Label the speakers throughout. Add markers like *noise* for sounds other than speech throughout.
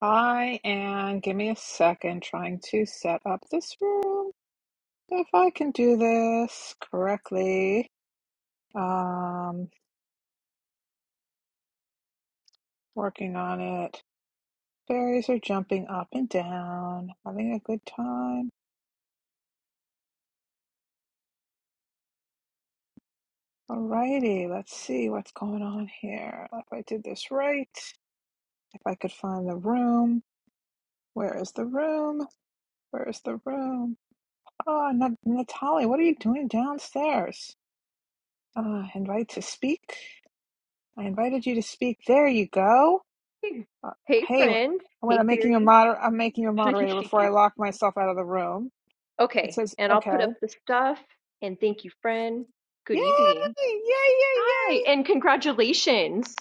Speaker 1: I am, give me a second, trying to set up this room. If I can do this correctly, um, working on it. Fairies are jumping up and down, having a good time. Alrighty, let's see what's going on here. If I did this right, if I could find the room. Where is the room? Where is the room? Ah, Nat- Natalie, what are you doing downstairs? Uh, invite to speak? I invited you to speak. There you go.
Speaker 2: *laughs*
Speaker 1: Uh,
Speaker 2: Hey,
Speaker 1: hey,
Speaker 2: friend.
Speaker 1: when
Speaker 2: Hey,
Speaker 1: I'm making a
Speaker 2: fairies.
Speaker 1: moder- I'm making a moderator
Speaker 2: *laughs*
Speaker 1: before I lock myself out of the room. It
Speaker 2: okay,
Speaker 1: says,
Speaker 2: and I'll
Speaker 1: okay.
Speaker 2: put up the stuff. And thank you, friend. Good
Speaker 1: Yay!
Speaker 2: evening.
Speaker 1: Yay! Yay!
Speaker 2: Hi,
Speaker 1: Yay!
Speaker 2: and congratulations.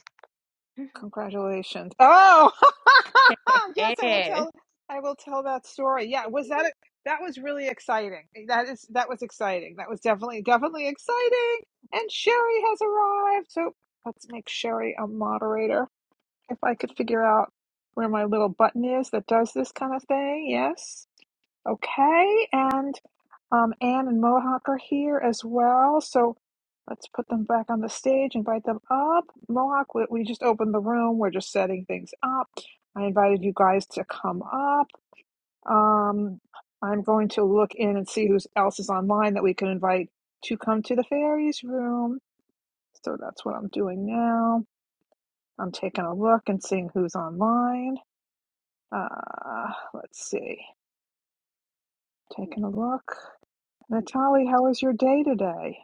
Speaker 1: Congratulations. Oh, *laughs* yes. I will
Speaker 2: Hey.
Speaker 1: tell.
Speaker 2: *laughs*
Speaker 1: I will tell that story. Yeah. Was that? A- that was really exciting. That is. That was exciting. That was definitely, definitely exciting. And Sherry has arrived. So let's make Sherry a moderator. If I could figure out where my little button is that does this kind of thing, yes. Okay, and um, Anne and Mohawk are here as well. So let's put them back on the stage, invite them up. Mohawk, we, we just opened the room. We're just setting things up. I invited you guys to come up. Um, I'm going to look in and see who else is online that we can invite to come to the fairies room. So that's what I'm doing now. I'm taking a look and seeing who's online. Uh, let's see. Taking a look. Natalie, how was your day today?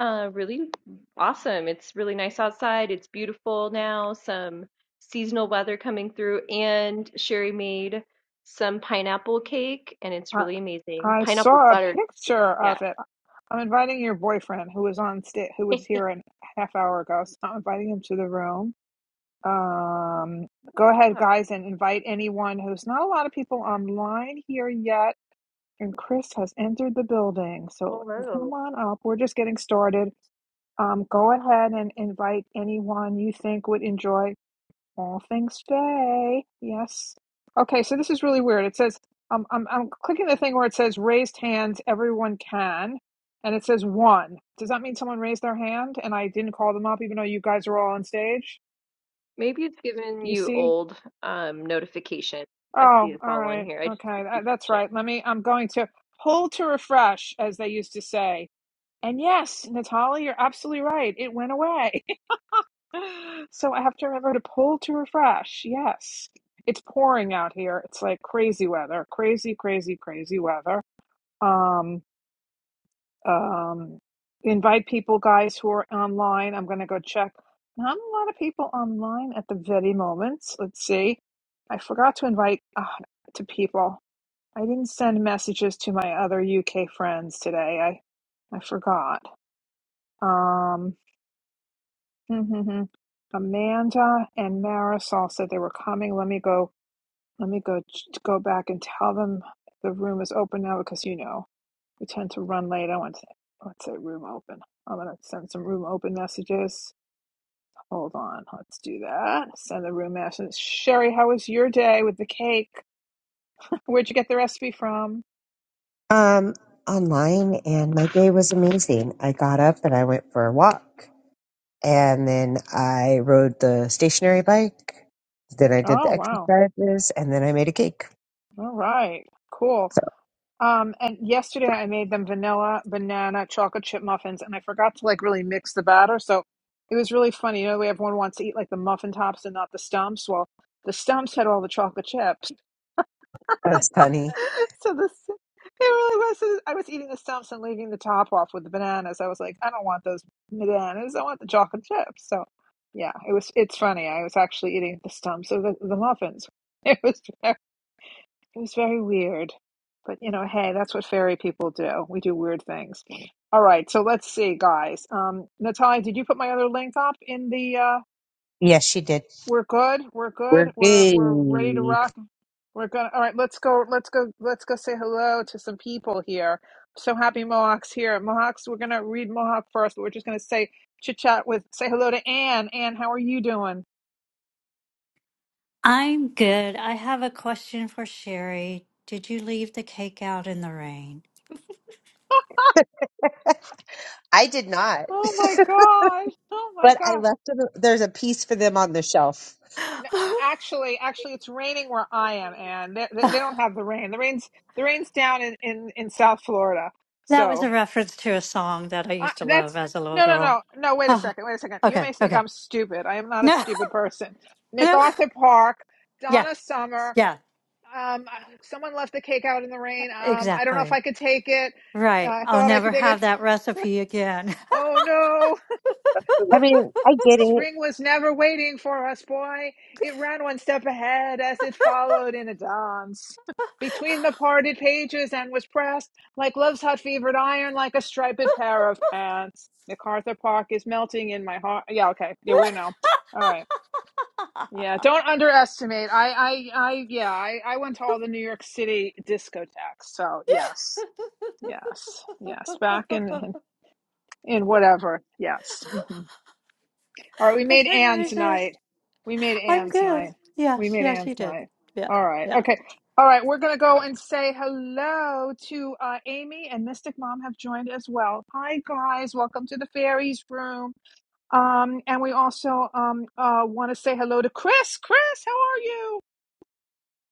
Speaker 2: Uh, really awesome. It's really nice outside. It's beautiful now. Some seasonal weather coming through, and Sherry made some pineapple cake, and it's
Speaker 1: I
Speaker 2: really amazing.
Speaker 1: I
Speaker 2: Pineapple
Speaker 1: saw a
Speaker 2: butter.
Speaker 1: picture
Speaker 2: Yeah.
Speaker 1: of it. I'm inviting your boyfriend who was on sta- who
Speaker 2: *laughs* Yeah.
Speaker 1: was here a half hour ago. So I'm inviting him to the room. Um, go ahead, guys, and invite anyone who's not a lot of people online here yet. And Chris has entered the building, so
Speaker 2: Hello.
Speaker 1: come on up. We're just getting started um, go ahead and invite anyone you think would enjoy All things Faye. Yes. Okay, so this is really weird. It says um, I'm I'm clicking the thing where it says raised hands. Everyone can, and it says one. Does that mean someone raised their hand and I didn't call them up, even though you guys are all on stage?
Speaker 2: Maybe it's giving
Speaker 1: You
Speaker 2: you
Speaker 1: see?
Speaker 2: old um notification. I see
Speaker 1: Oh,
Speaker 2: it's
Speaker 1: all
Speaker 2: all on
Speaker 1: right.
Speaker 2: here. I just
Speaker 1: Okay,
Speaker 2: keep
Speaker 1: that, that's
Speaker 2: refreshing.
Speaker 1: right. Let me. I'm going to hold to refresh, as they used to say. And yes, Natalie, you're absolutely right. It went away. *laughs* So I have to remember to pull to refresh. Yes. It's pouring out here. It's like crazy weather. Crazy, crazy, crazy weather. Um, um, invite people, guys, who are online. I'm going to go check. Not a lot of people online at the very moment. Let's see. I forgot to invite uh, to people. I didn't send messages to my other UK friends today. I I forgot. Um. Mm-hmm. Amanda and Marisol said they were coming. Let me go. Let me go ch- go back and tell them the room is open now because you know we tend to run late. I want to I want to say room open. I'm gonna send some room open messages. Hold on, let's do that. Send the room messages. Sherry, how was your day with the cake? *laughs* Where'd you get the recipe from?
Speaker 3: Um, online, and my day was amazing. I got up and I went for a walk, and then I rode the stationary bike. Then I did
Speaker 1: Oh
Speaker 3: the
Speaker 1: wow!
Speaker 3: exercises, and then I made a cake.
Speaker 1: All right, cool.
Speaker 3: So
Speaker 1: Um, and yesterday I made them vanilla, banana, chocolate chip muffins, and I forgot to like really mix the batter. So it was really funny. You know, the way everyone wants to eat like the muffin tops and not the stumps. Well, the stumps had all the chocolate chips. *laughs*
Speaker 3: that's funny.
Speaker 1: So this, it really was. uh, I was eating the stumps and leaving the top off with the bananas. I was like, I don't want those bananas. I want the chocolate chips. So yeah, it was, it's funny. I was actually eating the stumps of the, the muffins. *laughs* It was, it was very weird. But you know, hey, that's what fairy people do. We do weird things. All right, so let's see, guys. Um, Natalia, did you put my other link up in the uh
Speaker 3: Yes, she did.
Speaker 1: we're good, we're good,
Speaker 3: We're
Speaker 1: we're we're ready to
Speaker 3: good.
Speaker 1: rock. We're gonna all right, let's go let's go let's go say hello to some people here. So happy Mohawk's here. Mohawk's we're gonna read Mohawk first, but we're just gonna say chit chat with say hello to Anne. Anne, how are you doing?
Speaker 4: I'm good. I have a question for Sherry. Did you leave the cake out in the rain?
Speaker 3: I did not,
Speaker 1: Oh my gosh. Oh my
Speaker 3: but
Speaker 1: gosh.
Speaker 3: I left. Them, there's a piece for them on the shelf.
Speaker 4: *laughs*
Speaker 1: Actually, actually, it's raining where I am, and they, they, they
Speaker 4: that
Speaker 1: don't have the rain. The rain's the rain's down in in in South Florida.
Speaker 4: was a
Speaker 1: So
Speaker 4: reference to a song that I
Speaker 1: I,
Speaker 4: used to
Speaker 1: that's
Speaker 4: love as a little
Speaker 1: no, no,
Speaker 4: girl.
Speaker 1: no, no. Wait a
Speaker 4: Oh,
Speaker 1: second, wait a second. You
Speaker 4: okay,
Speaker 1: may think
Speaker 4: okay.
Speaker 1: I'm stupid. I am not a
Speaker 4: No,
Speaker 1: stupid person.
Speaker 4: *laughs* no.
Speaker 1: MacArthur Park,
Speaker 4: Yeah,
Speaker 1: Donna Summer.
Speaker 4: yeah,
Speaker 1: Um, someone left the cake out in the rain. Um, I don't know if
Speaker 4: exactly.
Speaker 1: I could take it. Uh,
Speaker 4: Right.
Speaker 1: I
Speaker 4: I'll
Speaker 1: thought I
Speaker 4: never
Speaker 1: could take it.
Speaker 4: have that recipe again. *laughs*
Speaker 1: Oh no!
Speaker 3: I mean, I get it.
Speaker 1: Spring was never waiting for us, boy. It ran one step ahead as it followed in a dance. *laughs* Between the parted pages and was pressed like love's hot fevered iron, like a striped pair of pants. MacArthur Park is melting in my heart. Yeah, okay. Yeah, we know. All right. Yeah, don't underestimate. I, I, I, yeah, I, I went to all the New York City discotheques. So yes, yes, yes. Back in, in, in whatever. Yes. Mm-hmm. All right, we
Speaker 4: I
Speaker 1: made
Speaker 4: couldn't
Speaker 1: Ann's night.
Speaker 4: resist.
Speaker 1: We made
Speaker 4: I'm
Speaker 1: Ann's
Speaker 4: good.
Speaker 1: night. We
Speaker 4: Yes,
Speaker 1: made
Speaker 4: yes, you
Speaker 1: Ann's
Speaker 4: did.
Speaker 1: night.
Speaker 4: Yeah,
Speaker 1: All right.
Speaker 4: yeah.
Speaker 1: Okay. All right, we're going to go and say hello to uh, Amy and Mystic Mom have joined as well. Hi, guys. Welcome to the fairies room. Um, and we also um, uh, want to say hello to Chris. Chris, how are you?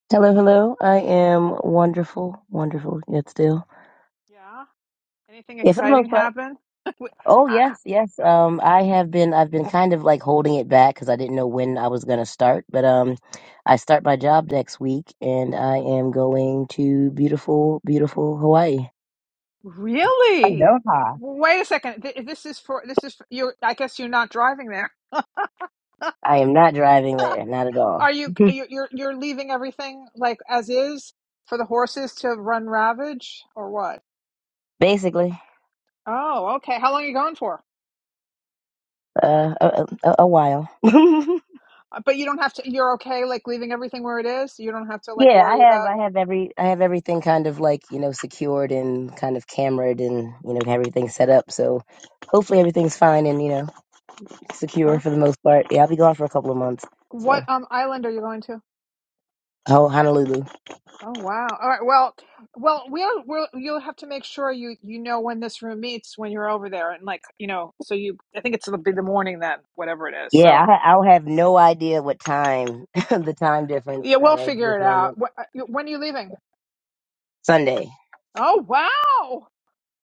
Speaker 5: Hello, hello. I am wonderful, wonderful yet still.
Speaker 1: Yeah. Anything
Speaker 5: Yeah, for the
Speaker 1: exciting
Speaker 5: most part.
Speaker 1: happen? *laughs* Wait,
Speaker 5: Oh
Speaker 1: Ha- ha-
Speaker 5: yes, yes. Um, I have been. I've been kind of like holding it back because I didn't know when I was gonna start. But um, I start my job next week, and I am going to beautiful, beautiful Hawaii.
Speaker 1: really?
Speaker 3: Aloha.
Speaker 1: Wait a second. Th- This is for this is for, you. I guess you're not driving there.
Speaker 5: I am not driving there, not at all.
Speaker 1: Are you
Speaker 5: *laughs*
Speaker 1: you- you're you're leaving everything like as is for the horses to run ravage or what?
Speaker 5: Basically,
Speaker 1: Oh, okay. How long are you going for?
Speaker 5: uh, a, a, a while. *laughs*
Speaker 1: Uh, But you don't have to. You're okay, like leaving everything where it is. You don't have to like
Speaker 5: Yeah, I
Speaker 1: worry
Speaker 5: have
Speaker 1: about.
Speaker 5: I have every I have everything kind of like, you know, secured and kind of camered and, you know, everything set up. So hopefully everything's fine and, you know, secure
Speaker 1: Okay.
Speaker 5: for the most part. Yeah, I'll be gone for a couple of months.
Speaker 1: What
Speaker 5: So
Speaker 1: um island are you going to?
Speaker 5: oh Honolulu.
Speaker 1: Oh wow. All right. Well, well, we'll we'll you'll have to make sure you you know when this room meets when you're over there and like you know so you I think it's it'll be the morning then whatever it is.
Speaker 5: Yeah, I
Speaker 1: So
Speaker 5: ha- I'll have no idea what time *laughs* the time difference
Speaker 1: yeah,
Speaker 5: all
Speaker 1: we'll
Speaker 5: right
Speaker 1: figure
Speaker 5: with
Speaker 1: it out. Wh- uh, When are you leaving?
Speaker 5: Sunday.
Speaker 1: Oh wow.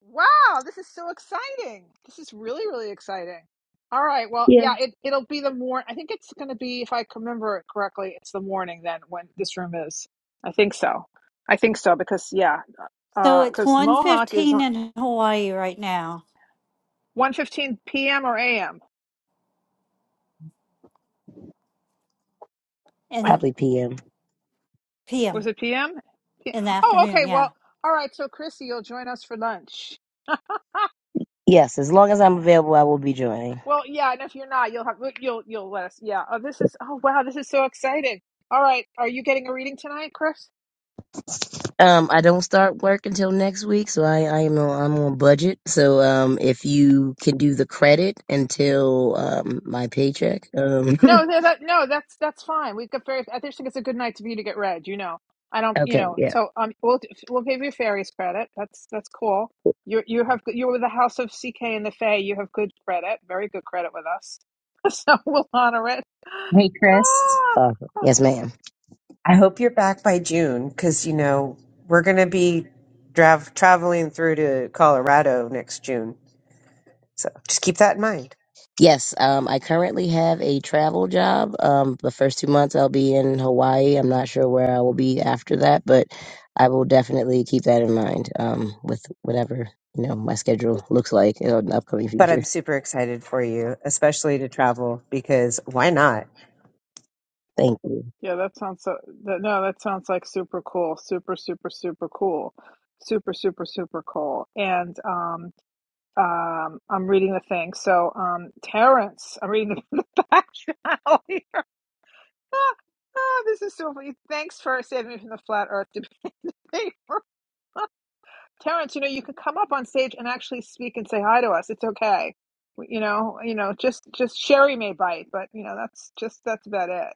Speaker 1: Wow, this is so exciting. This is really, really exciting. All right. Well,
Speaker 5: Yeah.
Speaker 1: yeah, it, it'll be the morning. I think it's going to be, if I can remember it correctly, it's the morning then when this room is. I think so. I think so because, yeah,
Speaker 4: So it's
Speaker 1: because
Speaker 4: one
Speaker 1: Mohawk is
Speaker 4: fifteen
Speaker 1: on
Speaker 4: in Hawaii right now,
Speaker 1: 1.15 p.m. or a.m.
Speaker 4: in
Speaker 5: Probably PM.
Speaker 4: PM
Speaker 1: Was it p.m.? P- m? Yeah.
Speaker 4: in the
Speaker 1: Oh,
Speaker 4: afternoon.
Speaker 1: okay.
Speaker 4: Yeah.
Speaker 1: Well, all right. So, Chrissy, you'll join us for lunch.
Speaker 5: Yes, as long as I'm available I will be joining.
Speaker 1: Well, yeah, and if you're not, you'll have you'll you'll let us. Yeah. Oh, this is oh wow, this is so exciting. All right, are you getting a reading tonight, Chris?
Speaker 5: Um, I don't start work until next week, so I, I am on, I'm on budget. So um, if you can do the credit until um, my paycheck,
Speaker 1: No,
Speaker 5: um,
Speaker 1: no, that no, that's that's fine. We've got very. I just think it's a good night to- for you to get read. You know, I
Speaker 5: *laughs*
Speaker 1: don't. You
Speaker 5: okay,
Speaker 1: know,
Speaker 5: yeah,
Speaker 1: so um, we'll we'll give you fairies credit. That's that's cool. You you have you're with the House of CK and the Fae. You have good credit, very good credit with us. *laughs* So we'll honor it. *gasps*
Speaker 3: Hey, Chris.
Speaker 5: awesome.
Speaker 1: Ah,
Speaker 5: Yes, ma'am.
Speaker 3: I hope you're back by June because, you know, we're going to be drav- traveling through to Colorado next June. So just keep that in mind.
Speaker 5: Yes, um, I currently have a travel job. Um, the first two months I'll be in Hawaii. I'm not sure where I will be after that, but I will definitely keep that in mind um, with whatever you know my schedule looks like in the upcoming
Speaker 3: But I'm
Speaker 5: future.
Speaker 3: super excited for you, especially to travel because why not?
Speaker 5: Thank you.
Speaker 1: yeah, that sounds so. That, no, that sounds like super cool, super super super cool, super super super cool. And um. Um, I'm reading the thing. So, um, Terrence, I'm reading the, *laughs* the back channel. here. *laughs* Ah, this is so funny. Thanks for saving me from the flat earth debate. *laughs* Terrence, you know, you can come up on stage and actually speak and say hi to us. It's okay. You know, you know, just just Sherry may bite, but you know, that's just that's about it.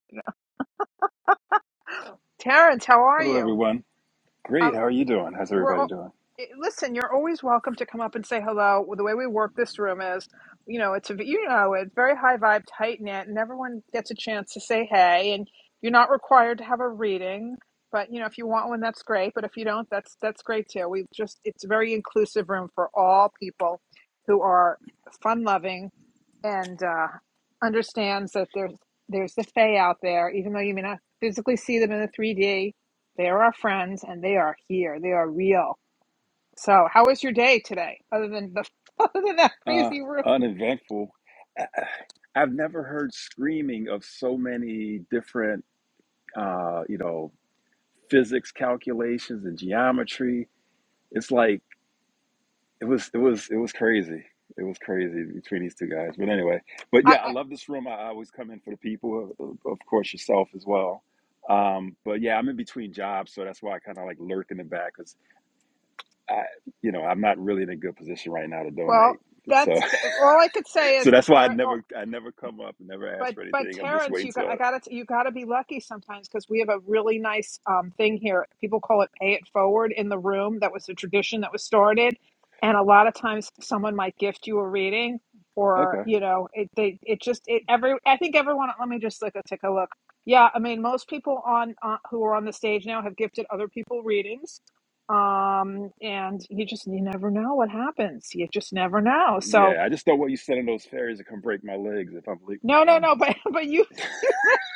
Speaker 1: Terrence, how are
Speaker 6: Hello,
Speaker 1: you?
Speaker 6: everyone. Great. How are you doing? How's
Speaker 1: we're
Speaker 6: everybody
Speaker 1: all,
Speaker 6: doing?
Speaker 1: eh, listen you're always welcome to come up and say hello Well, the way we work this room is you know it's a you know it's very high vibe tight knit and everyone gets a chance to say hey and you're not required to have a reading but you know if you want one that's great but if you don't that's that's great too we just it's a very inclusive room for all people who are fun loving and uh, understands that there's there's the fae out there even though you may not physically see them in the 3d they're our friends and they are here. They are real. So, how was your day today? Other than the *laughs* other than that
Speaker 6: Uh,
Speaker 1: crazy room,
Speaker 6: uneventful. *sighs* I- I've never heard screaming of so many different, uh, you know, physics calculations and geometry. It's like it was, it was, it was crazy. It was crazy between these two guys. But anyway, but
Speaker 1: I,
Speaker 6: yeah, I
Speaker 1: I
Speaker 6: love this room. I I always come in for the people, of of course, yourself as well. Um, but yeah, I'm in between jobs, so that's why I kind of like lurk in the back I, you know, I'm not really in a good position right now to
Speaker 1: well,
Speaker 6: donate. So,
Speaker 1: that's all I could
Speaker 6: *laughs*
Speaker 1: say
Speaker 6: so
Speaker 1: is
Speaker 6: that's why I
Speaker 1: Tara.
Speaker 6: never, I never come up, never ask
Speaker 1: But
Speaker 6: for
Speaker 1: but
Speaker 6: anything. I'm just
Speaker 1: Terrence,
Speaker 6: waiting
Speaker 1: you got,
Speaker 6: till.
Speaker 1: I got to you got to be lucky sometimes because we have a really nice um, thing here. People call it "pay it forward" in the room. That was a tradition that was started, and a lot of times someone might gift you a reading, or
Speaker 6: Okay.
Speaker 1: you know, it they it just it every I think everyone. Let me just like take a look. Yeah, I mean, most people on uh, who are on the stage now have gifted other people readings, um, and you just you never know what happens. You just never know. So
Speaker 6: Yeah, I just don't want you sending those fairies to come break my legs if I'm late with the
Speaker 1: no, no, no. *laughs*
Speaker 6: payments.
Speaker 1: But but you. *laughs*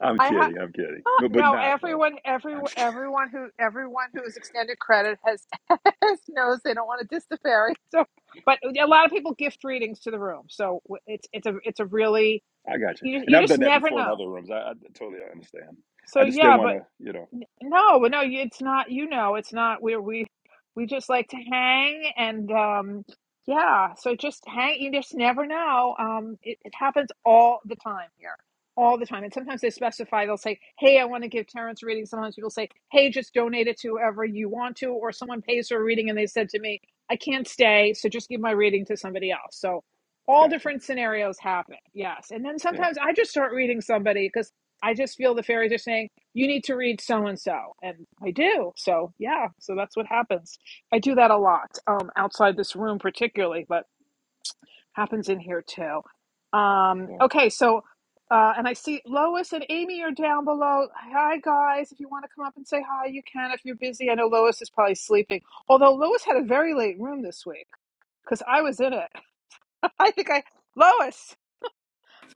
Speaker 6: I'm
Speaker 1: I had
Speaker 6: kidding. I'm kidding. No,
Speaker 1: *laughs*
Speaker 6: but
Speaker 1: No,
Speaker 6: not though.
Speaker 1: everyone,
Speaker 6: I'm
Speaker 1: everyone,
Speaker 6: just *laughs* kidding.
Speaker 1: everyone who everyone who is extended credit has, *laughs* has knows they don't want to diss the fairy. *laughs* So, but a lot of people gift readings to the room, so it's it's a it's a really
Speaker 6: I got you.
Speaker 1: you just,
Speaker 6: And
Speaker 1: you
Speaker 6: I've
Speaker 1: just
Speaker 6: done that
Speaker 1: never
Speaker 6: before in
Speaker 1: know.
Speaker 6: other rooms. I, I totally understand.
Speaker 1: So
Speaker 6: I just didn't
Speaker 1: yeah,
Speaker 6: want
Speaker 1: but
Speaker 6: to, you know.
Speaker 1: N- No, well, no, you- it's not, you know, it's not where we we just like to hang and um yeah, so just hang, you just never know. Um it, it happens all the time here. All the time. And sometimes they specify, they'll say, Hey, I want to give Terrence a reading. Sometimes people say, Hey, just donate it to whoever you want to, or someone pays for a reading and they said to me, I can't stay, so just give my reading to somebody else. So all
Speaker 6: Gotcha.
Speaker 1: different scenarios happen, yes. And then
Speaker 6: Yeah.
Speaker 1: sometimes I just start reading somebody because I just feel the fairies are saying you need to read so and so and i do so yeah so that's what happens i do that a lot um, outside this room particularly but happens in here too um,
Speaker 6: So,
Speaker 1: okay so uh, and i see lois and amy are down below hi guys if you want to come up and say hi you can if you're busy i know lois is probably sleeping although lois had a very late room this week because i was in it *laughs* i think i lois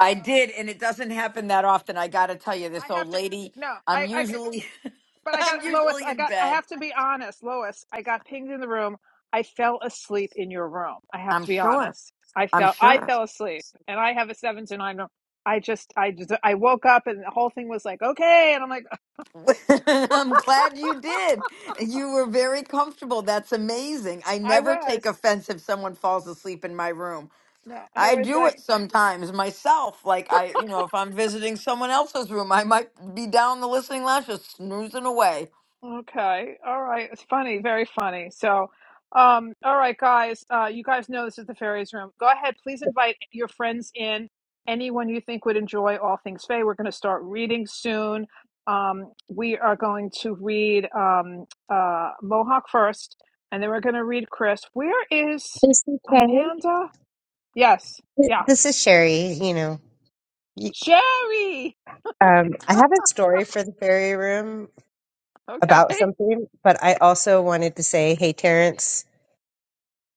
Speaker 7: I
Speaker 1: lois
Speaker 7: did, and it doesn't happen that often. I got to tell you,
Speaker 1: i
Speaker 7: this old
Speaker 1: have to
Speaker 7: lady.
Speaker 1: no
Speaker 7: I'm
Speaker 1: I. I,
Speaker 7: usually, *laughs*
Speaker 1: But I got
Speaker 7: I'm
Speaker 1: Lois.
Speaker 7: usually
Speaker 1: I
Speaker 7: in
Speaker 1: got. I
Speaker 7: bed.
Speaker 1: have to be honest, Lois. I got pinged in the room. I fell asleep in your room. I have
Speaker 7: I'm
Speaker 1: to be
Speaker 7: sure.
Speaker 1: honest. I
Speaker 7: I'm
Speaker 1: fell. I
Speaker 7: sure.
Speaker 1: fell asleep, and I have a seven to nine room. I just. I just. I woke up, and the whole thing was like, okay, and I'm like,
Speaker 7: *laughs* I'm glad you did. You were very comfortable. That's amazing. I
Speaker 1: I
Speaker 7: never
Speaker 1: was.
Speaker 7: take offense if someone falls asleep in my room.
Speaker 1: No, I
Speaker 7: I
Speaker 1: was
Speaker 7: do
Speaker 1: like.
Speaker 7: it sometimes myself. Like I, you know, if I'm visiting someone else's room, I might be down the listening lounge just snoozing away.
Speaker 1: Okay. All right. It's funny. Very funny. So, um, all right, guys. Uh, you guys know this is the fairies room. Go ahead. Please invite your friends in. Anyone you think would enjoy all things fae. We're going to start reading soon. Um, we are going to read um, uh, Mohawk first, and then we're going to read Chris. Where is
Speaker 3: This is Karen.
Speaker 1: Amanda? Yes.
Speaker 3: Th-
Speaker 1: Yeah.
Speaker 3: This is Sherry. You know, You-
Speaker 1: Sherry.
Speaker 3: um, I have a story for the fairy room
Speaker 1: Okay.
Speaker 3: about
Speaker 1: *laughs*
Speaker 3: something, but I also wanted to say, hey, Terrence,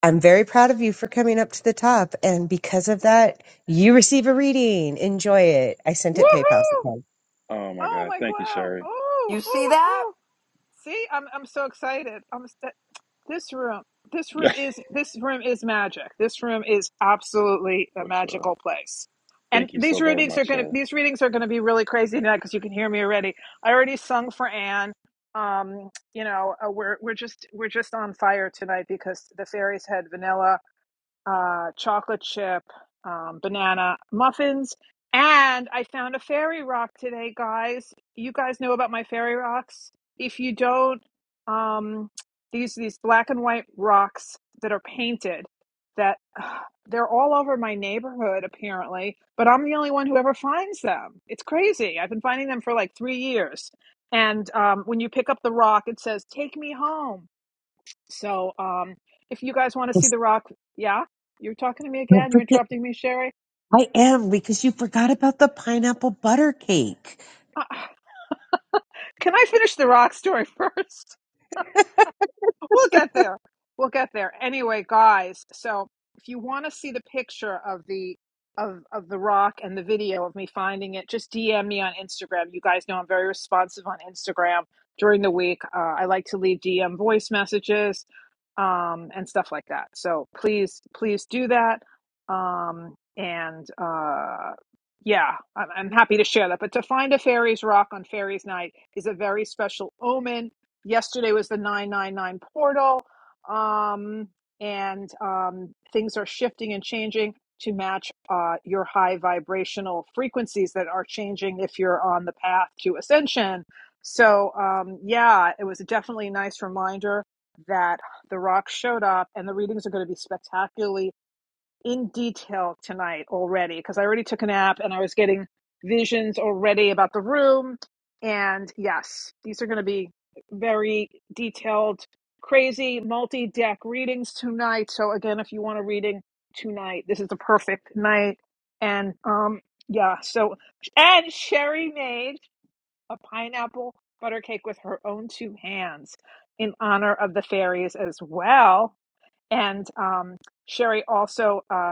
Speaker 3: I'm very proud of you for coming up to the top. And because of that, you receive a reading. Enjoy it. I sent it PayPal.
Speaker 1: Woohoo!
Speaker 3: Okay.
Speaker 6: oh my
Speaker 1: Oh
Speaker 6: God.
Speaker 1: my
Speaker 6: Thank you,
Speaker 1: wow!
Speaker 6: Sherry.
Speaker 1: Oh,
Speaker 7: You see
Speaker 1: oh,
Speaker 7: that?
Speaker 1: oh! See, I'm I'm so excited. I'm st- this room. This room
Speaker 6: *laughs*
Speaker 1: is this room is magic. This room is absolutely a
Speaker 6: for sure.
Speaker 1: magical place. And
Speaker 6: Thank you so
Speaker 1: these
Speaker 6: very
Speaker 1: readings
Speaker 6: much,
Speaker 1: are gonna
Speaker 6: Sherry.
Speaker 1: these readings are gonna be really crazy tonight because you can hear me already. I already sung for Anne. Um, you know, uh, we're we're just we're just on fire tonight because the fairies had vanilla uh, chocolate chip, um, banana muffins, and I found a fairy rock today, guys. You guys know about my fairy rocks. If you don't, um, these these black and white rocks that are painted that *sighs* uh, they're all over my neighborhood apparently, but I'm the only one who ever finds them. It's crazy. I've been finding them for like three years. And um, when you pick up the rock, it says, "Take me home." So um, if you guys want to see
Speaker 3: Yes.
Speaker 1: The Rock, yeah, you're talking to me
Speaker 3: Don't
Speaker 1: again. You're
Speaker 3: forget
Speaker 1: interrupting me, Sherry.
Speaker 3: I am because you forgot about the pineapple butter cake.
Speaker 1: Uh, *sighs* can I finish The Rock story *laughs* first? we'll get there. We'll get there. Anyway, guys, so if you want to see the picture of the of of the rock and the video of me finding it, just DM me on Instagram. You guys know I'm very responsive on Instagram during the week. Uh, I like to leave DM voice messages um, and stuff like that. So please, please do that. Um, and uh, yeah, I'm, I'm happy to share that. But to find a fairies rock on fairies night is a very special omen yesterday was the 999 portal um, and um, things are shifting and changing to match uh, your high vibrational frequencies that are changing if you're on the path to ascension so um, yeah it was definitely a nice reminder that the rock showed up and the readings are going to be spectacularly in detail tonight already because I already took a nap and I was getting visions already about the room. And yes, these are going to be very detailed, crazy multi deck readings tonight. So, again, if you want a reading tonight, this is the perfect night. And um, yeah, so, and Sherry made a pineapple butter cake with her own two hands in honor of the fairies as well. And um, Sherry also. uh,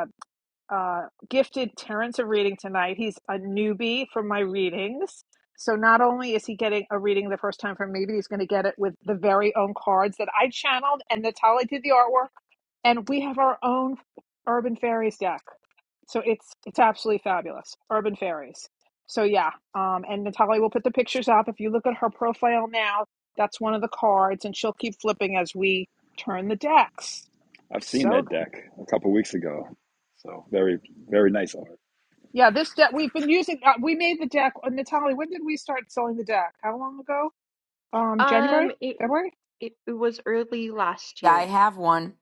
Speaker 1: uh, gifted Terrence a reading tonight. He's a newbie for my readings. So not only is he getting a reading the first time from me, but he's going to get it with the very own cards that I channeled and Natalie did the artwork. And we have our own Urban Fairies deck. So it's it's absolutely fabulous. Urban Fairies. So yeah, um, and Natalie will put the pictures up. If you look at her profile now, that's one of the cards, and she'll keep flipping as we turn the decks.
Speaker 6: I've seen
Speaker 1: So
Speaker 6: that deck a couple weeks ago. So very, very nice art.
Speaker 1: Yeah, this deck we've been using. Uh, we made the deck. Uh, Natalie, when did we start selling the deck? How long ago? Um,
Speaker 2: Um,
Speaker 1: January,
Speaker 2: it
Speaker 1: February.
Speaker 2: it, it was early last
Speaker 7: Yeah, I
Speaker 2: year,
Speaker 7: have one.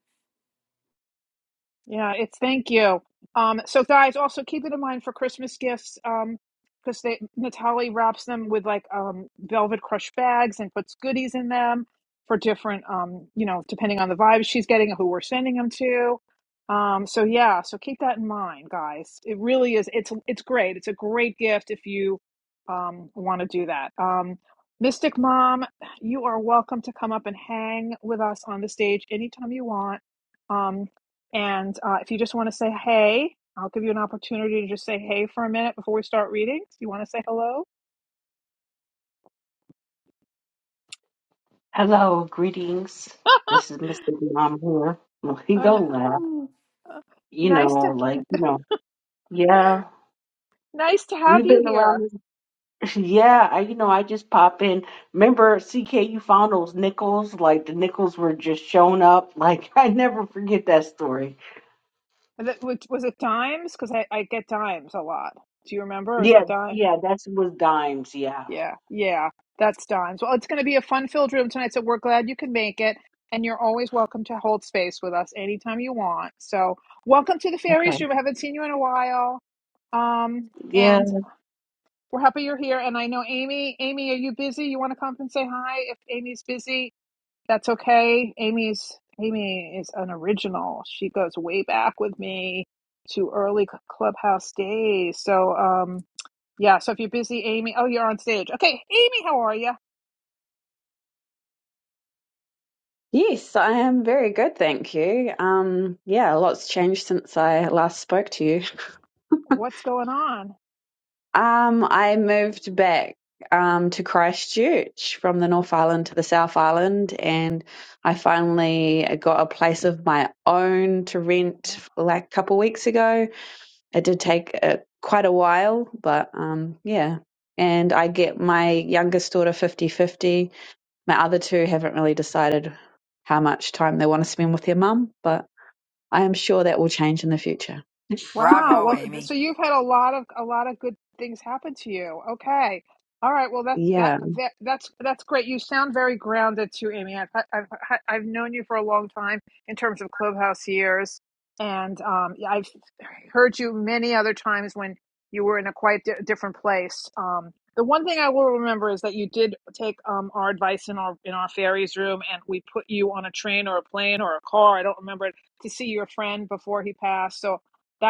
Speaker 1: Yeah, it's thank you. Um, so guys, also keep it in mind for Christmas gifts, um, because they Natalie wraps them with like um velvet crush bags and puts goodies in them for different um, you know, depending on the vibes she's getting and who we're sending them to. Um, so yeah, so keep that in mind, guys. It really is it's it's great. It's a great gift if you um want to do that. Um Mystic Mom, you are welcome to come up and hang with us on the stage anytime you want. Um. And uh, if you just want to say hey, I'll give you an opportunity to just say hey for a minute before we start reading. Do you want to say hello,
Speaker 8: Hello, greetings.
Speaker 1: *laughs*
Speaker 8: This is Mr. Mom here. Well, he
Speaker 1: And,
Speaker 8: don't laugh.
Speaker 7: Ooh.
Speaker 1: uh,
Speaker 8: You
Speaker 1: nice
Speaker 8: know,
Speaker 1: to
Speaker 8: like, you know, yeah,
Speaker 1: nice to have
Speaker 8: we've
Speaker 1: you
Speaker 8: been around
Speaker 1: here.
Speaker 8: this. *laughs* Yeah, I, you know, I just pop in. Remember, CK, you found those nickels? Like, the nickels were just showing up. Like, *laughs* I never forget that story.
Speaker 1: Was it dimes? Because I, I get dimes a lot. Do you remember? Or is
Speaker 8: Yeah,
Speaker 1: that dime?
Speaker 8: yeah, that was dimes. Yeah.
Speaker 1: Yeah, yeah, that's dimes. Well, it's going to be a fun-filled room tonight, so we're glad you can make it. And you're always welcome to hold space with us anytime you want. So, welcome to the Fairies Room.
Speaker 8: Okay.
Speaker 1: I haven't seen you in a while. Um, and We're happy you're here. And I know Amy. Amy, are you busy? You want to come and say hi? If Amy's busy, that's okay. Amy's Amy is an original. She goes way back with me to early clubhouse days. So um yeah, so if you're busy, Amy. Oh, you're on stage. Okay, Amy, how are you?
Speaker 9: Yes, I am very good, thank you. Um, yeah, a lot's changed since I last spoke to you.
Speaker 1: What's going on?
Speaker 9: Um, I moved back um, to Christchurch from the North Island to the South Island, and I finally got a place of my own to rent like a couple weeks ago. It did take uh, quite a while, but um, yeah. And I get my youngest daughter 50 50. My other two haven't really decided how much time they want to spend with their mum, but I am sure that will change in the future.
Speaker 1: Wow.
Speaker 7: Bravo,
Speaker 1: Well, th-
Speaker 7: Amy.
Speaker 1: so you've had a lot of a lot of good things happen to you. Okay. All right. Well, that that,
Speaker 9: Yeah.
Speaker 1: that that's that's great. You sound very grounded too, Amy. I've, I've I've h- I've known you for a long time in terms of clubhouse years, and um, yeah, I've heard you many other times when you were in a quite di- different place. Um, the one thing I will remember is that you did take um, our advice in our in our fairies room, and we put you on a train or a plane or a car. I don't remember it to see your friend before he passed. So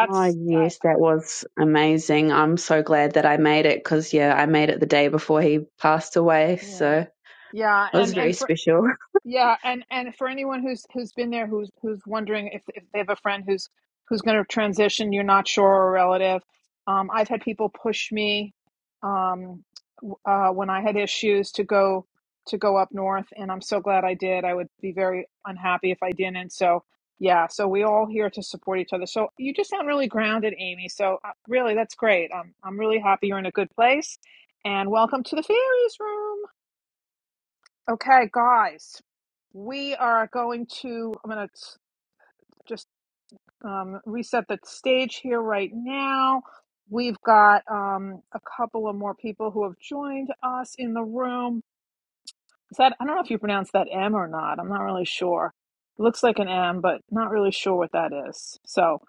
Speaker 9: Oh,
Speaker 1: I,
Speaker 9: yes, that was amazing. I'm so glad that I made it because, yeah, I made it the day before he passed away.
Speaker 1: yeah,
Speaker 9: So it
Speaker 1: yeah,
Speaker 9: was
Speaker 1: and
Speaker 9: very
Speaker 1: and for
Speaker 9: special.
Speaker 1: Yeah, and and for anyone who's who's been there, who's who's wondering if if they have a friend who's who's going to transition, you're not sure or a relative. Um, I've had people push me um, w- uh, when I had issues to go to go up north, and I'm so glad I did. I would be very unhappy if I didn't. So yeah, so we all here to support each other. So you just sound really grounded, Amy. So uh, really, that's great. I'm I'm really happy you're in a good place, and welcome to the fairies room. Okay, guys, we are going to, I'm going to just um, reset the stage here right now. We've got um, a couple of more people who have joined us in the room. Is that, I don't know if you pronounce that M or not. I'm not really sure. It looks like an M, but not really sure what that is. So,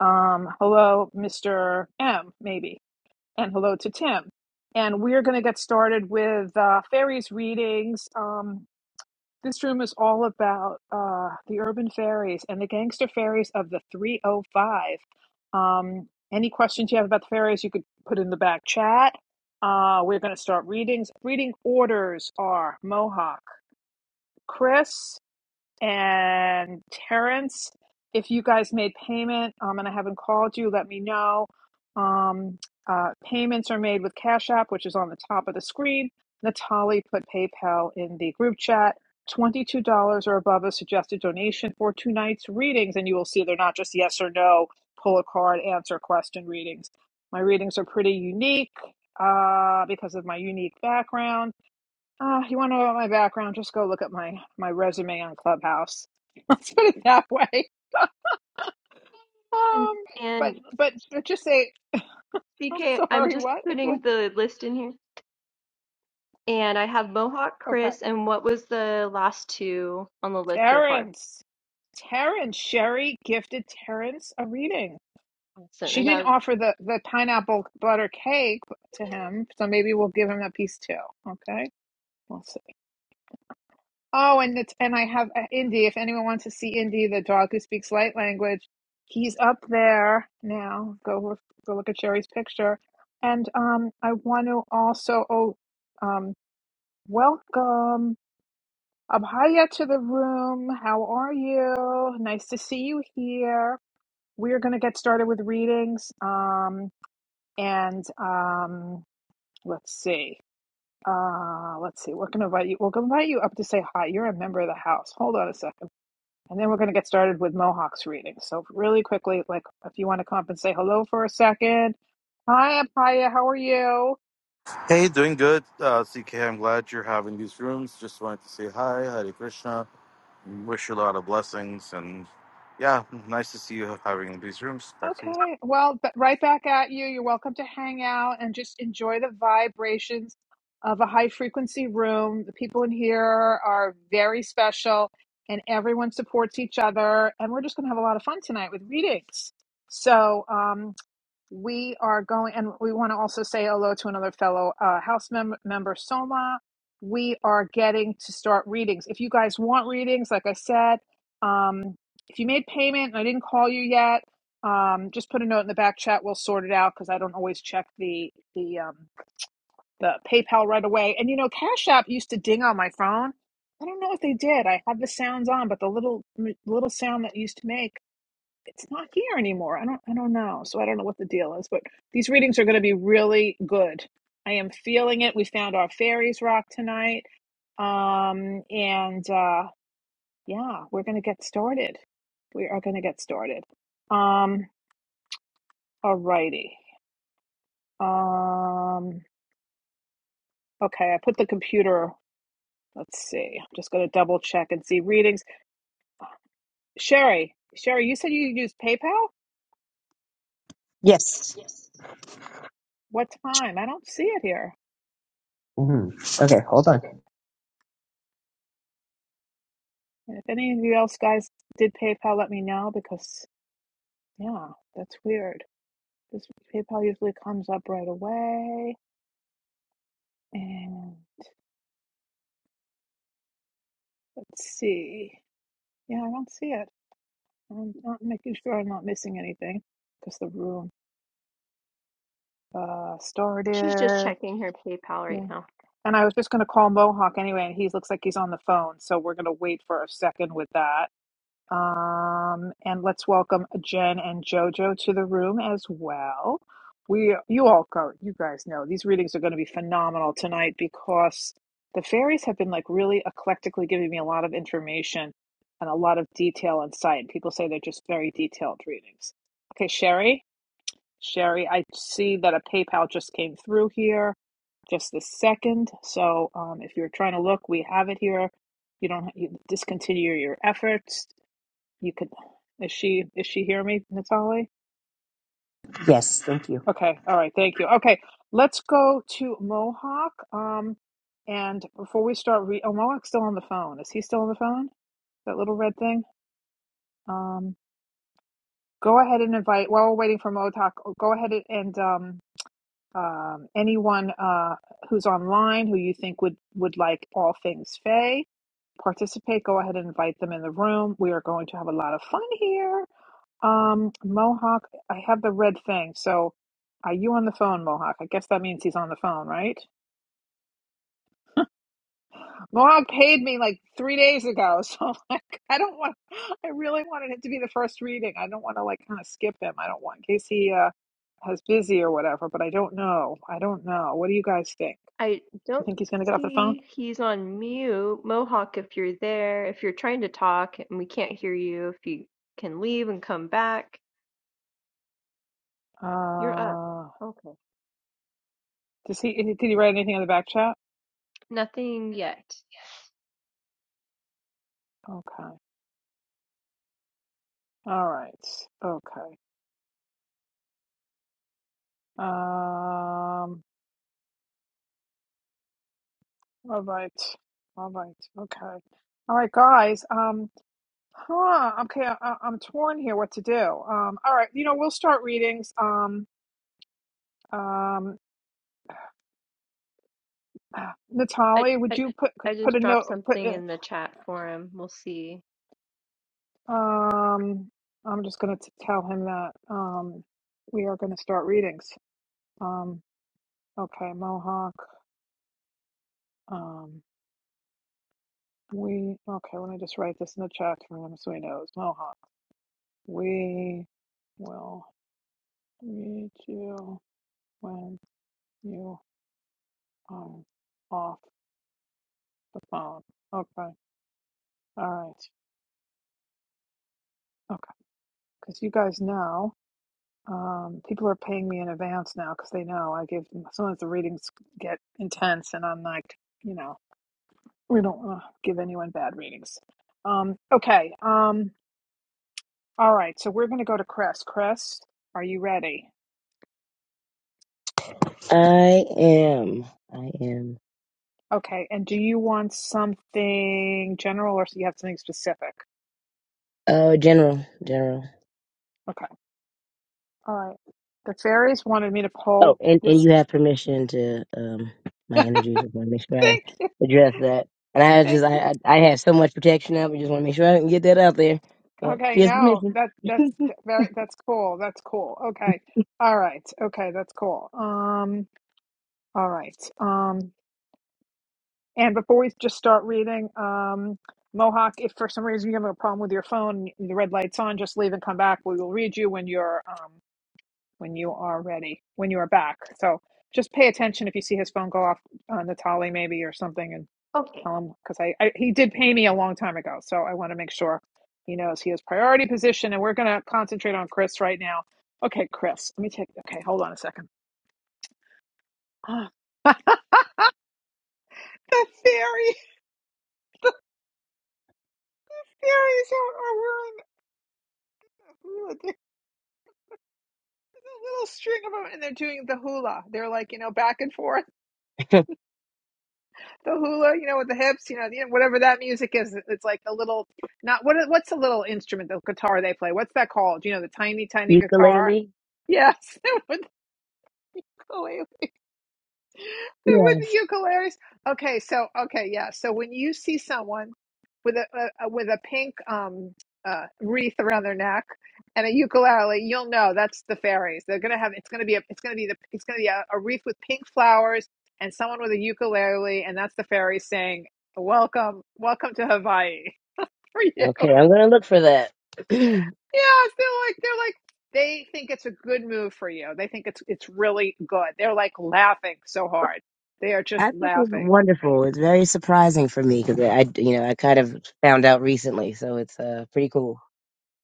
Speaker 1: um, hello, Mr. M, maybe, and hello to Tim. And we're going to get started with uh, fairies readings. Um, this room is all about uh, the urban fairies and the gangster fairies of the 305. Um, any questions you have about the fairies, you could put in the back chat. Uh, we're going to start readings. Reading orders are Mohawk, Chris. And Terrence, if you guys made payment um, and I haven't called you, let me know. Um, uh, payments are made with Cash App, which is on the top of the screen. Natalie put PayPal in the group chat. $22 or above a suggested donation for tonight's readings. And you will see they're not just yes or no, pull a card, answer question readings. My readings are pretty unique uh, because of my unique background uh, you want to know about my background? Just go look up my my resume on Clubhouse. *laughs* Let's put it that way.
Speaker 2: and
Speaker 1: Um, but
Speaker 2: and
Speaker 1: but but just say I'm
Speaker 2: CK, I'm
Speaker 1: sorry.
Speaker 2: just
Speaker 1: What? What?
Speaker 2: putting the list in here, and I have Mohawk
Speaker 1: Okay,
Speaker 2: Chris, and what was the last two on the list so far?
Speaker 1: Terrence, Terrence, Sherry gifted Terrence a reading.
Speaker 2: Awesome,
Speaker 1: She
Speaker 2: and
Speaker 1: didn't
Speaker 2: that was
Speaker 1: offer the the pineapple butter cake to him, so maybe we'll give him that piece too. Okay. we'll see. Oh, and it's and I have uh, Indy. If anyone wants to see Indy, the dog who speaks light language, he's up there now. Go look- go look at Sherry's picture. And um, I want to also oh, um, welcome Abhaya to the room. How are you? Nice to see you here. We're gonna get started with readings. Um, and um, let's see. Uh, let's see. We're gonna invite you. We're gonna invite you up to say hi. You're a member of the house. Hold on a second. And then we're going to get started with Mohawk's reading. So, really quickly, like if you want to come up and say hello for a second. Hi, Apaya, how are you?
Speaker 10: Hey, doing good, uh, CK. I'm glad you're having these rooms. Just wanted to say hi, Hare Krishna. Wish you a lot of blessings, and yeah, nice to see you having these rooms. Back to you.
Speaker 1: Okay, well, b- right back at you. You're welcome to hang out and just enjoy the vibrations of a high frequency room. The people in here are very special and everyone supports each other. And we're just going to have a lot of fun tonight with readings. So, um, we are going and we want to also say hello to another fellow uh, house mem- member soma we are getting to start readings if you guys want readings like i said um, if you made payment and i didn't call you yet um, just put a note in the back chat we'll sort it out because i don't always check the the um, the paypal right away and you know cash app used to ding on my phone i don't know if they did i had the sounds on but the little little sound that it used to make it's not here anymore. I don't I don't know. So I don't know what the deal is, but these readings are going to be really good. I am feeling it. We found our fairies rock tonight. Um and uh yeah, we're going to get started. We are going to get started. Um alrighty. Um okay, I put the computer Let's see. I'm just going to double check and see readings. Sherry, Sherry, you said you use PayPal?
Speaker 3: Yes.
Speaker 1: What time? I don't see it here.
Speaker 3: Mhm. Okay, hold on.
Speaker 1: And if any of you else guys did PayPal, let me know because, yeah, that's weird. This PayPal usually comes up right away. And let's see. Yeah, I don't see it. I'm not making sure I'm not missing anything because the room uh,
Speaker 2: she's just
Speaker 1: started.
Speaker 2: checking her PayPal right
Speaker 1: Yeah.
Speaker 2: now.
Speaker 1: And I was just going to call Mohawk anyway, and he looks like he's on the phone. So we're going to wait for a second with that. Um, and let's welcome Jen and JoJo to the room as well. We, you all go, you guys know these readings are going to be phenomenal tonight because the fairies have been like really eclectically giving me a lot of information and a lot of detail and insight. People say they're just very detailed readings. Okay, Sherry, Sherry, I see that a PayPal just came through here just this second. So um, if you're trying to look, we have it here. You don't you discontinue your efforts you could, is she, is she hear me, Natali?
Speaker 3: Yes, thank you.
Speaker 1: Okay, all right, thank you. Okay, let's go to Mohawk. Um, and before we start, re- oh, Mohawk's still on the phone. Is he still on the phone? That little red thing? Um, go ahead and invite, while we're waiting for Mohawk, oh, go ahead and, and um, um, anyone uh, who's online who you think would, would like all things Faye participate, go ahead and invite them in the room. We are going to have a lot of fun here. Um, Mohawk, I have the red thing. So, are you on the phone, Mohawk? I guess that means he's on the phone, right? Mohawk paid me like three days ago, *laughs* so like I don't want. I really wanted it to be the first reading. I don't want to like kind of skip him. I don't want in case he uh has busy or whatever. But I don't know. I don't know. What do you guys think?
Speaker 2: I
Speaker 1: You
Speaker 2: don't
Speaker 1: think he's gonna get off the phone?
Speaker 2: see he's on mute. Mohawk, if you're there, if you're trying to talk and we can't hear you, if you can leave and come back, you're up.
Speaker 1: Uh,
Speaker 2: Okay.
Speaker 1: does he? Did he write anything in the back chat?
Speaker 2: Nothing yet.
Speaker 1: Okay. All right. Okay. Um. All right. All right. Okay. All right, guys. Um, huh. Okay. I, I- I'm torn here what to do. Um, all right. You know, we'll start readings. Um, um, *sighs*
Speaker 2: I
Speaker 1: Natalie, would
Speaker 2: I,
Speaker 1: you put,
Speaker 2: I
Speaker 1: put
Speaker 2: just
Speaker 1: a
Speaker 2: dropped
Speaker 1: note, put,
Speaker 2: something in
Speaker 1: uh,
Speaker 2: the chat for him. We'll see.
Speaker 1: um, I'm just going to tell him that, um, we are going to start readings. Um, okay. Mohawk. Um, we, okay. Let me just write this in the chat for him so he knows. Mohawk. We will read you. when. You are off the phone. Okay. All right. Okay. Because you guys know, um, people are paying me in advance now because they know I give them. sometimes the readings get intense, and I'm like, you know, we don't want to give anyone bad readings. Um, okay. Um, all right. So we're going to go to Chris. Chris, are you ready?
Speaker 5: I am. I am.
Speaker 1: Okay. And do you want something general or do you have something specific?
Speaker 5: Oh, general, general.
Speaker 1: Okay. All right. The fairies wanted me to
Speaker 5: Oh,
Speaker 1: pull
Speaker 5: and, and
Speaker 1: this.
Speaker 5: you have permission to um my energy. Just want to make sure
Speaker 1: *laughs*
Speaker 5: I
Speaker 1: Thank you.
Speaker 5: address that. And I
Speaker 1: Thank
Speaker 5: just
Speaker 1: you.
Speaker 5: I I, I have so much protection now, but just want to make sure I can get that out there. Yeah, she
Speaker 1: Okay,
Speaker 5: has
Speaker 1: no,
Speaker 5: permission.
Speaker 1: that that's
Speaker 5: *laughs*
Speaker 1: very that's cool. That's cool. Okay. All right. Okay, that's cool. Um, all right. Um, and before we just start reading, um, Mohawk, if for some reason you have a problem with your phone, the red light's on, just leave and come back. We will read you when you're um when you are ready, when you are back. So just pay attention if you see his phone go off on the tally maybe or something and
Speaker 2: Okay.
Speaker 1: tell him because I, I he did pay me a long time ago. So I want to make sure he knows he has priority position and we're going to concentrate on Chris right now. Okay, Chris, let me take, okay, hold on a second. Ah, *laughs* the fairy, fairies are, are wearing a little string of them and they're doing the hula. They're like, you know, back and forth. the hula, you know, with the hips, you know, the, whatever that music is. It's like the little, not what? What's the little instrument, the guitar they play? What's that called? You know, the tiny, tiny guitar.
Speaker 5: Ukulele.
Speaker 1: Yes, *laughs* with the *laughs* with
Speaker 5: Yes.
Speaker 1: the ukuleles. Okay, so okay, yeah. So when you see someone with a, a with a pink um uh wreath around their neck and a ukulele, you'll know that's the fairies. They're gonna have it's gonna be a it's gonna be the it's gonna be a, a wreath with pink flowers and someone with a ukulele, and that's the fairies saying, "Welcome, welcome to Hawaii *laughs* for you." Yeah,
Speaker 5: Okay, I'm gonna look for that. *clears throat*
Speaker 1: they're like they're like. They think it's a good move for you. They think it's it's really good. They're like laughing so hard. They are just
Speaker 5: I think it's
Speaker 1: laughing.
Speaker 5: wonderful. It's very surprising for me because I, I- you know, I kind of found out recently, so it's uh, pretty cool.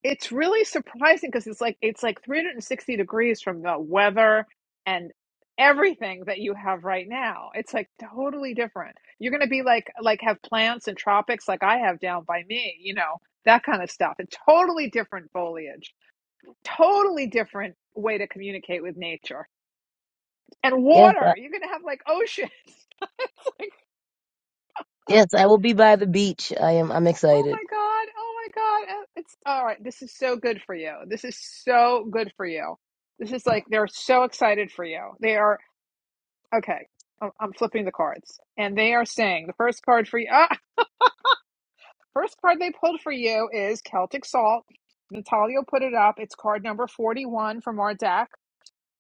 Speaker 1: it's really surprising because it's like it's like 360 degrees from the weather and everything that you have right now it's like totally different you're going to be like like have plants and tropics like i have down by me you know that kind of stuff and totally different foliage totally different way to communicate with nature and
Speaker 5: Yes,
Speaker 1: water
Speaker 5: I,
Speaker 1: you're going to have like oceans *laughs*
Speaker 5: yes, I will be by the beach. I am. I'm
Speaker 1: Oh
Speaker 5: excited.
Speaker 1: my God. Oh my God. Uh, It's all right. This is so good for you. This is so good for you. This is like they're so excited for you. They are okay. I'm I'm flipping the cards. And they are saying the first card for you, ah, first card they pulled for you is Celtic Salt. Natalia put it up. It's card number 41 from our deck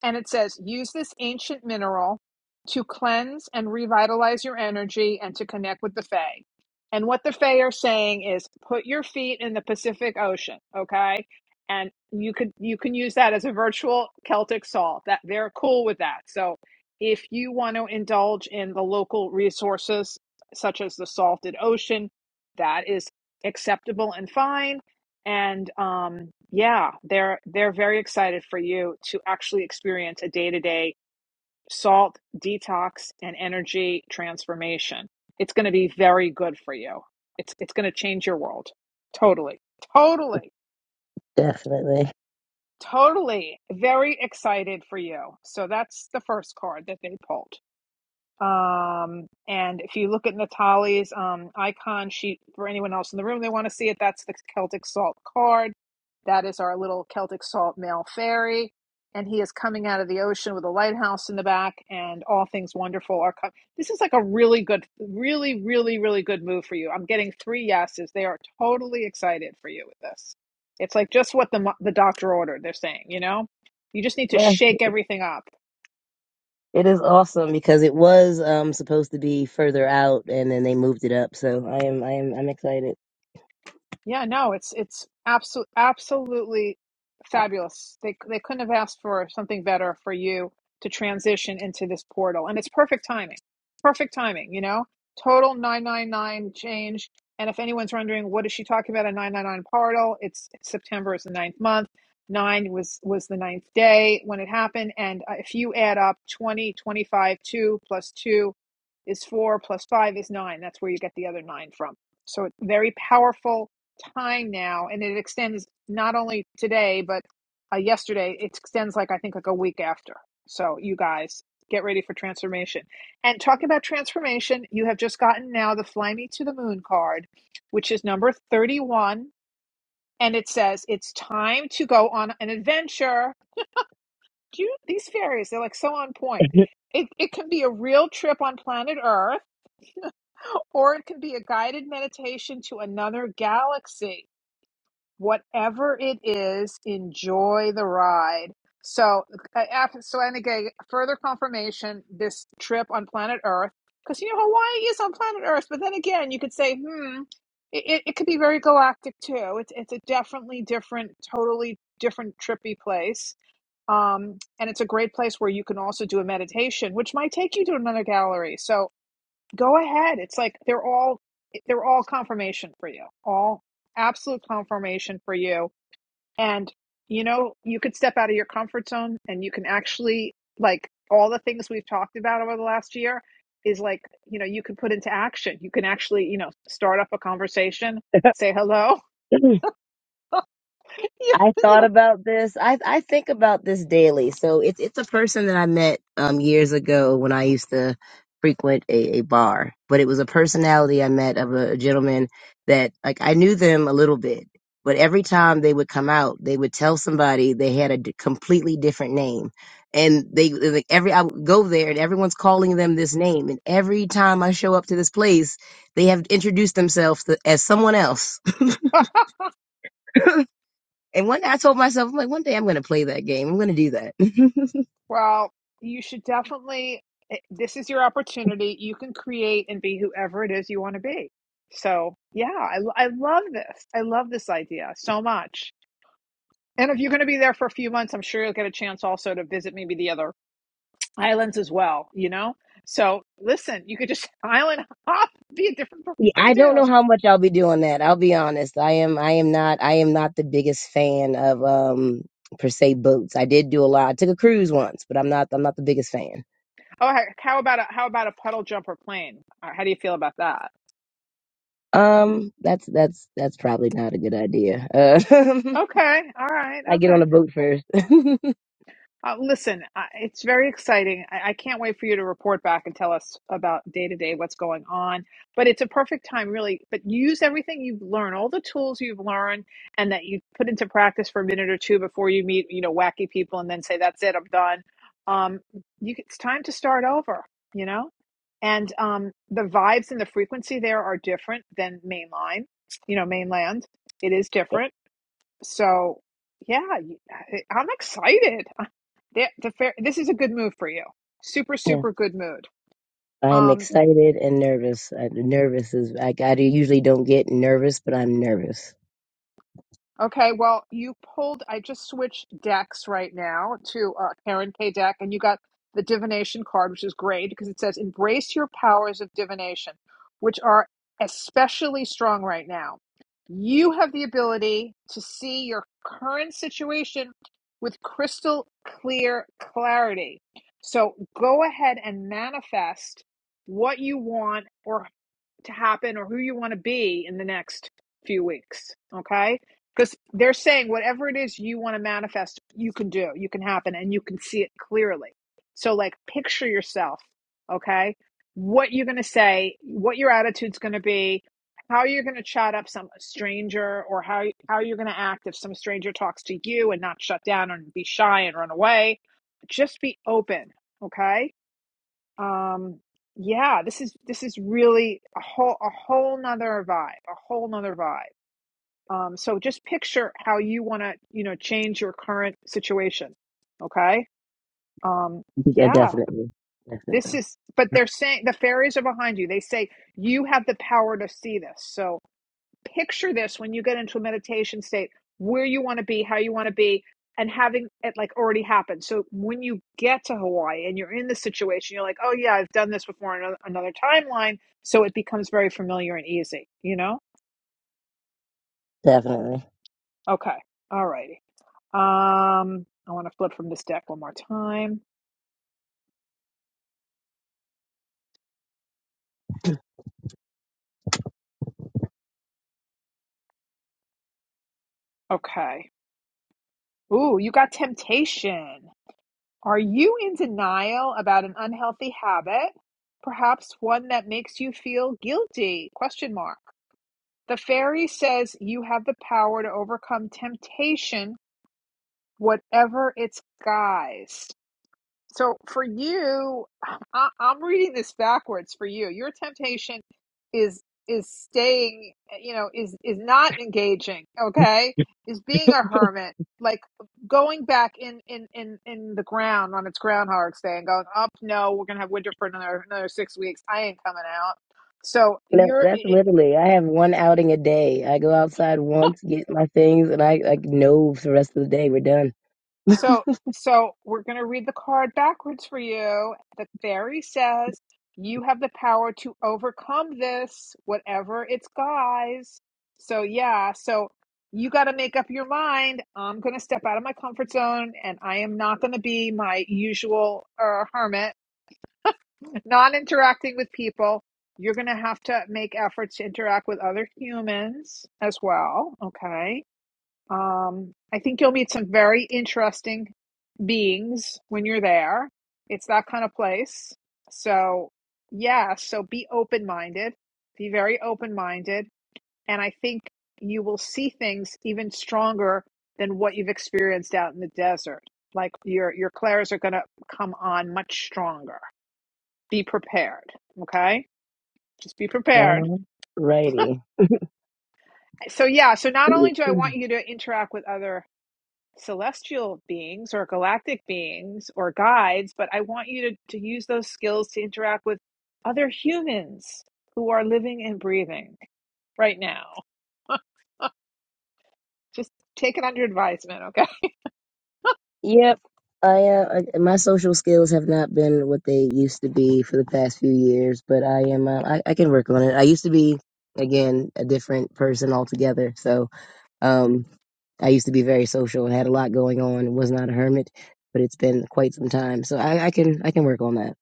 Speaker 1: and it says use this ancient mineral to cleanse and revitalize your energy and to connect with the fae and what the fae are saying is put your feet in the pacific ocean okay and you could you can use that as a virtual celtic salt that they're cool with that so if you want to indulge in the local resources such as the salted ocean that is acceptable and fine and um, yeah, they're they're very excited for you to actually experience a day-to-day salt detox and energy transformation. It's going to be very good for you. It's it's going to change your world. Totally. Totally.
Speaker 5: Definitely.
Speaker 1: Totally. Very excited for you. So that's the first card that they pulled. Um, and if you look at Natalie's um, icon sheet for anyone else in the room, they want to see it. That's the Celtic Salt card. That is our little Celtic Salt male fairy. And he is coming out of the ocean with a lighthouse in the back, and all things wonderful are coming. This is like a really good, really, really, really good move for you. I'm getting three yeses. They are totally excited for you with this. It's like just what the the doctor ordered. They're saying, you know, you just need to
Speaker 5: Yeah.
Speaker 1: shake everything up
Speaker 5: It is awesome because it was um supposed to be further out and then they moved it up. So I am I am I'm excited.
Speaker 1: Yeah, no, it's it's absolutely absolutely fabulous. They they couldn't have asked for something better for you to transition into this portal, and it's perfect timing. Perfect timing, you know. Total nine nine nine change. And if anyone's wondering what is she talking about a nine nine nine portal, it's, it's September is the ninth month. Nine was was the ninth day when it happened, and uh, if you add up twenty twenty two plus two is four plus five is nine. That's where you get the other nine from. So it's very powerful time now, and it extends not only today but uh, yesterday. It extends like I think like a week after. So you guys get ready for transformation. And talking about transformation, you have just gotten now the "Fly Me to the Moon" card, which is number thirty-one, and it says it's time to go on an adventure. Do you, these fairies—they're like so on point. It, it can be a real trip on planet Earth, or it can be a guided meditation to another galaxy. whatever it is, enjoy the ride. So, uh, after, so and again, further confirmation this trip on planet Earth, because you know Hawaii is on planet Earth, but then again, you could say, hmm, it, it it could be very galactic too. It's it's a definitely different, totally different trippy place. Um, and it's a great place where you can also do a meditation, which might take you to another gallery. So go ahead. It's like they're all they're all confirmation for you. All absolute confirmation for you and you know, you could step
Speaker 5: *laughs*
Speaker 1: out of your comfort zone and you can actually like all the things we've talked about over the last year is like, you know, you can put into action. You can actually, you know, start up a conversation, say hello. *laughs* you
Speaker 5: I thought
Speaker 1: you
Speaker 5: about this. I I think about this daily. So it's it's a person that I met um years ago when I used to frequent a, a bar. But it was a personality I met of a, gentleman that like I knew them a little bit, but every time they would come out, they would tell somebody they had a d- completely different name, and they like every I would go there and everyone's calling them this name, and every time I show up to this place, they have introduced themselves to, as someone else
Speaker 1: know,
Speaker 5: and one day I told myself, I'm like, one day I'm going to play that game. I'm going to do that. *laughs*
Speaker 1: well, you should definitely eh, this is your opportunity. You can create and be whoever it is you want to be. So, yeah, I, I love this. I love this idea so much. And if you're going to be there for a few months, I'm sure you'll get a chance also to visit maybe the other islands as well, you know? So listen, you could just *laughs* island hop, be a different person
Speaker 5: yeah, I don't
Speaker 1: too.
Speaker 5: know how much I'll be doing that. I'll be honest. I am, I am not, I am not the biggest fan of, um, per se boats. I did do a lot. I took a cruise once, but I'm not, I'm not the biggest fan.
Speaker 1: Oh, how about a how about a puddle jumper plane? Uh, How do you feel about that?
Speaker 5: Um, that's, that's, that's probably not a good idea. Uh, *laughs*
Speaker 1: Okay, all right,
Speaker 5: I get
Speaker 1: okay.
Speaker 5: on a boat first. *laughs*
Speaker 1: Uh, listen, I, it's very exciting. I, I can't wait for you to report back and tell us about day to day what's going on. But it's a perfect time, really. But use everything you've learned, all the tools you've learned, and that you put into practice for a minute or two before you meet, you know, wacky people, and then say, "That's it, I'm done." Um, you, it's time to start over. You know, and um, the vibes and the frequency there are different than mainline. You know, mainland. It is different. So yeah, y- I- I'm excited. Th- the fair, this is a good move for you. Super,
Speaker 5: Yeah,
Speaker 1: super good mood.
Speaker 5: I am
Speaker 1: Um,
Speaker 5: excited and nervous. I, nervous is I, I usually don't get nervous, but I'm nervous.
Speaker 1: okay, well, you pulled, I just switched decks right now to uh, Karen K deck, and you got the divination card, which is great because it says embrace your powers of divination, which are especially strong right now. You have the ability to see your current situation with crystal clear clarity. So go ahead and manifest what you want or to happen or who you want to be in the next few weeks. Okay. Because they're saying whatever it is you want to manifest, you can do, you can happen, and you can see it clearly. So, like, picture yourself. Okay. What you're going to say, what your attitude's going to be, how you're going to chat up some stranger, or how, how you're going to act if some stranger talks to you and not shut down and be shy and run away. Just be open. Okay um, yeah, this is this is really a whole a whole nother vibe, a whole nother vibe. Um, so just picture how you want to, you know, change your current situation. Okay? Um,
Speaker 5: *laughs* Uh,
Speaker 1: yeah,
Speaker 5: Definitely,
Speaker 1: this
Speaker 5: definitely.
Speaker 1: is but they're saying the fairies are behind you. They say you have the power to see this. So picture this when you get into a meditation state where you want to be how you want to be and having it like already happen so when you get to hawaii and you're in this situation you're like oh yeah i've done this before on another timeline so it becomes very familiar and easy you know
Speaker 5: Definitely.
Speaker 1: okay all righty um i want to flip from this deck one more time okay ooh you got temptation are you in denial about an unhealthy habit perhaps one that makes you feel guilty question mark The fairy says you have the power to overcome temptation, whatever its guise. So for you, I, I'm reading this backwards. For you, your temptation is is staying, you know, is is not engaging. Okay, is being a hermit, like going back in in in in the ground on its Groundhog's Day and going up. No, we're gonna have winter for another another six weeks. I ain't coming out. So
Speaker 5: No,
Speaker 1: you're.
Speaker 5: that's literally. I have one outing a day. I go outside once, get my things, and I like know for the rest of the day we're done.
Speaker 1: So, so we're going to read the card backwards for you. The fairy says, "You have the power to overcome this, whatever its guise." So, yeah, so you got to make up your mind. I'm going to step out of my comfort zone, and I am not going to be my usual uh, hermit, *laughs* not interacting with people. You're going to have to make efforts to interact with other humans as well. Okay. Um, I think you'll meet some very interesting beings when you're there. It's that kind of place. So, yeah, so be open minded, be very open minded. And I think you will see things even stronger than what you've experienced out in the desert. Like your, your clairs are going to come on much stronger. Be prepared. Okay. Just be prepared.
Speaker 5: All righty.
Speaker 1: So, yeah. So not only do I want
Speaker 5: *clears throat*
Speaker 1: you to interact with other celestial beings or galactic beings or guides, but I want you to, to use those skills to interact with other humans who are living and breathing right now. Just take it under advisement, okay?
Speaker 5: Yep. I uh, I- my social skills have not been what they used to be for the past few years, but I am uh, I, I can work on it. I used to be again a different person altogether, so Um, I used to be very social and had a lot going on and was not a hermit, but it's been quite some time. So I, I can I can work on that.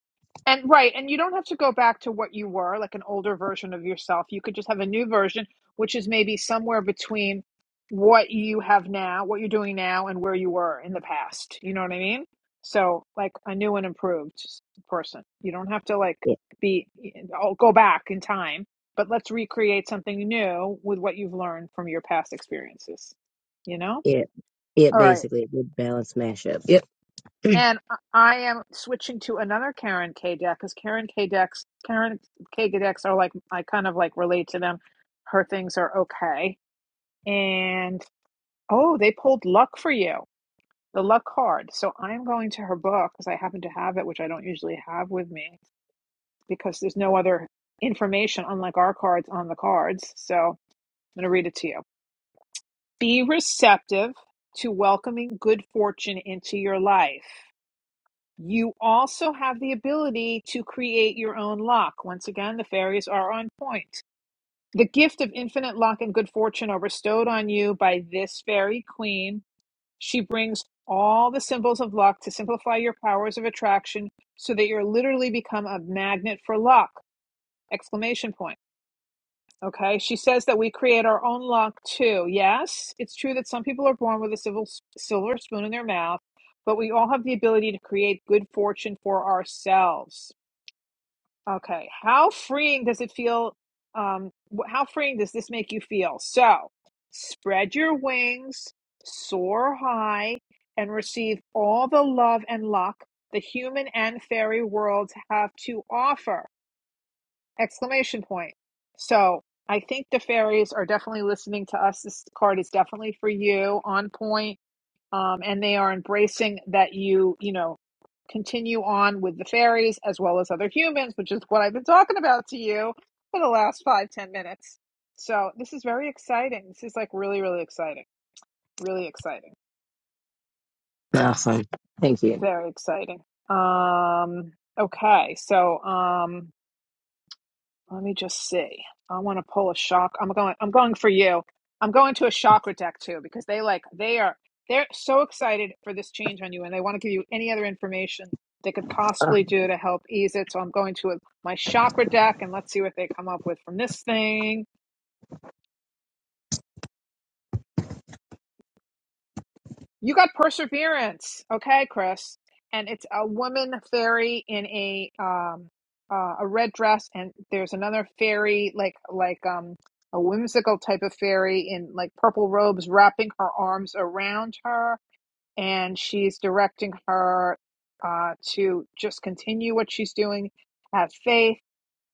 Speaker 1: And right, and you don't have to go back to what you were, like an older version of yourself. You could just have a new version, which is maybe somewhere between what you have now, what you're doing now, and where you were in the past. You know what I mean? So, like a new and improved s- person. You don't have to like
Speaker 5: Yeah,
Speaker 1: be oh, go back in time, but let's recreate something new with what you've learned from your past experiences. You know?
Speaker 5: yeah, yeah
Speaker 1: All right.
Speaker 5: basically a good balance mashup. Yep.
Speaker 1: And I I am switching to another Karen K deck because Karen K decks, Karen K decks are like I kind of like relate to them. Her things are okay, and oh, they pulled luck for you, the luck card. So I'm going to her book because I happen to have it, which I don't usually have with me because there's no other information unlike our cards on the cards. So I'm going to read it to you. Be receptive to welcoming good fortune into your life. You also have the ability to create your own luck. Once again, the fairies are on point. The gift of infinite luck and good fortune are bestowed on you by this fairy queen. She brings all the symbols of luck to simplify your powers of attraction so that you're literally become a magnet for luck. Exclamation point. Okay, she says that we create our own luck too. Yes, it's true that some people are born with a civil, silver spoon in their mouth, but we all have the ability to create good fortune for ourselves. Okay, how freeing does it feel? Um, wh- how freeing does this make you feel? So, spread your wings, soar high, and receive all the love and luck the human and fairy worlds have to offer exclamation point. So I think the fairies are definitely listening to us. This card is definitely for you, on point. Um, and they are embracing that you, you know, continue on with the fairies as well as other humans, which is what I've been talking about to you for the last five, ten minutes. So this is very exciting. This is like really, really exciting. Really exciting.
Speaker 5: Awesome. Thank you.
Speaker 1: Very exciting. Um, okay. So, um, Let me just see. I want to pull a shock. I'm going. I'm going for you. I'm going to a chakra deck too because they like they are they're so excited for this change on you, and they want to give you any other information they could
Speaker 5: Uh,
Speaker 1: possibly do to help ease it. So I'm going to a, my chakra deck, and let's see what they come up with from this thing. You got perseverance, okay, Chris? And it's a woman fairy in a um uh, a red dress, and there's another fairy like like um a whimsical type of fairy in like purple robes, wrapping her arms around her, and she's directing her uh to just continue what she's doing, have faith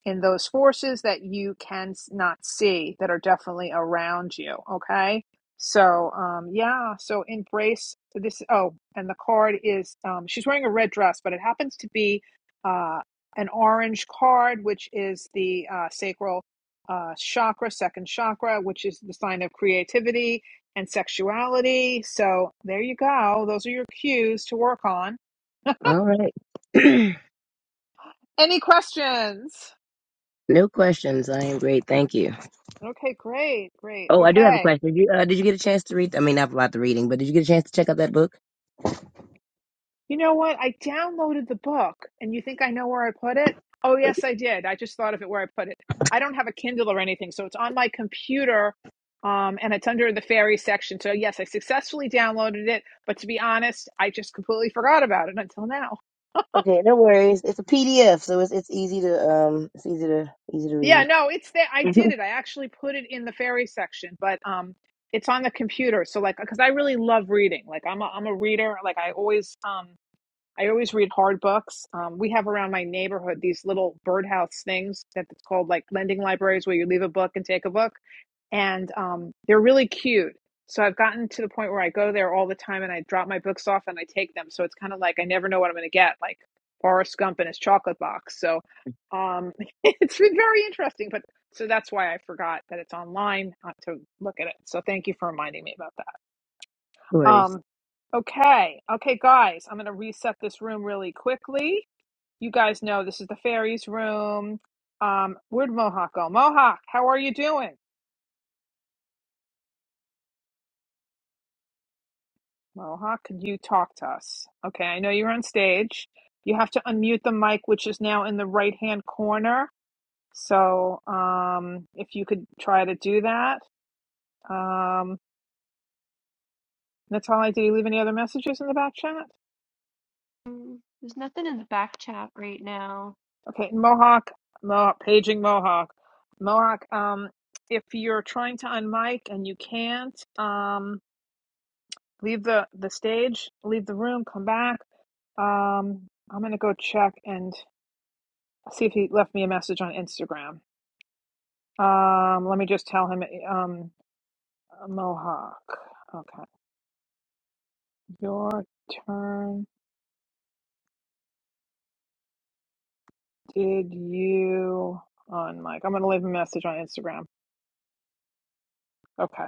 Speaker 1: in those forces that you can not see that are definitely around you. Okay. So, um, yeah. So embrace so this. Oh, and the card is, um, she's wearing a red dress, but it happens to be, uh, an orange card, which is the, uh, sacral, uh, chakra, second chakra, which is the sign of creativity and sexuality. So there you go. Those are your cues to work on.
Speaker 5: all right. *clears throat*
Speaker 1: Any questions?
Speaker 5: no questions. I am great. Thank you.
Speaker 1: Okay, great, great.
Speaker 5: Oh, I do have a
Speaker 1: Okay.
Speaker 5: question. Did you, uh, did you get a chance to read? I mean, not about the reading, but did you get a chance to check out that book?
Speaker 1: You know what? I downloaded the book, and you think I know where I put it? Oh, yes, I did. I just thought of it where I put it. I don't have a Kindle or anything, so it's on my computer, um, and it's under the fairy section. So, yes, I successfully downloaded it, but to be honest, I just completely forgot about it until now.
Speaker 5: Okay, no worries. It's a PDF, so it's it's easy to um it's easy to easy to
Speaker 1: Yeah,
Speaker 5: read.
Speaker 1: no, it's there. I
Speaker 5: *laughs*
Speaker 1: did
Speaker 5: no
Speaker 1: it. I actually put it in the fairy section, but um, it's on the computer. So, like, because I really love reading. Like, I'm a, I'm a reader. Like, I always um, I always read hard books. Um, we have around my neighborhood these little birdhouse things that it's called like lending libraries where you leave a book and take a book. And um, they're really cute. So I've gotten to the point where I go there all the time and I drop my books off and I take them. So it's kind of like I never know what I'm going to get, like Forrest Gump in his chocolate box. So um, *laughs* it's been very interesting. But so that's why I forgot that it's online uh, to look at it. So thank you for reminding me about that.
Speaker 5: worries.
Speaker 1: Um, okay. Okay, guys, I'm going to reset this room really quickly. You guys know this is the fairies room. Um, where'd Mohawk go? Mohawk, how are you doing? Mohawk, could you talk to us? Okay, I know you're on stage. You have to unmute the mic, which is now in the right hand corner. So, um, if you could try to do that. Um, that's all I did. You leave any other messages in the back chat?
Speaker 2: Mm, There's nothing in the back chat right now.
Speaker 1: Okay, Mohawk, Mohawk, paging Mohawk, Mohawk. Um, if you're trying to unmic and you can't, um, leave the the stage, leave the room, come back. Um, I'm gonna go check and see if he left me a message on Instagram. Um, let me just tell him. Um, Mohawk. Okay, your turn. Did you unmic? I'm gonna leave a message on Instagram. Okay.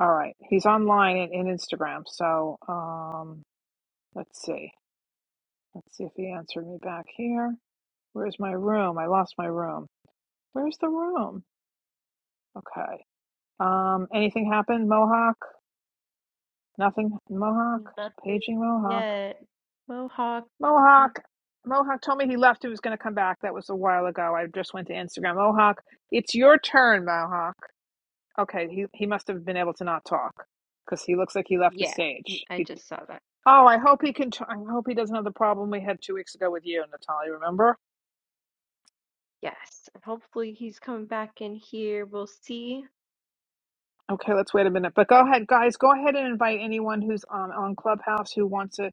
Speaker 1: All right. He's online and in Instagram, so um Let's see. Let's see if he answered me back here. Where's my room? I lost my room. Where's the room? Okay. Um, anything happened? Mohawk? Nothing? Mohawk? Paging
Speaker 2: Nothing
Speaker 1: Mohawk.
Speaker 2: yet. Mohawk. Mm,
Speaker 1: Mohawk! Mohawk told me he left. He was going to come back. That was a while ago. I just went to Instagram. Mohawk, it's your turn, Mohawk. Okay, he, he must have been able to not talk because he looks like he left the
Speaker 2: Yeah,
Speaker 1: stage.
Speaker 2: I
Speaker 1: He,
Speaker 2: just saw that.
Speaker 1: oh, I hope he can. T- I hope he doesn't have the problem we had two weeks ago with you, Natalie. Remember?
Speaker 2: Yes. And hopefully he's coming back in here. We'll see.
Speaker 1: Okay, let's wait a minute. But go ahead, guys. Go ahead and invite anyone who's um, on Clubhouse who wants to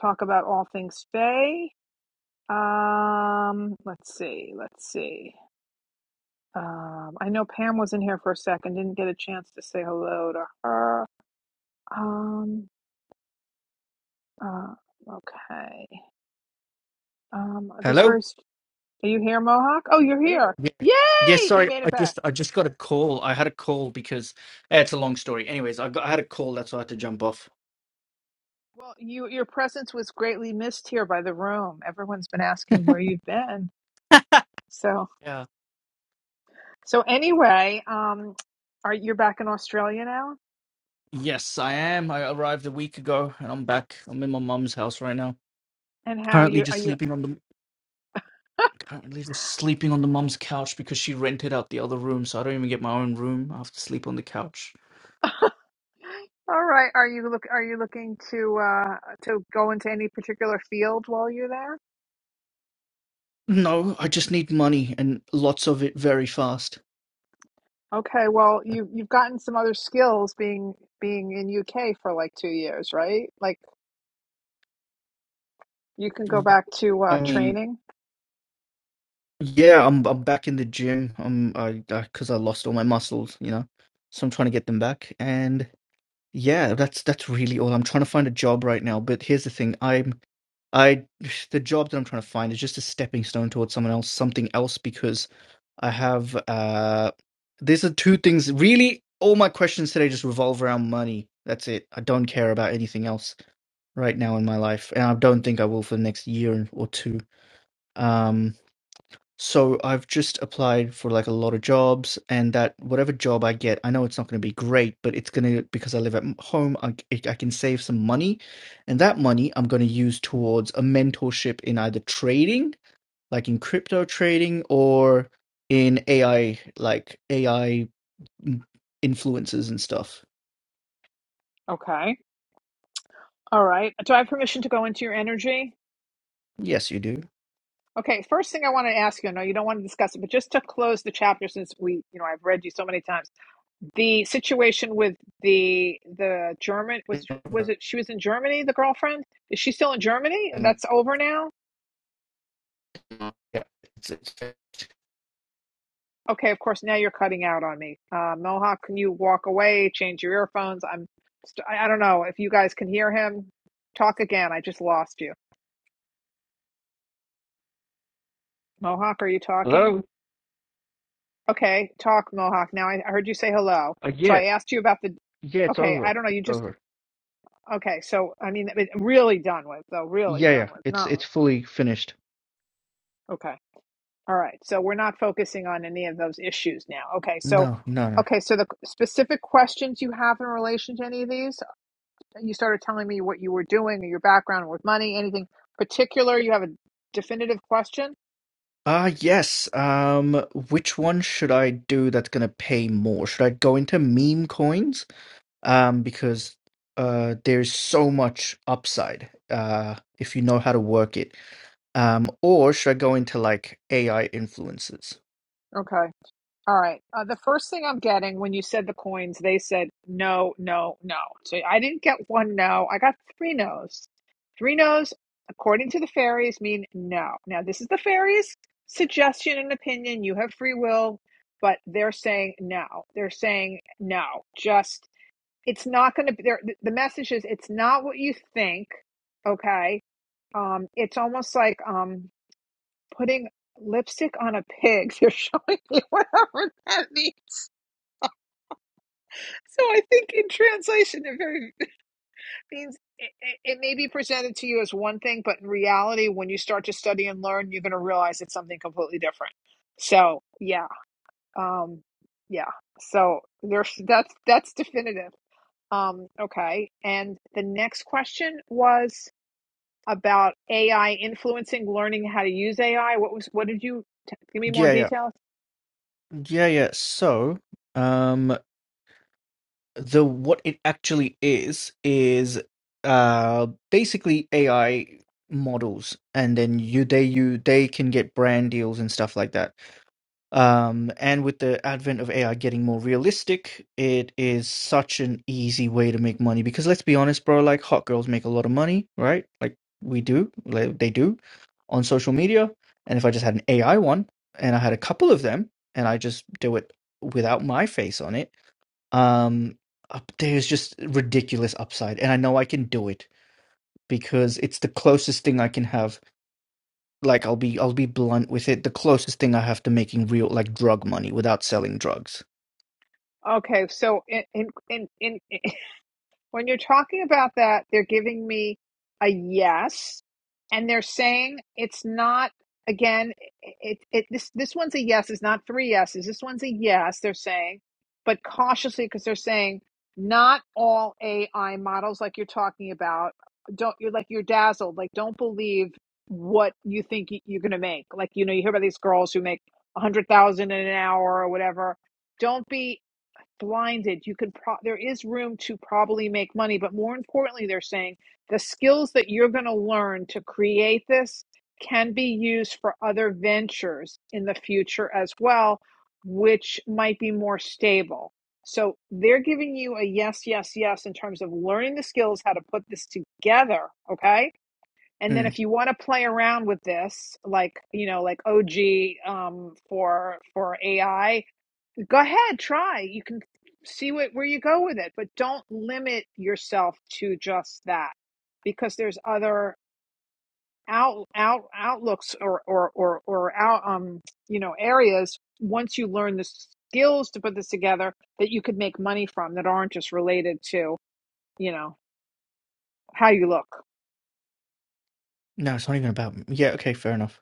Speaker 1: talk about all things Faye. Um, let's see. Let's see. Um, I know Pam was in here for a second. Didn't get a chance to say hello to her. Um. Uh, okay. Um. This very.
Speaker 11: Hello.
Speaker 1: s- Are you here, Mohawk? Oh, you're here.
Speaker 11: Yeah. Yeah.
Speaker 1: Yay! You
Speaker 11: Sorry,
Speaker 1: made
Speaker 11: I
Speaker 1: it back.
Speaker 11: just I just got a call. I had a call because eh, it's a long story. Anyways, I got I had a call. That's why I had to jump off.
Speaker 1: Well, you your presence was greatly missed here by the room. Everyone's been
Speaker 11: *laughs*
Speaker 1: asking where you've been. So.
Speaker 11: Yeah.
Speaker 1: So anyway, um, are you're back in Australia now?
Speaker 11: Yes, I am. I arrived a week ago, and I'm back. I'm in my mum's house right now.
Speaker 1: And how
Speaker 11: Currently,
Speaker 1: you are
Speaker 11: just
Speaker 1: you?
Speaker 11: sleeping on the currently just sleeping on the mum's couch because she rented out the other room, so I don't even get my own room. I have to sleep on the couch.
Speaker 1: All right. Are you look? Are you looking to uh, to go into any particular field while you're there?
Speaker 11: No, I just need money and lots of it very fast.
Speaker 1: Okay. Well, you you've gotten some other skills being being in UK for like two years, right? Like you can go
Speaker 11: Well,
Speaker 1: back to uh,
Speaker 11: I mean,
Speaker 1: training.
Speaker 11: Yeah, I'm I'm back in the gym. I'm I because I lost all my muscles, you know. So I'm trying to get them back. And yeah, that's that's really all. I'm trying to find a job right now, but here's the thing. I'm I the job that I'm trying to find is just a stepping stone towards someone else, something else because I have uh these are two things really all my questions today just revolve around money. That's it. I don't care about anything else right now in my life, and I don't think I will for the next year or two. Um. So I've just applied for like a lot of jobs, and that whatever job I get, I know it's not going to be great, but it's going to, because I live at m- home, I, c- I can save some money. And that money I'm going to use towards a mentorship in either trading, like in crypto trading, or in AI, like AI influences and stuff.
Speaker 1: Okay. All right. Do I have permission to go into your energy?
Speaker 11: Yes, you do.
Speaker 1: Okay. First thing I want to ask you. No, you don't want to discuss it, but just to close the chapter, since we you know I've read you so many times the situation with the the German was was it she was in Germany the girlfriend is she still in Germany
Speaker 11: And,
Speaker 1: that's over now
Speaker 11: yeah, it's, it's,
Speaker 1: okay of course now you're cutting out on me uh, Mohawk can you walk away change your earphones I'm st- I don't know if you guys can hear him talk again I just lost you Mohawk are you talking
Speaker 11: Hello?
Speaker 1: okay talk Mohawk now I, I heard you say hello
Speaker 11: uh,
Speaker 1: so
Speaker 11: yeah,
Speaker 1: I asked you about the
Speaker 11: yeah, it's
Speaker 1: okay I
Speaker 11: over.
Speaker 1: don't know
Speaker 11: It's
Speaker 1: you just
Speaker 11: over.
Speaker 1: okay so I mean it- really done with though really
Speaker 11: Yeah, yeah,
Speaker 1: done with
Speaker 11: it's
Speaker 1: not
Speaker 11: it's fully finished.
Speaker 1: okay All right. So we're not focusing on any of those issues now. Okay. So,
Speaker 11: No, no, no.
Speaker 1: okay. So the specific questions you have in relation to any of these, you started telling me what you were doing or your background with money, anything particular. You have a definitive question.
Speaker 11: Ah, yes. Um, which one should I do that's gonna pay more? Should I go into meme coins? Um, because uh there's so much upside, uh, if you know how to work it. Um, or should I go into like AI influences?
Speaker 1: Okay. All right. Uh, the first thing I'm getting when you said the coins, they said no, no, no. So I didn't get one no. I got three no's. Three no's, according to the fairies, mean no. Now, this is the fairies' suggestion and opinion. You have free will, but they're saying no. They're saying no. Just, it's not going to be there. The message is, it's not what you think. Okay. Um, it's almost like um, putting lipstick on a pig. *laughs* They're showing me *laughs* whatever that means. So I think in translation, it very it means it, it it may be presented to you as one thing, but in reality, when you start to study and learn, you're going to realize it's something completely different. So yeah, um, yeah. So there's that's that's definitive. Um, okay. And the next question was about AI influencing learning how to use AI. What was what did you t- give me more
Speaker 11: Yeah, yeah.
Speaker 1: details?
Speaker 11: Yeah, yeah. So, um the what it actually is is uh basically AI models and then you they you they can get brand deals and stuff like that um and with the advent of AI getting more realistic it is such an easy way to make money because let's be honest bro like hot girls make a lot of money right like we do like they do on social media and if I just had an AI one and I had a couple of them and I just do it without my face on it um, up there's just ridiculous upside, and I know I can do it because it's the closest thing I can have. Like I'll be I'll be blunt with it. The closest thing I have to making real like drug money without selling drugs.
Speaker 1: Okay, so in in in in When you're talking about that, they're giving me a yes, and they're saying it's not. Again, it, it this this one's a yes. It's not three yeses. This one's a yes. They're saying, but cautiously because they're saying not all AI models like you're talking about. Don't you're like you're dazzled. Like don't believe what you think y- you're gonna make. Like you know you hear about these girls who make a hundred thousand in an hour or whatever. Don't be blinded you can pro- there is room to probably make money but more importantly they're saying the skills that you're going to learn to create this can be used for other ventures in the future as well which might be more stable so they're giving you a yes yes yes in terms of learning the skills how to put this together okay and then
Speaker 11: Mm.
Speaker 1: if you want to play around with this like you know like og um, for for ai go ahead try you can see what, where you go with it but don't limit yourself to just that because there's other out out outlooks or or or, or out um you know areas once you learn the skills to put this together that you could make money from that aren't just related to you know how you look
Speaker 11: No, it's not even about. Yeah, okay, fair enough.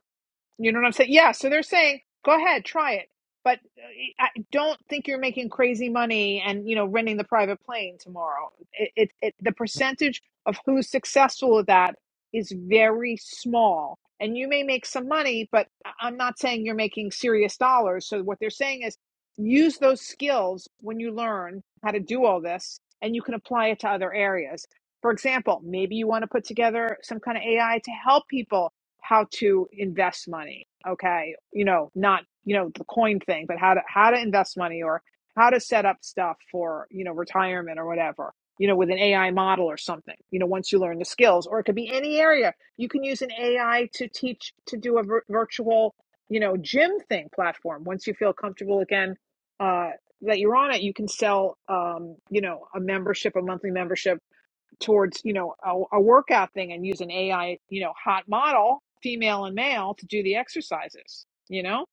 Speaker 1: You know what I'm saying? Yeah. So they're saying, go ahead, try it, but uh, I don't think you're making crazy money and you know renting the private plane tomorrow. It, it, it the percentage of who's successful with that is very small, and you may make some money, but I- I'm not saying you're making serious dollars. So what they're saying is, use those skills when you learn how to do all this, and you can apply it to other areas. For example, maybe you want to put together some kind of AI to help people how to invest money okay you know not you know the coin thing but how to how to invest money or how to set up stuff for you know retirement or whatever you know with an ai model or something you know once you learn the skills or it could be any area you can use an ai to teach to do a vir- virtual you know gym thing platform once you feel comfortable again uh that you're on it you can sell um you know a membership a monthly membership towards you know a, a workout thing and use an AI you know hot model, female and male, to do the exercises. You know,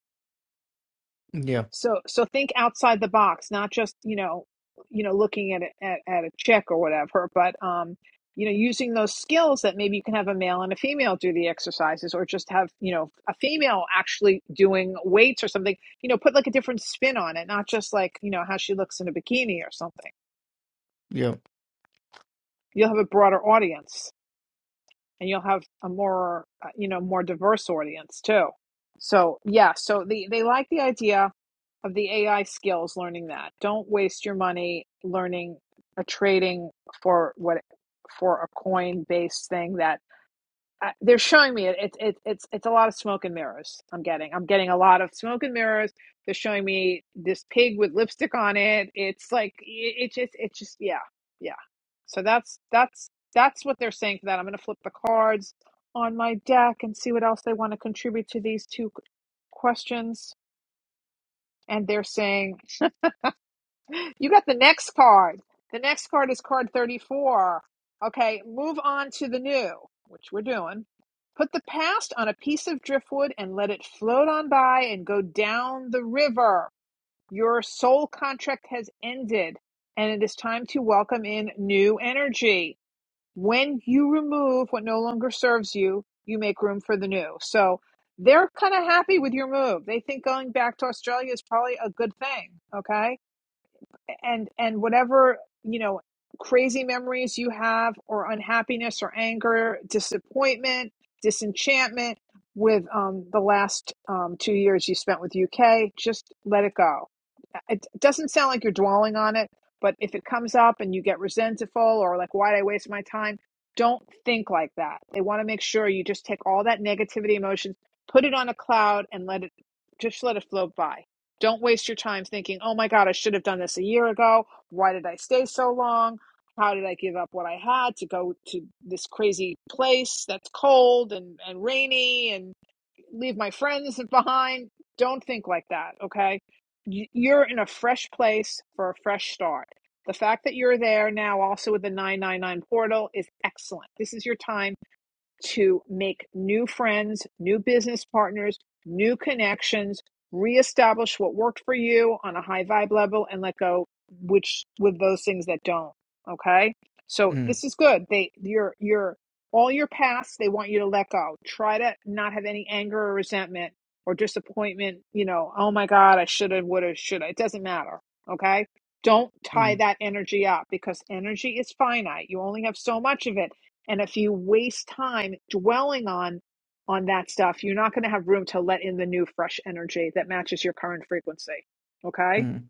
Speaker 11: Yeah,
Speaker 1: so so think outside the box, not just you know you know looking at a, at, at a check or whatever, but um you know using those skills that maybe you can have a male and a female do the exercises or just have you know a female actually doing weights or something you know put like a different spin on it not just like you know how she looks in a bikini or something
Speaker 11: yeah.
Speaker 1: you'll have a broader audience and you'll have a more uh, you know more diverse audience too so yeah so the, they like the idea of the ai skills learning that don't waste your money learning a trading for what for a coin based thing that I, they're showing me it, it, it. It's it's a lot of smoke and mirrors. I'm getting. I'm getting a lot of smoke and mirrors. They're showing me this pig with lipstick on it. It's like it, it just. it just yeah, yeah. So that's that's that's what they're saying for that. I'm gonna flip the cards on my deck and see what else they want to contribute to these two questions. And they're saying you got the next card. The next card is card 34. Okay, move on to the new, which we're doing. Put the past on a piece of driftwood and let it float on by and go down the river. Your soul contract has ended, and it is time to welcome in new energy. When you remove what no longer serves you, you make room for the new. So they're kind of happy with your move. They think going back to Australia is probably a good thing. Okay and and whatever you know crazy memories you have or unhappiness or anger disappointment disenchantment with um, the last um, two years you spent with uk just let it go it doesn't sound like you're dwelling on it but if it comes up and you get resentful or like why did i waste my time don't think like that they want to make sure you just take all that negativity emotions put it on a cloud and let it just let it float by don't waste your time thinking, oh my God, I should have done this a year ago. Why did I stay so long? How did I give up what I had to go to this crazy place that's cold and, and rainy and leave my friends *laughs* behind? Don't think like that, okay? You're in a fresh place for a fresh start. The fact that you're there now, also with the 999 portal, is excellent. This is your time to make new friends, new business partners, new connections, reestablish what worked for you on a high vibe level and let go which with those things that don't. Okay? So
Speaker 11: Mm,
Speaker 1: this is good. They your your all your past, they want you to let go. Try to not have any anger or resentment or disappointment, you know, oh my God, I should have, would have, should have. It doesn't matter. Okay. Don't tie
Speaker 11: mm,
Speaker 1: that energy up because energy is finite. You only have so much of it and if you waste time dwelling on on that stuff, you're not going to have room to let in the new fresh energy that matches your current frequency. Okay?
Speaker 11: mm,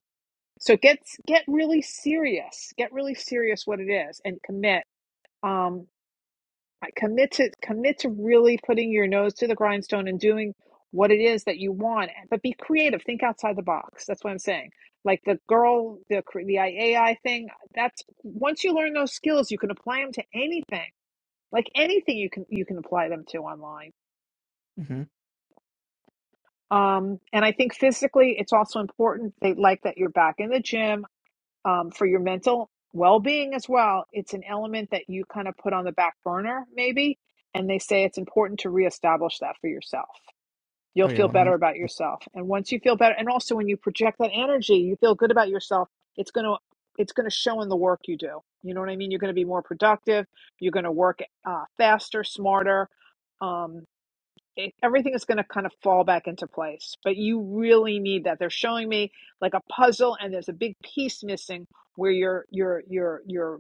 Speaker 1: So get get really serious. Get really serious what it is and commit. Um commit to commit to really putting your nose to the grindstone and doing what it is that you want. But be creative. Think outside the box. That's what I'm saying. Like the girl, the the AI thing. That's once you learn those skills, you can apply them to anything like anything you can you can apply them to online
Speaker 11: mm-hmm.
Speaker 1: um and i think physically it's also important they like that you're back in the gym um for your mental well-being as well it's an element that you kind of put on the back burner maybe and they say it's important to reestablish that for yourself you'll
Speaker 11: Oh yeah,
Speaker 1: feel
Speaker 11: one
Speaker 1: better
Speaker 11: hundred.
Speaker 1: about yourself and once you feel better and also when you project that energy you feel good about yourself it's going to it's going to show in the work you do you know what i mean you're going to be more productive you're going to work uh, faster smarter um, it, everything is going to kind of fall back into place. But you really need that. They're showing me like a puzzle, and there's a big piece missing where your your your your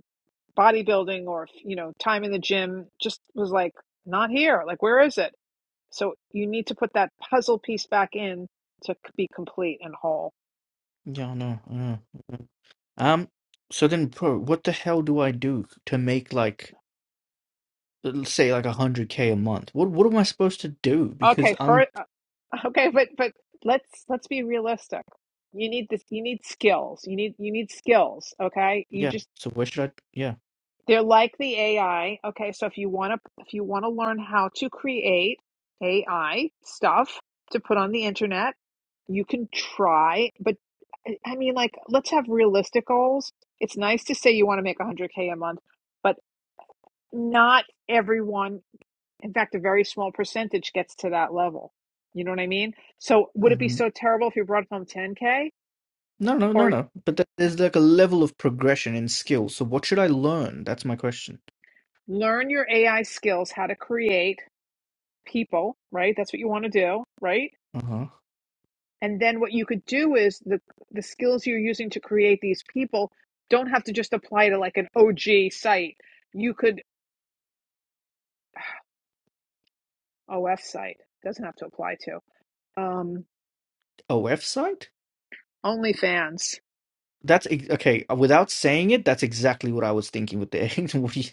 Speaker 1: bodybuilding or you know time in the gym just was like not here. Like where is it? So you need to put that puzzle piece back in to c- be complete and whole.
Speaker 11: Yeah, no. Uh, mm. um. So then, bro, what the hell do I do to make like, l- say, like a hundred k a month? What What am I supposed to do? Because
Speaker 1: Okay,
Speaker 11: I'm
Speaker 1: for uh, *laughs* okay, but but let's let's be realistic. You need this. You need skills. You need you need skills. Okay, you
Speaker 11: Yeah.
Speaker 1: just
Speaker 11: So where should I? Yeah.
Speaker 1: They're like the AI. Okay, so if you want to if you want to learn how to create AI stuff to put on the internet, you can try, but I I mean like let's have realistic goals. It's nice to say you want to make 100k a month, but not everyone, in fact a very small percentage gets to that level. You know what I mean? So would it be
Speaker 11: hmm
Speaker 1: so terrible if you brought home 10k
Speaker 11: No, no, no,
Speaker 1: or
Speaker 11: no. But th there's like a level of progression in skill. So what should I learn? That's my question.
Speaker 1: learn your AI skills, how to create people, right? That's what you want to do, right?
Speaker 11: Uh-huh.
Speaker 1: And then what you could do is the the skills you're using to create these people don't have to just apply to like an OG site. You could OF site doesn't have to apply to um,
Speaker 11: OF site?
Speaker 1: OnlyFans.
Speaker 11: That's ex- okay. uh, Without saying it, that's exactly what I was thinking with the *laughs* what do you-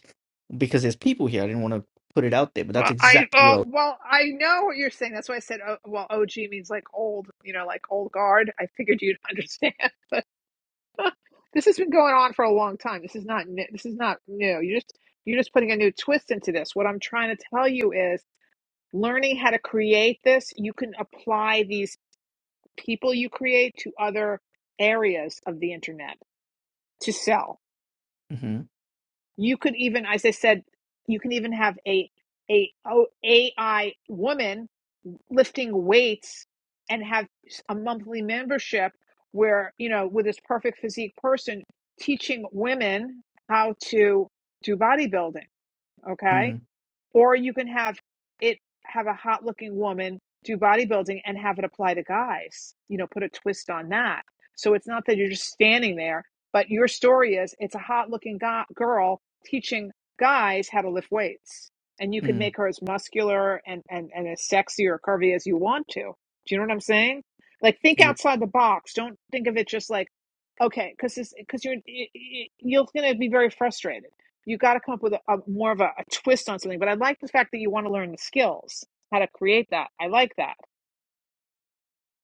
Speaker 11: because there's people here. I didn't want to put it out there, but that's
Speaker 1: Well, I
Speaker 11: exactly what I
Speaker 1: oh,
Speaker 11: was.
Speaker 1: well I know what you're saying. That's why I said oh, well OG means like old, you know, like old guard. I figured you'd understand, *laughs* but *laughs* this has been going on for a long time. This is not new. This is not new. You just you're just putting a new twist into this. What I'm trying to tell you is learning how to create this, you can apply these people you create to other areas of the internet to sell.
Speaker 11: Mm-hmm.
Speaker 1: You could even, as I said, you can even have a a a a o- AI woman lifting weights and have a monthly membership where you know with this perfect physique person teaching women how to do bodybuilding. Okay,
Speaker 11: Mm,
Speaker 1: Or you can have it have a hot looking woman do bodybuilding and have it apply to guys. You know, put a twist on that. So it's not that you're just standing there, but your story is it's a hot looking go- girl teaching guys how to lift weights. And you could
Speaker 11: mm.
Speaker 1: make her as muscular and, and, and as sexy or curvy as you want to. Do you know what I'm saying? Like think
Speaker 11: Yep.
Speaker 1: outside the box. Don't think of it just like, okay, because because you're y- you're going to be very frustrated you got to come up with a, a more of a, a twist on something. But I like the fact that you want to learn the skills, how to create that. I like that,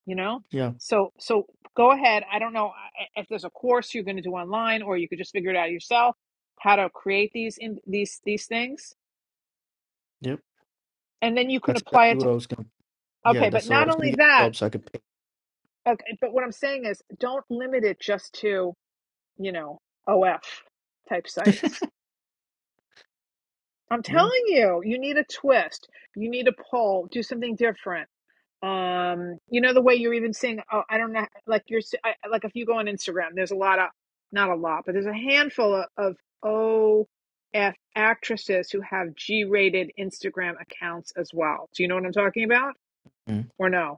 Speaker 1: you know?
Speaker 11: Yeah.
Speaker 1: So, so go ahead. I don't know uh, if there's a course you're going to do online or you could just figure it out yourself how to create these in these these things
Speaker 11: Yep.
Speaker 1: and then you can
Speaker 11: That's
Speaker 1: apply
Speaker 11: exactly
Speaker 1: it
Speaker 11: what
Speaker 1: to
Speaker 11: I was gonna. Yeah.
Speaker 1: okay but
Speaker 11: That's all. I
Speaker 1: not
Speaker 11: was gonna
Speaker 1: only
Speaker 11: get a
Speaker 1: that
Speaker 11: job so I could pay.
Speaker 1: okay but what i'm saying is don't limit it just to you know of type sites i'm
Speaker 11: Yeah.
Speaker 1: telling you you need a twist you need a pull do something different um you know the way you're even seeing oh i don't know like you're s- I, like if you go on instagram there's a lot of not a lot but there's a handful of, of of actresses who have g-rated instagram accounts as well do you know what i'm talking about
Speaker 11: Mm.
Speaker 1: or no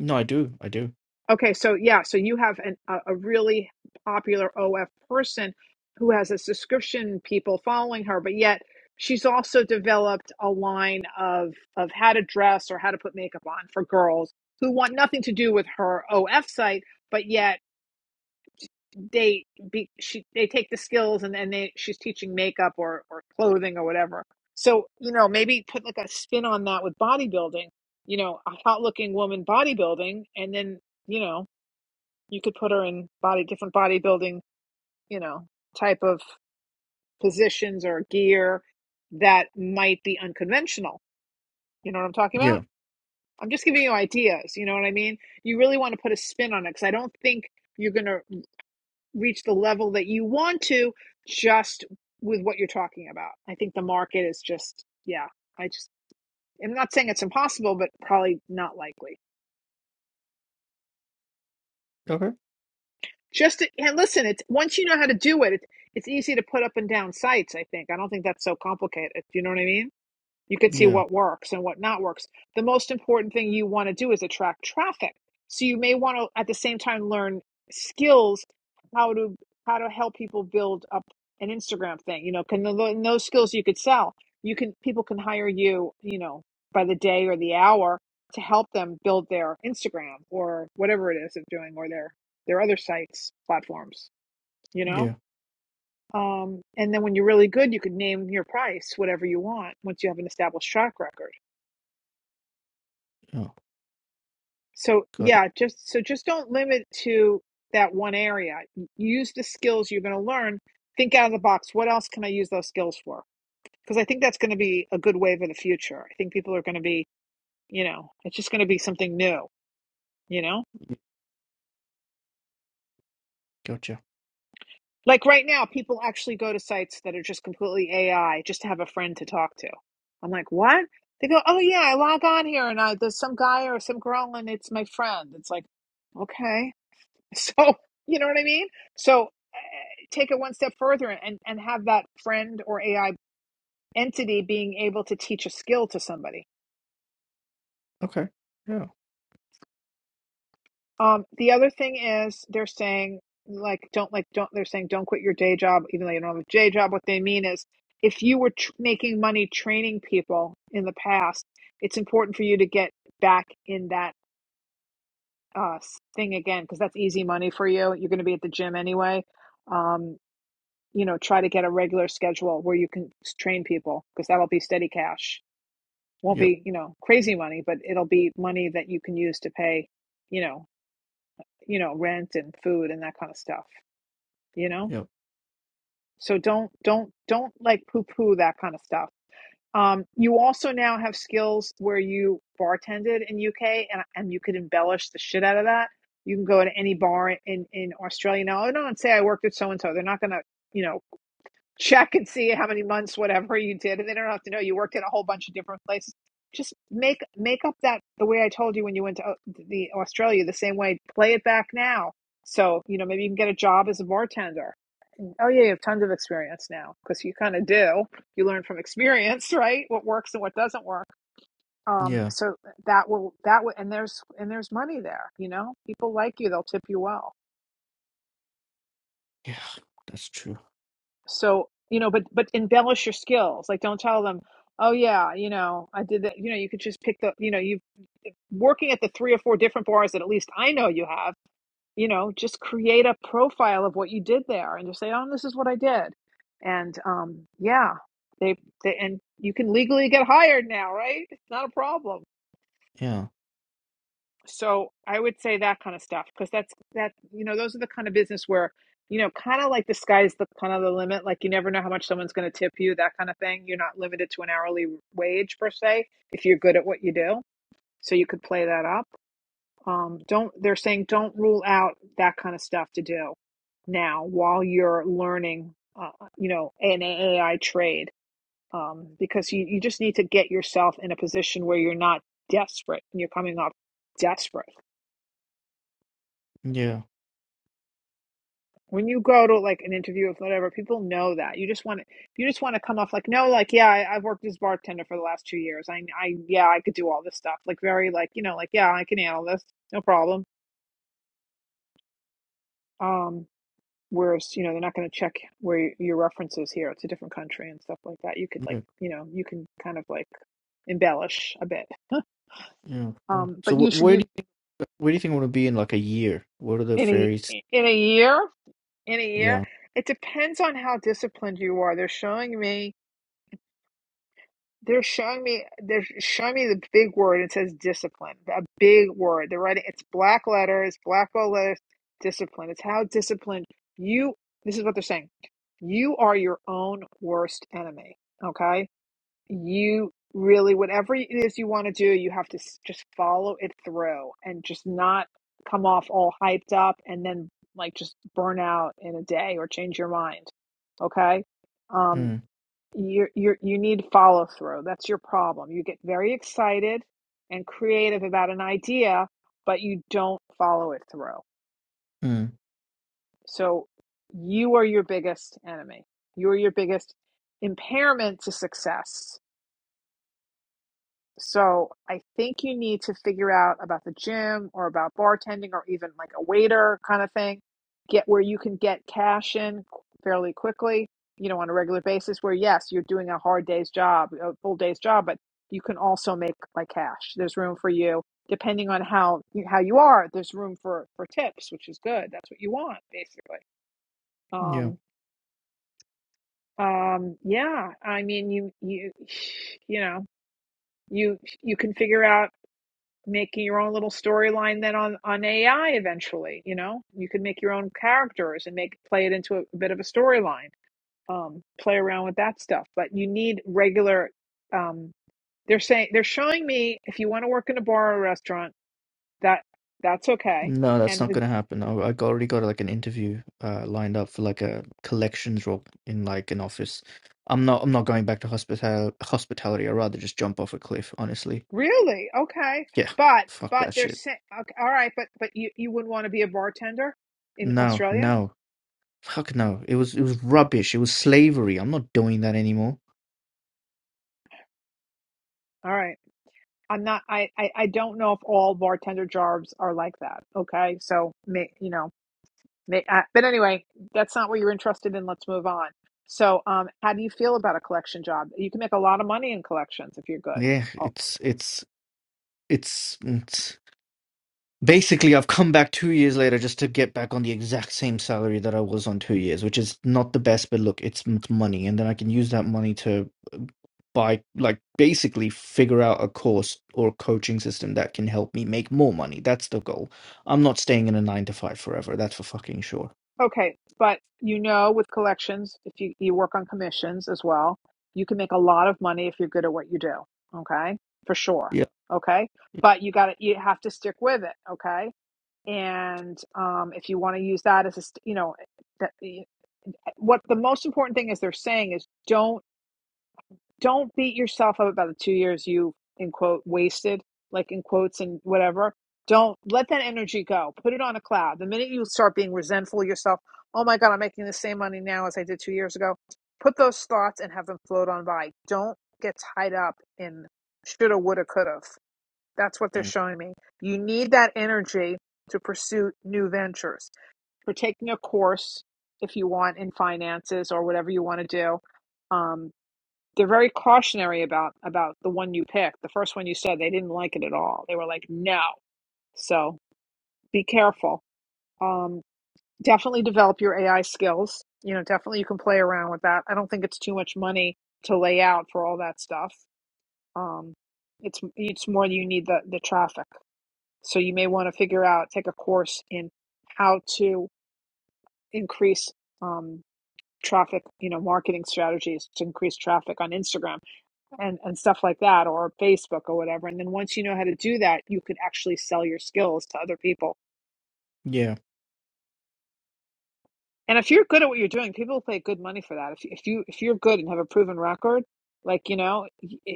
Speaker 11: No, I do. I do.
Speaker 1: Okay, so yeah, so you have an, a, a really popular OF person who has a subscription people following her, but yet she's also developed a line of of how to dress or how to put makeup on for girls who want nothing to do with her OF site, but yet they be she they take the skills and then they she's teaching makeup or or clothing or whatever. So, you know, maybe put like a spin on that with bodybuilding, you know, a hot looking woman bodybuilding and then, you know, you could put her in body different bodybuilding, you know, type of positions or gear that might be unconventional. You know what I'm talking about?
Speaker 11: Yeah.
Speaker 1: I'm just giving you ideas, you know what I mean? You really want to put a spin on it cuz I don't think you're going to reach the level that you want to just with what you're talking about. I think the market is just yeah, I just I'm not saying it's impossible, but probably not likely.
Speaker 11: Okay.
Speaker 1: Just to, and listen, it's once you know how to do it, it's it's easy to put up and down sites. I think I don't think that's so complicated. Do you know what I mean? You could see
Speaker 11: Yeah.
Speaker 1: what works and what not works. The most important thing you want to do is attract traffic. So you may want to at the same time learn skills how to how to help people build up an Instagram thing. You know, can tho- those skills you could sell. You can people can hire you, you know, by the day or the hour to help them build their Instagram or whatever it is they're doing or their their other sites, platforms, you know?
Speaker 11: Yeah.
Speaker 1: Um, and then when you're really good, you could name your price, whatever you want, once you have an established track record.
Speaker 11: Oh,
Speaker 1: So
Speaker 11: got it.
Speaker 1: yeah, just so just don't limit to that one area. Use the skills you're going to learn. Think out of the box. What else can I use those skills for? Because I think that's going to be a good wave of the future. I think people are going to be, you know, it's just going to be something new, you know?
Speaker 11: Gotcha.
Speaker 1: Like right now, people actually go to sites that are just completely AI just to have a friend to talk to. I'm like, what? They go, oh yeah, I log on here and I, there's some guy or some girl and it's my friend. It's like, okay. *laughs* So, you know what I mean? So, uh, take it one step further and, and have that friend or AI entity being able to teach a skill to somebody.
Speaker 11: Okay. Yeah.
Speaker 1: Um, the other thing is they're saying, like, don't, like, don't, they're saying, don't quit your day job, even though you don't have a day job. What they mean is if you were tr- making money training people in the past, it's important for you to get back in that uh, thing again because that's easy money for you. You're going to be at the gym anyway. Um, you know, try to get a regular schedule where you can train people because that'll be steady cash. Won't
Speaker 11: Yep.
Speaker 1: be, you know, crazy money, but it'll be money that you can use to pay, you know, you know, rent and food and that kind of stuff, you know?
Speaker 11: Yep.
Speaker 1: So don't don't don't like poo poo that kind of stuff. Um, you also now have skills where you bartended in UK and and you could embellish the shit out of that. You can go to any bar in in Australia now. I don't say I worked at so and so. They're not gonna, you know, check and see how many months whatever you did and they don't have to know you worked in a whole bunch of different places just make make up that the way i told you when you went to uh, the australia the same way play it back now so you know maybe you can get a job as a bartender oh yeah you have tons of experience now because you kind of do you learn from experience *laughs* right what works and what doesn't work um
Speaker 11: Yeah.
Speaker 1: so that will that will and there's and there's money there you know people like you they'll tip you well
Speaker 11: Yeah. That's true.
Speaker 1: So, you know, but but embellish your skills. Like don't tell them, "Oh yeah, you know, I did that." You know, you could just pick the, you know, you've working at the three or four different bars that at least I know you have, you know, just create a profile of what you did there and just say, "Oh, this is what I did." And um yeah, they, they and you can legally get hired now, right? It's not a problem.
Speaker 11: Yeah.
Speaker 1: So I would say that kind of stuff because that's that you know those are the kind of business where you know kind of like the sky's the kind of the limit. Like you never know how much someone's going to tip you, that kind of thing. You're not limited to an hourly wage per se if you're good at what you do. So you could play that up. Um, don't they're saying don't rule out that kind of stuff to do now while you're learning, uh, you know, an AI trade um, because you you just need to get yourself in a position where you're not desperate and you're coming off desperate
Speaker 11: Yeah.
Speaker 1: when you go to like an interview with whatever, people know that. You just want to, you just want to come off like, no, like, yeah, I, I've worked as bartender for the last two years. I, I, yeah, I could do all this stuff. Like very, like, you know, like, yeah, I can handle this, no problem. Um, whereas, you know, they're not going to check where y- your references here. It's a different country and stuff like that. You could like,
Speaker 11: Yeah.
Speaker 1: you know, you can kind of like embellish a bit.
Speaker 11: Yeah. yeah.
Speaker 1: Um,
Speaker 11: So
Speaker 1: but you
Speaker 11: wh-
Speaker 1: should,
Speaker 11: where
Speaker 1: you,
Speaker 11: do you where do you think we're gonna be in like a year? What are the
Speaker 1: in a,
Speaker 11: fairies?
Speaker 1: in a year, in a year,
Speaker 11: Yeah.
Speaker 1: it depends on how disciplined you are. They're showing me They're showing me they're showing me the big word. It says discipline. A big word. They're writing it's black letters, black gold letters, discipline. It's how disciplined you this is what they're saying. You are your own worst enemy. Okay? You really whatever it is you want to do, you have to s- just follow it through and just not come off all hyped up and then like just burn out in a day or change your mind. Okay? Um,
Speaker 11: Mm.
Speaker 1: you you you need follow through. That's your problem. You get very excited and creative about an idea, but you don't follow it through.
Speaker 11: Mm.
Speaker 1: So you are your biggest enemy. You are your biggest impairment to success. So I think you need to figure out about the gym or about bartending or even like a waiter kind of thing. Get where you can get cash in qu- fairly quickly, you know, on a regular basis where yes, you're doing a hard day's job, a full day's job, but you can also make like cash. There's room for you depending on how you, how you are. There's room for for tips, which is good. That's what you want basically.
Speaker 11: Yeah.
Speaker 1: Um um yeah, I mean you you *sighs* you know, you you can figure out making your own little storyline then on on AI eventually. You know, you could make your own characters and make play it into a, a bit of a storyline. Um, play around with that stuff, but you need regular. Um, they're saying they're showing me if you want to work in a bar or a restaurant that that's okay.
Speaker 11: No, that's
Speaker 1: And
Speaker 11: not
Speaker 1: the,
Speaker 11: gonna happen. I, I got- already got like an interview uh lined up for like a collections role in like an office. I'm not I'm not going back to hospital hospitality. I'd rather just jump off a cliff, honestly.
Speaker 1: really okay,
Speaker 11: Yeah.
Speaker 1: but
Speaker 11: Fuck
Speaker 1: but
Speaker 11: that
Speaker 1: they're
Speaker 11: shit.
Speaker 1: saying okay, all right, but but you you wouldn't want to be a bartender in
Speaker 11: No,
Speaker 1: Australia.
Speaker 11: no. Fuck no. It was it was rubbish. It was slavery. I'm not doing that anymore.
Speaker 1: All right I'm not. I, I I don't know if all bartender jobs are like that. Okay, so may, you know, may, uh, but anyway, that's not what you're interested in. Let's move on. So, um, how do you feel about a collection job? You can make a lot of money in collections if you're good.
Speaker 11: Yeah,
Speaker 1: Oh,
Speaker 11: it's it's it's, it's basically I've come back two years later just to get back on the exact same salary that I was on two years, which is not the best, but look, it's, it's money, and then I can use that money to uh, buy like basically figure out a course or a coaching system that can help me make more money. That's the goal. I'm not staying in a nine to five forever. That's for fucking sure.
Speaker 1: Okay, but you know, with collections, if you, you work on commissions as well, you can make a lot of money if you're good at what you do. Okay, for sure.
Speaker 11: Yeah.
Speaker 1: Okay,
Speaker 11: Yeah.
Speaker 1: but you got to you have to stick with it. Okay, and um, if you want to use that as a st- you know, that, what the most important thing is they're saying is don't don't beat yourself up about the two years you in quote wasted like in quotes and whatever don't let that energy go put it on a cloud the minute you start being resentful of yourself oh my god i'm making the same money now as i did two years ago put those thoughts and have them float on by don't get tied up in shoulda woulda coulda that's what they're
Speaker 11: Yeah.
Speaker 1: showing me you need that energy to pursue new ventures for taking a course if you want in finances or whatever you want to do um, they're very cautionary about about the one you picked. The first one you said they didn't like it at all. They were like, no. So be careful. Um, definitely develop your AI skills. You know, definitely you can play around with that. I don't think it's too much money to lay out for all that stuff. Um, it's it's more you need the the traffic. So you may want to figure out take a course in how to increase um, traffic. You know, marketing strategies to increase traffic on Instagram and and stuff like that or Facebook or whatever. And then once you know how to do that, you can actually sell your skills to other people.
Speaker 11: Yeah.
Speaker 1: And if you're good at what you're doing, people will pay good money for that. If if you if you're good and have a proven record, like you know,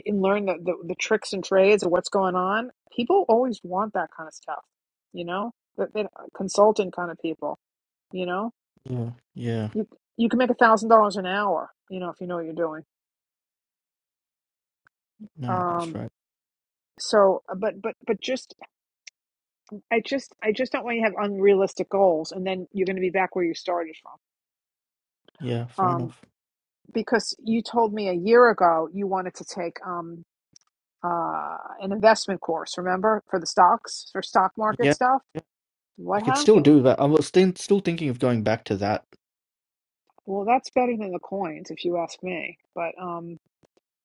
Speaker 1: and learn the the, the tricks and trades of what's going on, people always want that kind of stuff. You know, the, the consultant kind of people. You know,
Speaker 11: Yeah.
Speaker 1: you you can make a thousand dollars an hour. You know, if you know what you're doing.
Speaker 11: No, that's
Speaker 1: Um.
Speaker 11: right.
Speaker 1: So, uh, but but but just I just I just don't want you to have unrealistic goals and then you're going to be back where you started from.
Speaker 11: Yeah. Fair
Speaker 1: Um,
Speaker 11: enough.
Speaker 1: because you told me a year ago you wanted to take um, uh, an investment course, remember, for the stocks, for stock market
Speaker 11: Yeah.
Speaker 1: stuff.
Speaker 11: Yeah. I
Speaker 1: What
Speaker 11: could still
Speaker 1: happened?
Speaker 11: do that. I was still still thinking of going back to that.
Speaker 1: Well, that's better than the coins, if you ask me. But um,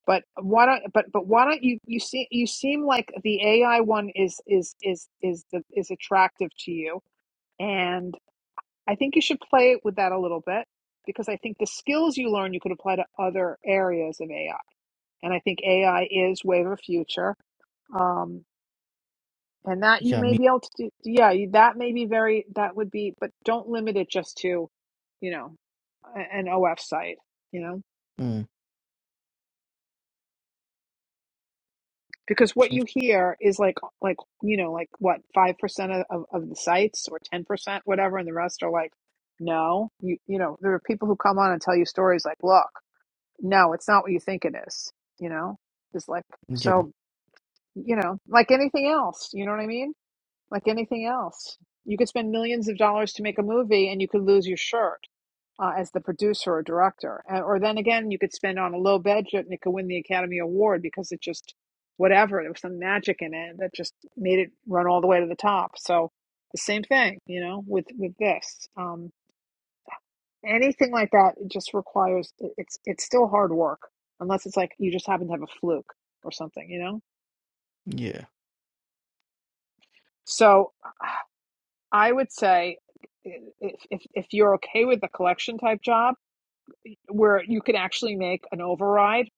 Speaker 1: but why don't but but why don't you you see you seem like the AI one is is is is the is attractive to you, and. I think you should play with that a little bit because I think the skills you learn you could apply to other areas of AI. And I think AI is wave of future. Um, and that you
Speaker 11: Yeah.
Speaker 1: may
Speaker 11: Me.
Speaker 1: be able to do, yeah, you- that may be very, that would be, but don't limit it just to, you know, a- an OF site, you know,
Speaker 11: Mm,
Speaker 1: because what
Speaker 11: sounds,
Speaker 1: you hear is like, like, you know, like what, 5% of, of of the sites or 10%, whatever. And the rest are like, no, you, you know, there are people who come on and tell you stories like, look, no, it's not what you think it is, you know? It's like,
Speaker 11: yeah.
Speaker 1: so, you know, like anything else, you know what I mean? Like anything else. You could spend millions of dollars to make a movie and you could lose your shirt uh, as the producer or director. And, or then again, you could spend on a low budget and it could win the Academy Award because it just, whatever, there was some magic in it that just made it run all the way to the top. So the same thing, you know, with, with this. Um, anything like that it just requires it's it's still hard work unless it's like you just happen to have a fluke or something you know
Speaker 11: Yeah.
Speaker 1: so i would say if if, if you're okay with the collection type job where you can actually make an override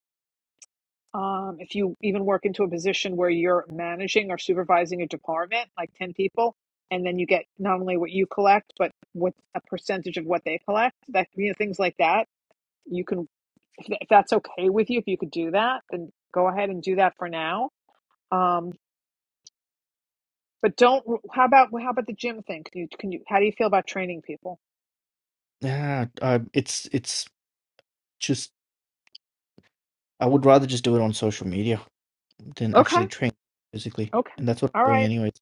Speaker 1: um, if you even work into a position where you're managing or supervising a department like 10 people and then you get not only what you collect but what a percentage of what they collect that you know things like that you can if, that's okay with you, if you could do that, then go ahead and do that for now. Um, but don't. How about how about the gym thing? Can you can you? How do you feel about training people?
Speaker 11: Yeah, uh, it's it's just I would rather just do it on social media than
Speaker 1: Okay,
Speaker 11: actually train physically,
Speaker 1: okay,
Speaker 11: and that's what
Speaker 1: all
Speaker 11: I'm doing
Speaker 1: right.
Speaker 11: anyways.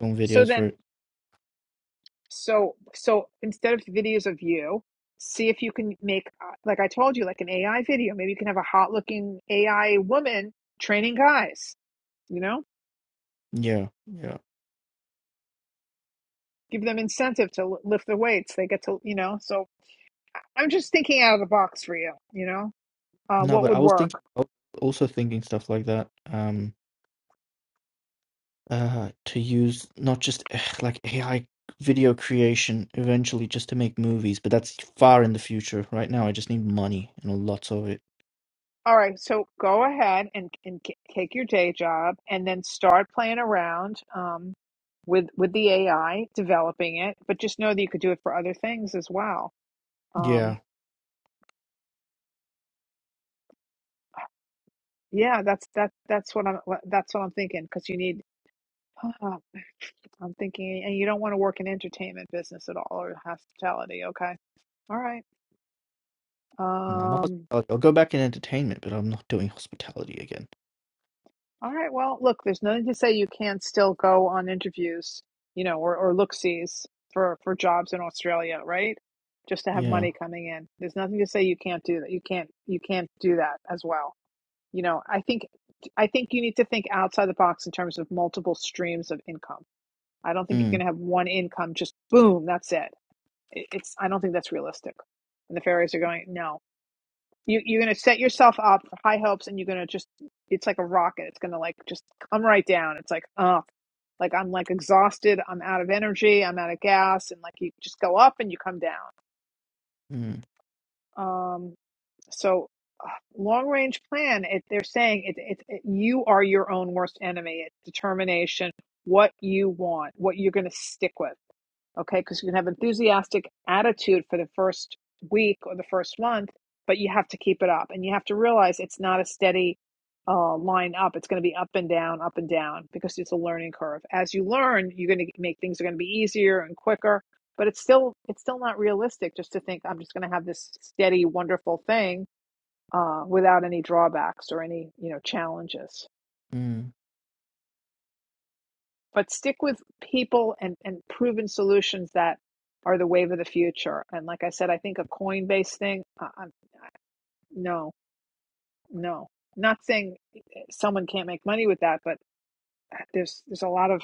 Speaker 11: Film
Speaker 1: So
Speaker 11: videos for
Speaker 1: then, so so instead of videos of you, see if you can make uh, like I told you, like an AI video. Maybe you can have a hot looking AI woman training guys. You know,
Speaker 11: yeah, yeah.
Speaker 1: give them incentive to lift the weights. They get to you know. So I'm just thinking out of the box for you. You know, uh,
Speaker 11: No,
Speaker 1: what
Speaker 11: but I
Speaker 1: would
Speaker 11: was
Speaker 1: work?
Speaker 11: thinking, I was also thinking stuff like that. Um, uh, to use not just ugh, like AI video creation eventually just to make movies, but that's far in the future. Right now, I just need money and lots of it.
Speaker 1: All right, so go ahead and, and c- take your day job and then start playing around um, with with the AI, developing it. But just know that you could do it for other things as well. Um,
Speaker 11: Yeah,
Speaker 1: yeah, that's that that's what I'm what- that's what I'm thinking because you need. *sighs* I'm thinking, and you don't want to work in entertainment business at all or hospitality. Okay, all right.
Speaker 11: no, not
Speaker 1: Um.
Speaker 11: hospitality. I'll go back in entertainment, but I'm not doing hospitality again.
Speaker 1: All right. Well, look, there's nothing to say you can't still go on interviews, you know, or, or look sees for, for jobs in Australia, right? Just to have
Speaker 11: Yeah.
Speaker 1: money coming in. There's nothing to say you can't do that. You can't you can't do that as well. You know, I think I think you need to think outside the box in terms of multiple streams of income. I don't think you're
Speaker 11: Mm,
Speaker 1: gonna have one income just boom, that's it. it it's I don't think that's realistic. And the fairies are going, no, you you're gonna set yourself up for high hopes and you're gonna just it's like a rocket it's gonna like just come right down it's like oh, uh like i'm like exhausted i'm out of energy i'm out of gas and like you just go up and you come down
Speaker 11: mm,
Speaker 1: um so uh, long range plan it, they're saying it, it, it you are your own worst enemy it's determination what you want what you're going to stick with okay because you can have enthusiastic attitude for the first week or the first month but you have to keep it up and you have to realize it's not a steady uh, line up it's going to be up and down up and down because it's a learning curve as you learn you're going to make things are going to be easier and quicker but it's still it's still not realistic just to think i'm just going to have this steady wonderful thing uh, without any drawbacks or any you know challenges
Speaker 11: mm.
Speaker 1: but stick with people and, and proven solutions that are the wave of the future. And like I said, I think a coin based thing, uh, uh, no, no, not saying eh, someone can't make money with that, but uh, there's there's a lot of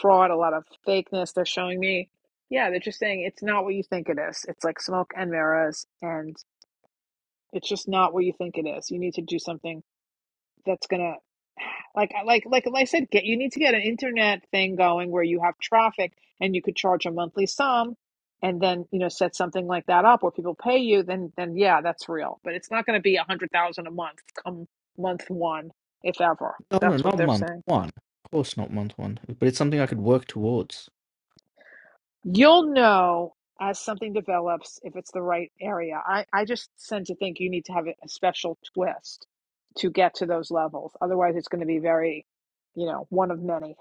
Speaker 1: fraud, a lot of fakeness. They're showing me, yeah, they're just saying it's not what you think it is. It's like smoke and mirrors, and it's just not what you think it is. You need to do something that's gonna Like I- like like like I said, get you need to get an internet thing going where you have traffic and you could charge a monthly sum and then, you know, set something like that up where people pay you, then then yeah, that's real. But it's not going to be a hundred thousand a month come month one, if ever.
Speaker 11: No, no,
Speaker 1: That's what
Speaker 11: not
Speaker 1: they're
Speaker 11: month
Speaker 1: saying.
Speaker 11: one. Of course, not month one. But it's something I could work towards.
Speaker 1: You'll know as something develops if it's the right area. I, I just tend to think you need to have a a special twist to get to those levels. Otherwise it's going to be very, you know, one of many.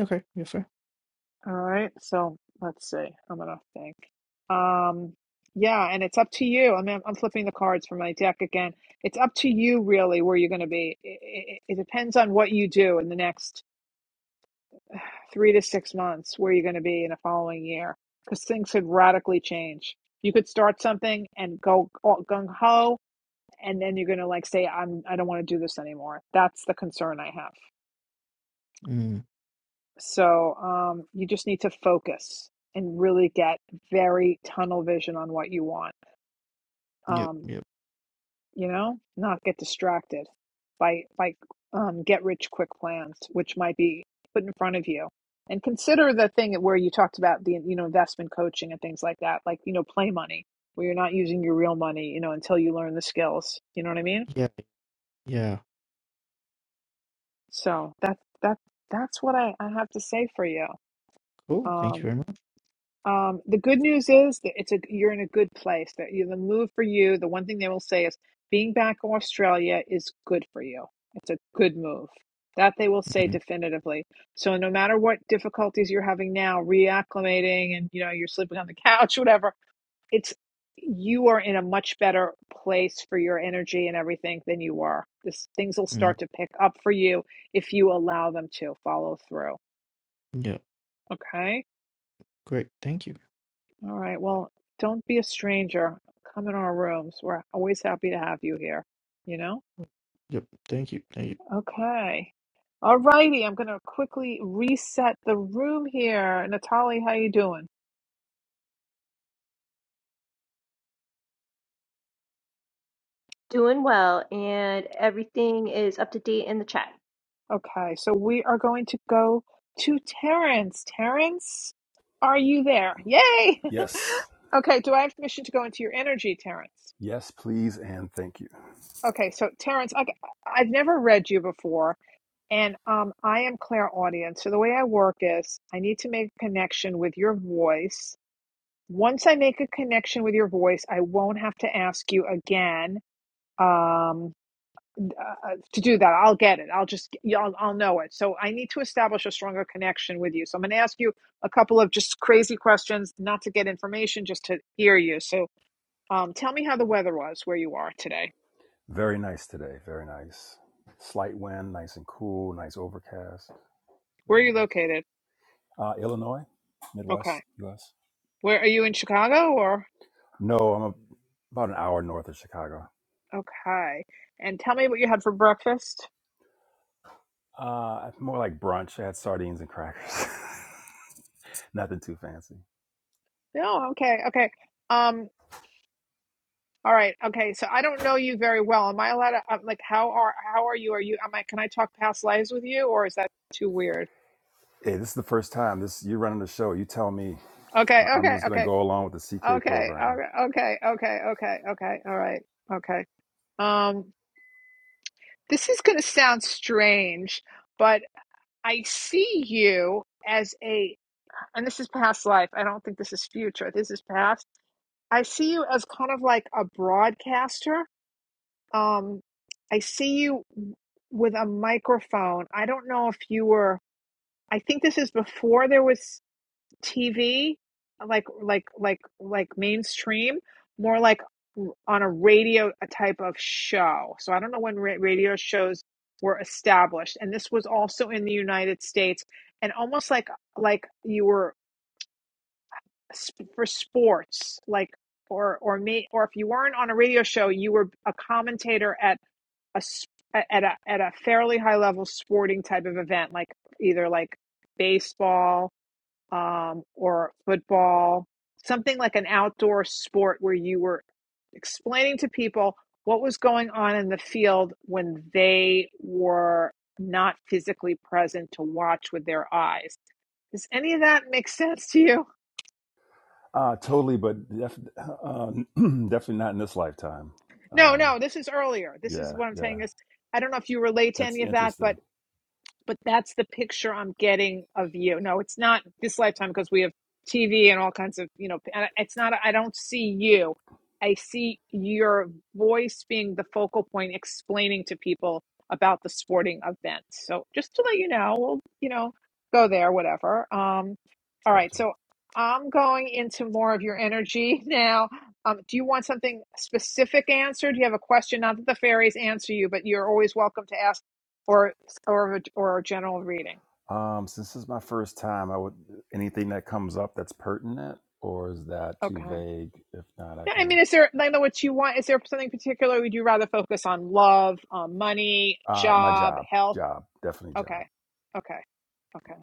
Speaker 11: Okay, yeah, fair.
Speaker 1: All right, so let's see. I'm gonna think. Um, yeah, and it's up to you. I mean, I'm flipping the cards from my deck again. It's up to you, really, where you're gonna be. It, it, it depends on what you do in the next three to six months, where you're gonna be in the following year, because things could radically change. You could start something and go gung ho, and then you're gonna like say, "I'm I don't want to do this anymore." That's the concern I have.
Speaker 11: Mm,
Speaker 1: So um, you just need to focus and really get very tunnel vision on what you want.
Speaker 11: yep,
Speaker 1: Um,
Speaker 11: yep.
Speaker 1: you know, not get distracted by by um, get rich quick plans, which might be put in front of you. And consider the thing where you talked about the you know investment coaching and things like that, like you know play money, where you're not using your real money, you know, until you learn the skills. You know what I mean?
Speaker 11: Yeah, yeah.
Speaker 1: So that that that's what I, I have to say for you.
Speaker 11: Cool. Thank you
Speaker 1: Um,
Speaker 11: very much.
Speaker 1: Um, the good news is that it's a you're in a good place. That you, the move for you, the one thing they will say is being back in Australia is good for you. It's a good move. That they will say
Speaker 11: Mm,
Speaker 1: definitively. So no matter what difficulties you're having now, reacclimating and you know you're sleeping on the *laughs* couch, whatever, it's you are in a much better place for your energy and everything than you were. This things will
Speaker 11: mm,
Speaker 1: start to pick up for you if you allow them to follow through.
Speaker 11: yeah.
Speaker 1: Okay.
Speaker 11: Great. Thank you.
Speaker 1: All right. Well, don't be a stranger. Come in our rooms. We're always happy to have you here. You know?
Speaker 11: Yep. Thank you. Thank you.
Speaker 1: Okay. All righty. I'm gonna quickly reset the room here. Natalie, how you doing?
Speaker 2: Doing well, and everything is up to date in the chat.
Speaker 1: Okay, so we are going to go to Terrence. Terrence, are you there? Yay!
Speaker 6: Yes.
Speaker 1: *laughs* okay, do I have permission to go into your energy, Terrence?
Speaker 6: Yes, please, and thank you.
Speaker 1: Okay, so Terrence, I, I've never read you before And um, I am clairaudient. So the way I work is I need to make a connection with your voice. Once I make a connection with your voice, I won't have to ask you again um, uh, to do that. I'll get it. I'll just, yeah, I'll, I'll know it. So I need to establish a stronger connection with you. So I'm going to ask you a couple of just crazy questions, not to get information, just to hear you. So um, tell me how the weather was where you are today.
Speaker 6: Very nice today. Very nice. Slight wind, nice and cool, nice overcast.
Speaker 1: Where are
Speaker 6: Very
Speaker 1: you
Speaker 6: nice.
Speaker 1: located?
Speaker 6: Uh, Illinois, Midwest,
Speaker 1: Okay.
Speaker 6: U.S.
Speaker 1: Where are you in Chicago or?
Speaker 6: No, I'm a, about an hour north of Chicago.
Speaker 1: Okay. And tell me what you had for breakfast.
Speaker 6: Uh, more like brunch. I had sardines and crackers. *laughs* Nothing too fancy.
Speaker 1: No, okay, okay. Um, all right, okay. So I don't know you very well. Am I allowed to, um, like, how are how are you? Are you? Am I? Can I talk past lives with you, or is that too weird?
Speaker 6: Hey, this is the first time. This you're running the show. You tell me.
Speaker 1: Okay,
Speaker 6: Uh, I'm
Speaker 1: okay,
Speaker 6: just gonna
Speaker 1: okay,
Speaker 6: go along with the CK
Speaker 1: okay,
Speaker 6: program.
Speaker 1: okay, okay, okay, okay, okay. All right, okay. Um, this is gonna sound strange, but I see you as a, and this is past life. I don't think this is future. This is past. I see you as kind of like a broadcaster Um, I see you with a microphone. I don't know if you were. I think this is before there was TV, like like like like mainstream, more like on a radio a type of show. So I don't know when ra- radio shows were established, and this was also in the United States, and almost like like you were sp- for sports, like or or me or if you weren't on a radio show, you were a commentator a at a at a fairly high level sporting type of event, like either like baseball um, or football, something like an outdoor sport where you were explaining to people what was going on in the field when they were not physically present to watch with their eyes. Does any of that make sense to you?
Speaker 6: Uh, totally, but def- uh, *clears throat* definitely not in this lifetime.
Speaker 1: No,
Speaker 6: Um,
Speaker 1: no, this is earlier. This is
Speaker 6: yeah,
Speaker 1: what I'm
Speaker 6: yeah,
Speaker 1: saying is I don't know if you relate to
Speaker 6: that's
Speaker 1: any of that,
Speaker 6: interesting.
Speaker 1: but but that's the picture I'm getting of you. No, it's not this lifetime because we have TV and all kinds of, you know, and it's not, I don't see you. I see your voice being the focal point, explaining to people about the sporting event. So just to let you know, we'll, you know, go there, whatever. Um, all right.
Speaker 6: Gotcha.
Speaker 1: So I'm going into more of your energy *laughs* now. Um, do you want something specific answered? Do you have a question? Not that the fairies answer you, but you're always welcome to ask or or or a general reading.
Speaker 6: Um, since this is my first time, I would anything that comes up that's pertinent, or is that too
Speaker 1: Okay.
Speaker 6: vague? If not, I
Speaker 1: Yeah, I
Speaker 6: can.
Speaker 1: mean, is there I know what you want? Is there something particular? Would you rather focus on love, on money,
Speaker 6: Uh, my
Speaker 1: job,
Speaker 6: job,
Speaker 1: health?
Speaker 6: job, definitely job.
Speaker 1: Okay, okay, okay.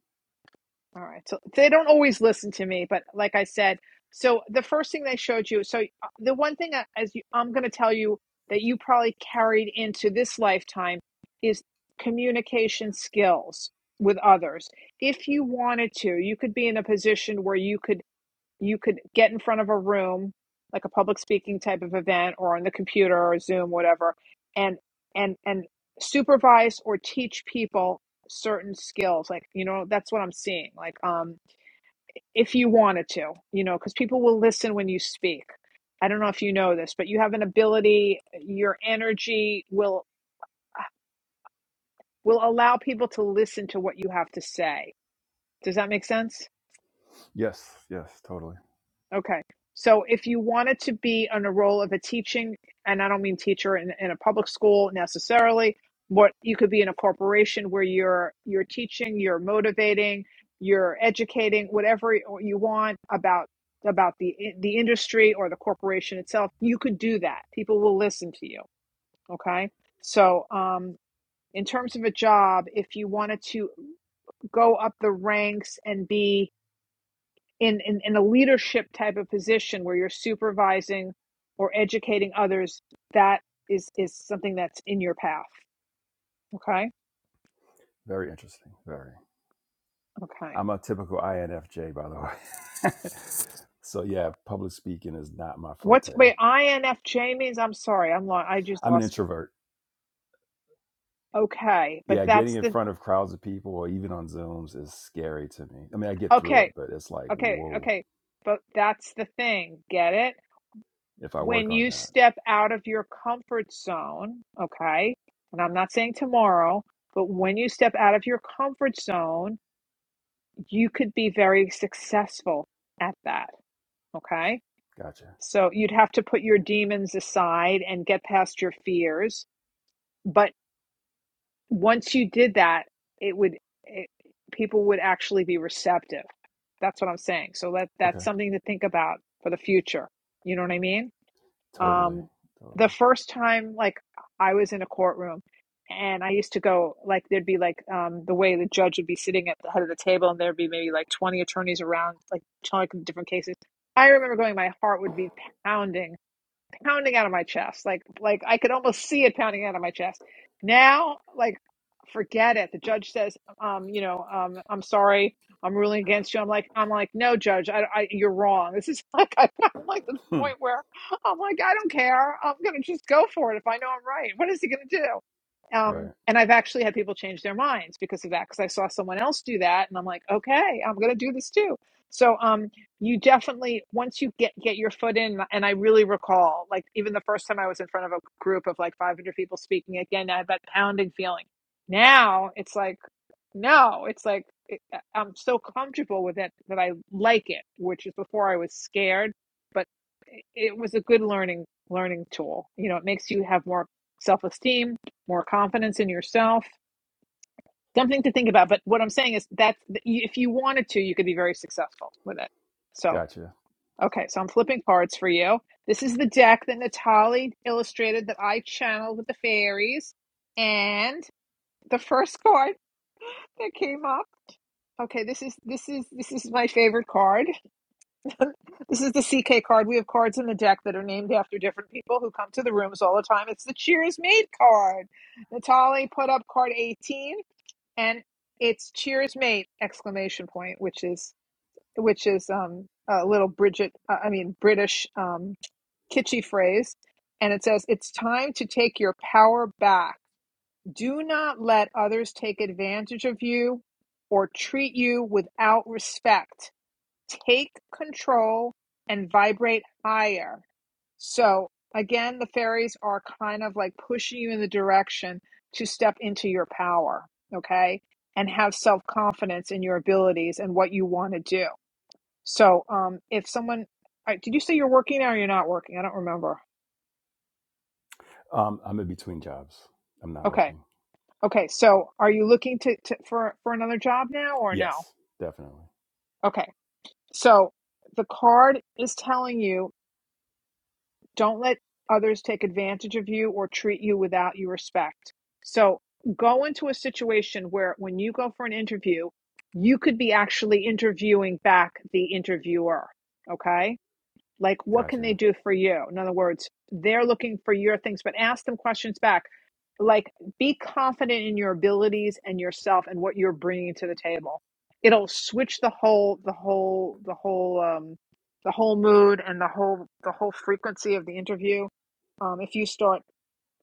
Speaker 1: All right. So they don't always listen to me, but like I said, so the first thing they showed you. So uh, the one thing I- as you, I'm going to tell you that you probably carried into this lifetime is communication skills with others. If you wanted to, you could be in a position where you could you could get in front of a room like a public speaking type of event or on the computer or zoom whatever and and and supervise or teach people certain skills like you know that's what i'm seeing like um if you wanted to you know because people will listen when you speak i don't know if you know this but you have an ability your energy will will allow people to listen to what you have to say does that make sense
Speaker 6: Yes, yes, totally.
Speaker 1: Okay. So if you wanted to be on a role of a teaching, and I don't mean teacher in, in a public school necessarily, but you could be in a corporation where you're you're teaching, you're motivating, you're educating, whatever you want about about the the industry or the corporation itself. You could do that. People will listen to you. Okay. So um, in terms of a job, if you wanted to go up the ranks and be in, in, in a leadership type of position where you're supervising or educating others, that is, is something that's in your path. Okay.
Speaker 6: Very interesting. Very.
Speaker 1: Okay.
Speaker 6: I'm a typical INFJ, by the way. *laughs* so yeah, public speaking is not my
Speaker 1: What's
Speaker 6: forte.
Speaker 1: wait, INFJ means? I'm sorry. I'm lo- I just
Speaker 6: I'm an
Speaker 1: lost.
Speaker 6: introvert.
Speaker 1: Okay. But
Speaker 6: Yeah, getting
Speaker 1: that's
Speaker 6: in
Speaker 1: the,
Speaker 6: front of crowds of people or even on Zooms is scary to me. I mean, I get through it,
Speaker 1: okay.
Speaker 6: but it's like,
Speaker 1: Okay.
Speaker 6: whoa,
Speaker 1: Okay. But that's the thing. Get it?
Speaker 6: if I work
Speaker 1: When
Speaker 6: on
Speaker 1: you
Speaker 6: that.
Speaker 1: step out of your comfort zone, okay. And I'm not saying tomorrow, but when you step out of your comfort zone, you could be very successful at that. Okay.
Speaker 6: Gotcha.
Speaker 1: So you'd have to put your demons aside and get past your fears. But once you did that, it would, it, people would actually be receptive. That's what I'm saying. So that,
Speaker 6: Okay.
Speaker 1: that's something to think about for the future. You know what I mean?
Speaker 6: Totally.
Speaker 1: Um, the
Speaker 6: Totally.
Speaker 1: first time, like, I was in a courtroom and I used to go, like, there'd be like um, the way the judge would be sitting at the head of the table and there'd be maybe like 20 attorneys around, like, telling different cases. I remember going, my heart would be pounding pounding out of my chest. Like like I could almost see it pounding out of my chest. Now, like forget it. The judge says, um, you know, um, I'm sorry. I'm ruling against you. I'm like, I'm like, no, judge, I, I, you're wrong. This is *laughs* like, I, I'm like to the
Speaker 6: Hmm.
Speaker 1: point where I'm like, I don't care. I'm gonna just go for it if I know I'm right. What is he gonna do? Um,
Speaker 6: Right.
Speaker 1: and I've actually had people change their minds because of that, because I saw someone else do that, and I'm like, okay, I'm gonna do this too. So, um, you definitely once you get get your foot in and i really recall like even the first time i was in front of a group of like 500 people speaking again i had that pounding feeling now it's like no it's like it, uh, i'm so comfortable with it that i like it which is before i was scared but it it was a good learning learning tool you know it makes you have more self-esteem more confidence in yourself something to think about but what i'm saying is that if you wanted to you could be very successful with it so
Speaker 6: Gotcha.
Speaker 1: Okay, so I'm flipping cards for you. This is the deck that Natalie illustrated that I channeled with the fairies. And the first *laughs* card that came up. Okay, this is this is this is my favorite card. *laughs* this is the CK card. We have cards in the deck that are named after different people who come to the rooms all the time. It's the Cheers Made card. Natalie put up card 18 and it's Cheers Made exclamation point, which is which is um a little Bridget uh, I mean British um kitschy phrase. And it says, It's time to take your power back. Do not let others take advantage of you or treat you without respect. Take control and vibrate higher. So, again, the fairies are kind of like pushing you in the direction to step into your power, okay? And have self confidence in your abilities and what you want to do. So, um, if someone, all right, did you say you're working now or you're not working? I don't remember.
Speaker 6: Um, I'm in between jobs. I'm not
Speaker 1: Okay.
Speaker 6: working.
Speaker 1: Okay. So are you looking to, to for for another job now or no?
Speaker 6: Yes, definitely.
Speaker 1: Okay. So the card is telling you don't let others take advantage of you or treat you without your respect. So go into a situation where when you go for an interview, you could be actually interviewing back the interviewer. Okay? Like, what can
Speaker 6: Gotcha.
Speaker 1: they do for you? In other words, they're looking for your things, but ask them questions back. Like, be confident in your abilities and yourself and what you're bringing to the table. It'll switch the whole, the whole, the whole, um, the whole mood and the whole, the whole frequency of the interview. Um, if you start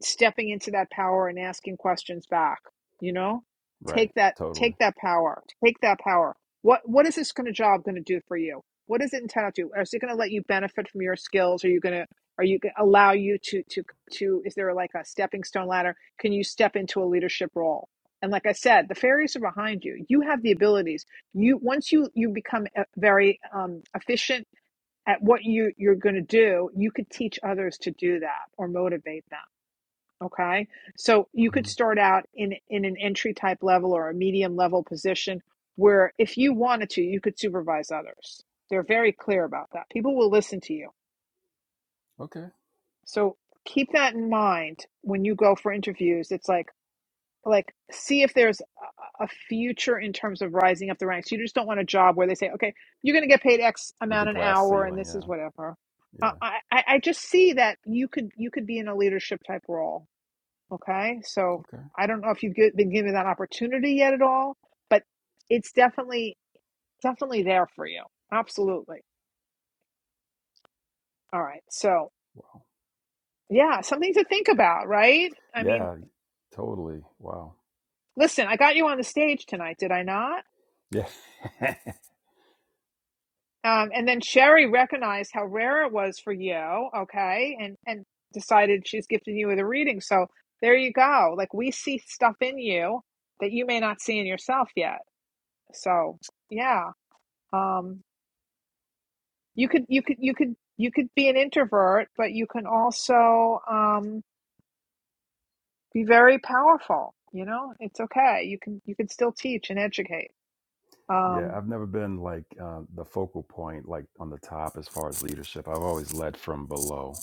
Speaker 1: stepping into that power and asking questions back you know
Speaker 6: Right.
Speaker 1: take that
Speaker 6: Totally.
Speaker 1: take that power take that power what what is this kind of job going to do for you what is it intended to do is it going to let you benefit from your skills are you going to are you going to allow you to to to is there like a stepping stone ladder can you step into a leadership role and like i said the fairies are behind you you have the abilities you once you you become uh, very um, efficient at what you you're going to do you could teach others to do that or motivate them Okay. So you could
Speaker 6: hmm
Speaker 1: start out in in an entry type level or a medium level position where if you wanted to, you could supervise others. They're very clear about that. People will listen to you.
Speaker 6: Okay.
Speaker 1: So keep that in mind when you go for interviews. It's like like see if there's a a future in terms of rising up the ranks. You just don't want a job where they say, "Okay, you're going to get paid X
Speaker 6: With the
Speaker 1: amount an
Speaker 6: glass
Speaker 1: hour and
Speaker 6: ceiling.
Speaker 1: this
Speaker 6: Yeah.
Speaker 1: is whatever." Uh,
Speaker 6: Yeah.
Speaker 1: I I I just see that you could you could be in a leadership type role Okay, so
Speaker 6: Okay.
Speaker 1: I don't know if you've gi- been given that opportunity yet at all, but it's definitely definitely there for you. Absolutely. All right. So,
Speaker 6: Wow.
Speaker 1: yeah, something to think about, right? I mean,
Speaker 6: Yeah. Totally. Wow.
Speaker 1: listen, I got you on the stage tonight, did I not?
Speaker 6: Yeah. *laughs*
Speaker 1: Um, and then Sherry recognized how rare it was for you, okay, and and decided she's gifting you with a reading. So there you go. Like we see stuff in you that you may not see in yourself yet. So yeah. Um, you could you could you could you could be an introvert but you can also um, be very powerful you know it's okay you can you can still teach and educate
Speaker 6: yeah.
Speaker 1: um,
Speaker 6: I've never been like uh, the focal point, like on the top as far as leadership. I've always led from below.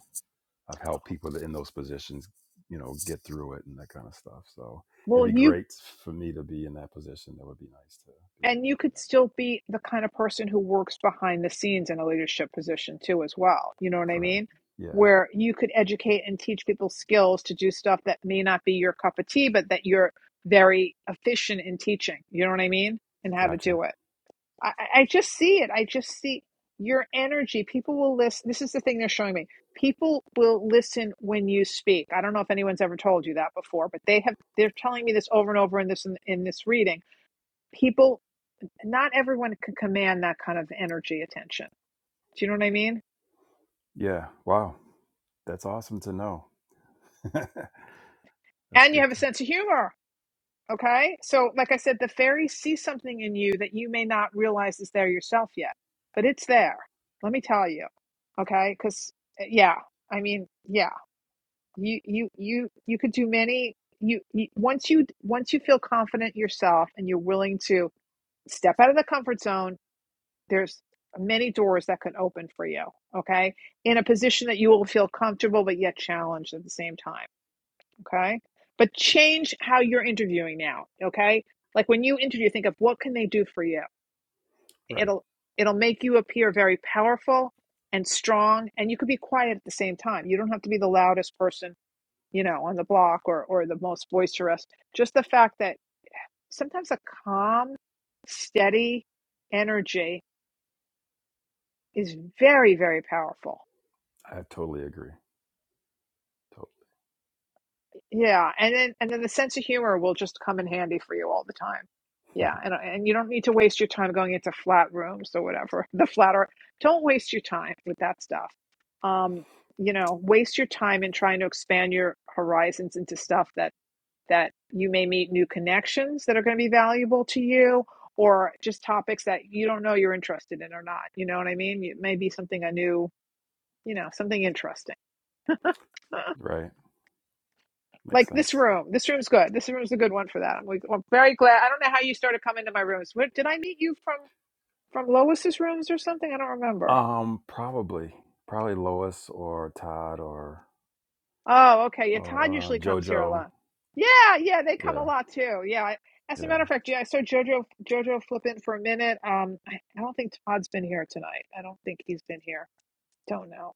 Speaker 6: I've helped people that in those positions, you know, get through it and that kind of stuff. So it'd
Speaker 1: well
Speaker 6: be
Speaker 1: you
Speaker 6: great for me to be in that position. That would be nice to be
Speaker 1: and
Speaker 6: able
Speaker 1: you
Speaker 6: to do
Speaker 1: could
Speaker 6: that.
Speaker 1: still be the kind of person who works behind the scenes in a leadership position too as well you know what i
Speaker 6: Correct.
Speaker 1: mean
Speaker 6: Yeah.
Speaker 1: where you could educate and teach people skills to do stuff that may not be your cup of tea but that you're very efficient in teaching you know what i mean and how to
Speaker 6: Gotcha.
Speaker 1: do it I, I just see it. I just see your energy. People will listen. This is the thing they're showing me. People will listen when you speak. I don't know if anyone's ever told you that before, but they have. They're telling me this over and over in this in, in this reading. People, not everyone can command that kind of energy attention. Do you know what I mean?
Speaker 6: Yeah. Wow. That's awesome to know. *laughs* That's
Speaker 1: And you have
Speaker 6: good.
Speaker 1: a sense of humor. Okay, so like I said, the fairies see something in you that you may not realize is there yourself yet, but it's there. Let me tell you. Okay, because yeah, I mean, yeah. you you you you could do many you, you once you once you feel confident yourself and you're willing to step out of the comfort zone there's many doors that can open for you okay in a position that you will feel comfortable but yet challenged at the same time okay but change how you're interviewing now okay like when you interview think of what can they do for you
Speaker 6: Right.
Speaker 1: it'll it'll make you appear very powerful and strong and you could be quiet at the same time you don't have to be the loudest person you know, on the block or or the most boisterous. Just the fact that sometimes a calm, steady energy is very, very powerful.
Speaker 6: I totally agree. Totally.
Speaker 1: Yeah, and then and then the sense of humor will just come in handy for you all the time. Yeah, and and you don't need to waste your time going into flat rooms or whatever. *laughs* The flatter, don't waste your time with that stuff. Um, you know, waste your time in trying to expand your horizons into stuff that that you may meet new connections that are going to be valuable to you or just topics that you don't know you're interested in or not. You know what I mean? It may be something a new, you know, something interesting. *laughs* Huh.
Speaker 6: *laughs* right. Makes
Speaker 1: Like this
Speaker 6: sense.
Speaker 1: room. This room's good. This room's a good one for that. I'm, like, I'm very glad. I don't know how you started coming to my rooms. Where, did I meet you from from Lois's rooms or something? I don't remember.
Speaker 6: Um, probably, probably Lois or Todd or
Speaker 1: Oh, okay. Yeah, Todd
Speaker 6: or uh,
Speaker 1: usually comes here a
Speaker 6: JoJo.
Speaker 1: lot. Yeah, yeah, they come a
Speaker 6: Yeah,
Speaker 1: lot too. Yeah. I, as a
Speaker 6: yeah.
Speaker 1: matter of fact, yeah, I saw Jojo Jojo flipping for a minute. Um, I, I don't think Todd's been here tonight. I don't think he's been here. Don't know.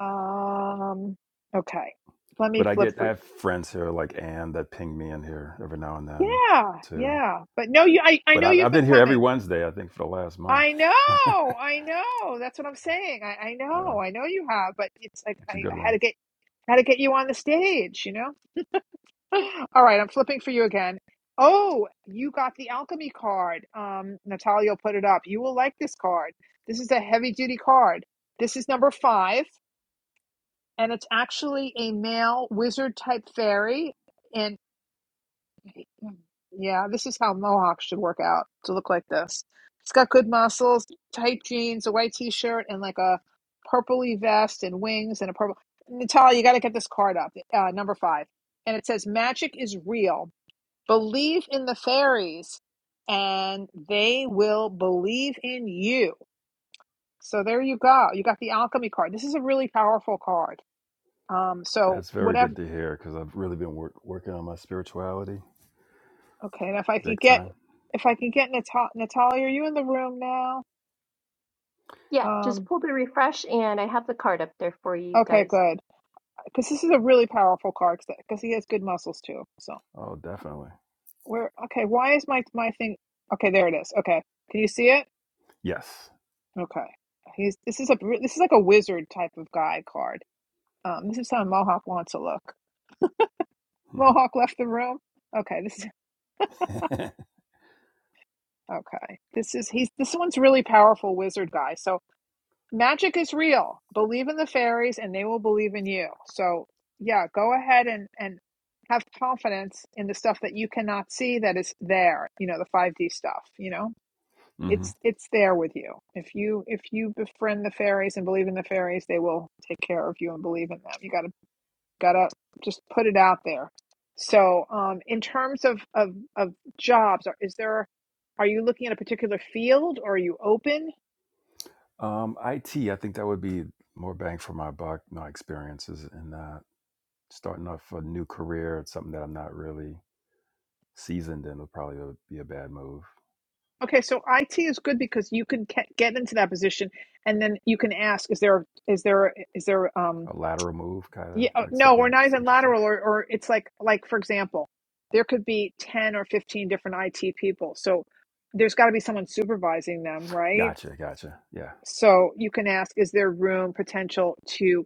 Speaker 1: Um, okay. Let me
Speaker 6: But I
Speaker 1: flip
Speaker 6: get I
Speaker 1: for you.
Speaker 6: have friends here like Ann that ping me in here every now and then
Speaker 1: Yeah,
Speaker 6: too.
Speaker 1: yeah. But no, you. I I
Speaker 6: But
Speaker 1: know
Speaker 6: I,
Speaker 1: you've
Speaker 6: I've been
Speaker 1: been
Speaker 6: here every
Speaker 1: coming.
Speaker 6: Wednesday I think for the last month.
Speaker 1: I
Speaker 6: *laughs* yeah,
Speaker 1: know, I know. That's what I'm saying. I, I know, I know you have. But it's like I,
Speaker 6: it's a
Speaker 1: I
Speaker 6: good
Speaker 1: had to
Speaker 6: room.
Speaker 1: get had to get you on the stage. You know. *laughs* All right, I'm flipping for you again. Oh, you got the alchemy card. Um, Natalia put it up. You will like this card. This is a heavy duty card. This is number five, and it's actually a male wizard type fairy. And *clears throat* yeah, this is how mohawks should work out to look like this. It's got good muscles, tight jeans, a white t shirt, and like a purpley vest and wings and a purple. Natalia, you got to get this card up. Uh, number five. And it says, Magic is real. Believe in the fairies and they will believe in you. So there you go. You got the alchemy card. This is a really powerful card. Um, so
Speaker 6: That's very
Speaker 1: whatever.
Speaker 6: good to hear because I've really been work, working on my spirituality
Speaker 1: Okay, and if I can
Speaker 6: big
Speaker 1: get,
Speaker 6: time.
Speaker 1: if I can get Natal- Natalia, are you in the room now?
Speaker 2: Yeah, just
Speaker 1: Um,
Speaker 2: pull the refresh, and I have the card up there for you
Speaker 1: okay,
Speaker 2: guys.
Speaker 1: good. Because this is a really powerful card. Because he has good muscles too. So
Speaker 6: Oh, definitely.
Speaker 1: where? Okay, why is my my thing? Okay, there it is. Okay, can you see it?
Speaker 6: Yes.
Speaker 1: Okay, he's this is a this is like a wizard type of guy card. Um, this is how Mohawk wants to look.
Speaker 6: *laughs*
Speaker 1: Mohawk left the room. Okay, this is okay. This is he's this one's really powerful wizard guy. So magic is real. Believe in the fairies and they will believe in you. So yeah, go ahead and and have confidence in the stuff that you cannot see that is there, you know, the 5D stuff, you know?
Speaker 6: hmm
Speaker 1: It's it's there with you. If you if you befriend the fairies and believe in the fairies, they will take care of you and believe in them. You got to Gotta just put it out there. So, um, in terms of, of, of jobs, are- is there, are you looking at a particular field or are you open?
Speaker 6: Um, IT, I think that would be more bang for my buck. My experiences in that starting off a new career, it's something that I'm not really seasoned in would probably uh, be a bad move.
Speaker 1: Okay, so IT is good because you can ca- get into that position and then you can ask, is there, is there, is there, um,
Speaker 6: A lateral move, kind of
Speaker 1: yeah, oh,
Speaker 6: like
Speaker 1: no,
Speaker 6: something
Speaker 1: we're not
Speaker 6: that's
Speaker 1: even
Speaker 6: interesting.
Speaker 1: lateral or, or it's like, like, for example, there could be 10 or 15 different IT people. So there's got to be someone supervising them, right?
Speaker 6: Gotcha, gotcha. Yeah.
Speaker 1: So you can ask, is there room potential to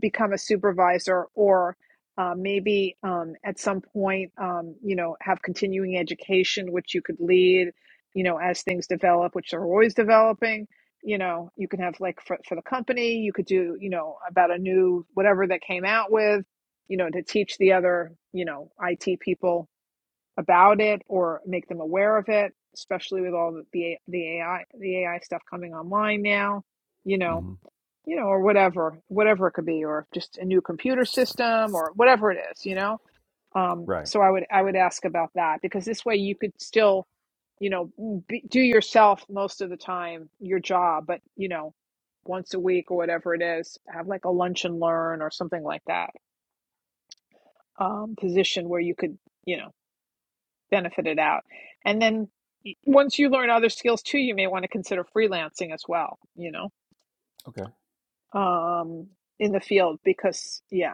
Speaker 1: become a supervisor or uh, maybe um, at some point um, you know have continuing education which you could lead you know as things develop which are always developing you know you can have like for, for the company you could do you know about a new whatever that came out with you know to teach the other you know it people about it or make them aware of it especially with all the the, the ai the ai stuff coming online now you know
Speaker 6: hmm
Speaker 1: you know, or whatever, whatever it could be, or just a new computer system or whatever it is, you know. Um,
Speaker 6: Right.
Speaker 1: so I would I would ask about that because this way you could still, you know, be, do yourself most of the time your job, but you know, once a week or whatever it is, have like a lunch and learn or something like that um, position where you could, you know, benefit it out, and then y- once you learn other skills too, you may want to consider freelancing as well, you know.
Speaker 6: Okay.
Speaker 1: Um, in the field because yeah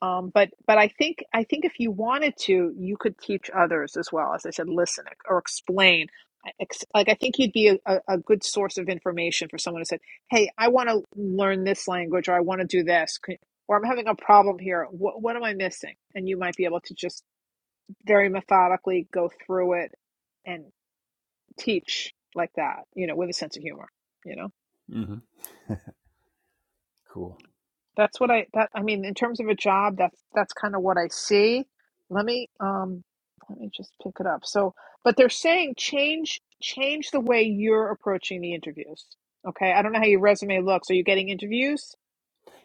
Speaker 1: Um, but but I think I think if you wanted to, you could teach others as well. As I said, listen or explain. I- Ex like I think you'd be a, a a good source of information for someone who said, "Hey, I want to learn this language, or I want to do this, Can- or I'm having a problem here. What what am I missing?" And you might be able to just very methodically go through it and teach like that, you know, with a sense of humor, You know.
Speaker 6: hmm Cool.
Speaker 1: That's what I that I mean in terms of a job that's that's kind of what I see. Let me um let me just pick it up. So but they're saying change change the way you're approaching the interviews. Okay? I don't know how your resume looks. Are you getting interviews?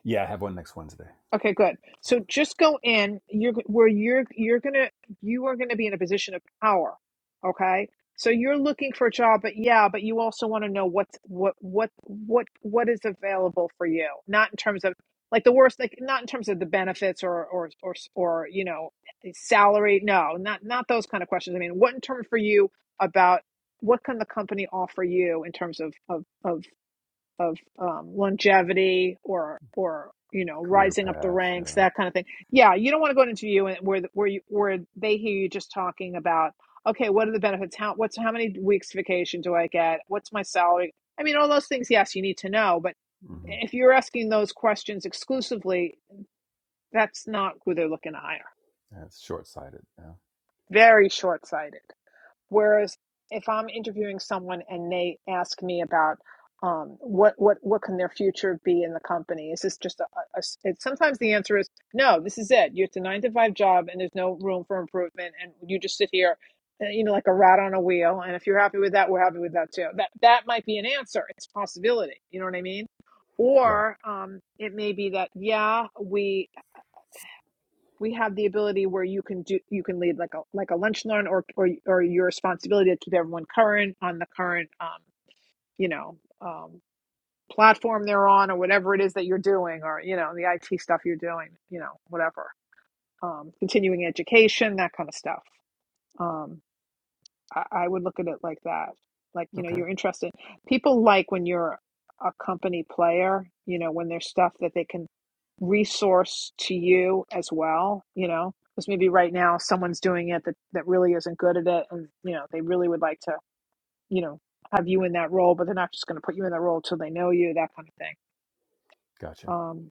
Speaker 6: Yeah, I have one next Wednesday.
Speaker 1: Okay, good. So just go in. You're g- where you're you're gonna you are gonna be in a position of power. Okay. So you're looking for a job, but yeah, but you also want to know what's what what what what is available for you. Not in terms of like the worst, like not in terms of the benefits or or or s- or you know eh, salary. No, not not those kind of questions. I mean, what in terms for you about what can the company offer you in terms of of of of um, longevity or or you know
Speaker 6: Career
Speaker 1: rising up the
Speaker 6: path.
Speaker 1: ranks
Speaker 6: Yeah.
Speaker 1: that kind of thing yeah you don't want to go into an interview and where where you where they hear you just talking about okay what are the benefits how what's how many weeks vacation do i get what's my salary i mean all those things yes you need to know but
Speaker 6: hmm
Speaker 1: if you're asking those questions exclusively that's not who they're looking to hire
Speaker 6: yeah it's short sighted. Yeah.
Speaker 1: very short-sighted Whereas if I'm interviewing someone and they ask me about um, what what what can their future be in the company, is this just a, a- it's, sometimes the answer is no. This is it. You It's a nine to five job, and there's no room for improvement, and you just sit here, uh, you know, like a rat on a wheel. And if you're happy with that, we're happy with that too. That that might be an answer. It's a possibility. You know what I mean?
Speaker 6: Right.
Speaker 1: Or um, it may be that yeah, we we have the ability where you can do you can lead like a like a lunch learn or or or your responsibility to keep everyone current on the current um you know um platform they're on or whatever it is that you're doing or you know the IT stuff you're doing you know whatever um continuing education that kind of stuff um I, I would look at it like that like you know
Speaker 6: Okay.
Speaker 1: you're interested people like when you're a company player you know when there's stuff that they can resource to you as well, you know, because maybe right now someone's doing it that, that really isn't good at it. And, you know, they really would like to, you know, have you in that role, but they're not just going to put you in that role till they know you, that kind of thing.
Speaker 6: Gotcha.
Speaker 1: Um,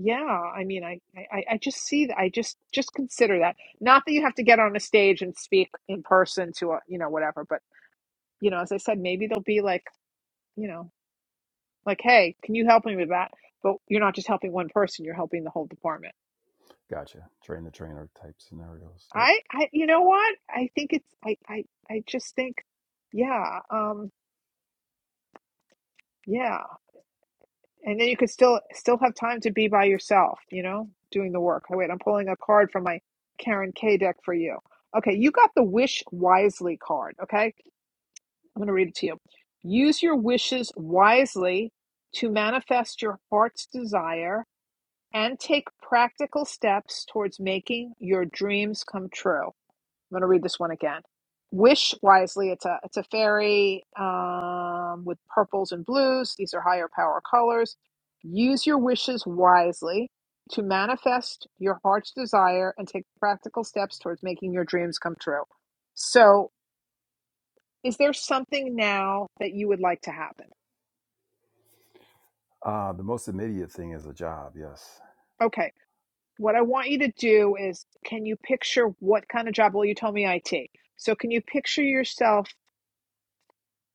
Speaker 1: yeah, I mean, I, I, I just see that. I just, just consider that. Not that you have to get on a stage and speak in person to a, you know, whatever, but, you know, as I said, maybe they'll be like, you know, like, hey, can you help me with that? But you're not just helping one person, you're helping the whole department
Speaker 6: Gotcha. Train the trainer type scenarios. Yep.
Speaker 1: I, I, you know what? I think it's, I, I, I just think, yeah, um, yeah. And then you could still, still have time to be by yourself, you know, doing the work. Oh, wait, I'm pulling a card from my Karen K deck for you. Okay, you got the Wish Wisely card. Okay, I'm going to read it to you. Use your wishes wisely to manifest your heart's desire and take practical steps towards making your dreams come true. I'm going to read this one again. Wish wisely. It's a it's a fairy um, with purples and blues. These are higher power colors. Use your wishes wisely to manifest your heart's desire and take practical steps towards making your dreams come true. So, is there something now that you would like to happen?
Speaker 6: Uh, the most immediate thing is a job. Yes.
Speaker 1: Okay. What I want you to do is, can you picture what kind of job? Well, you told me IT. So, can you picture yourself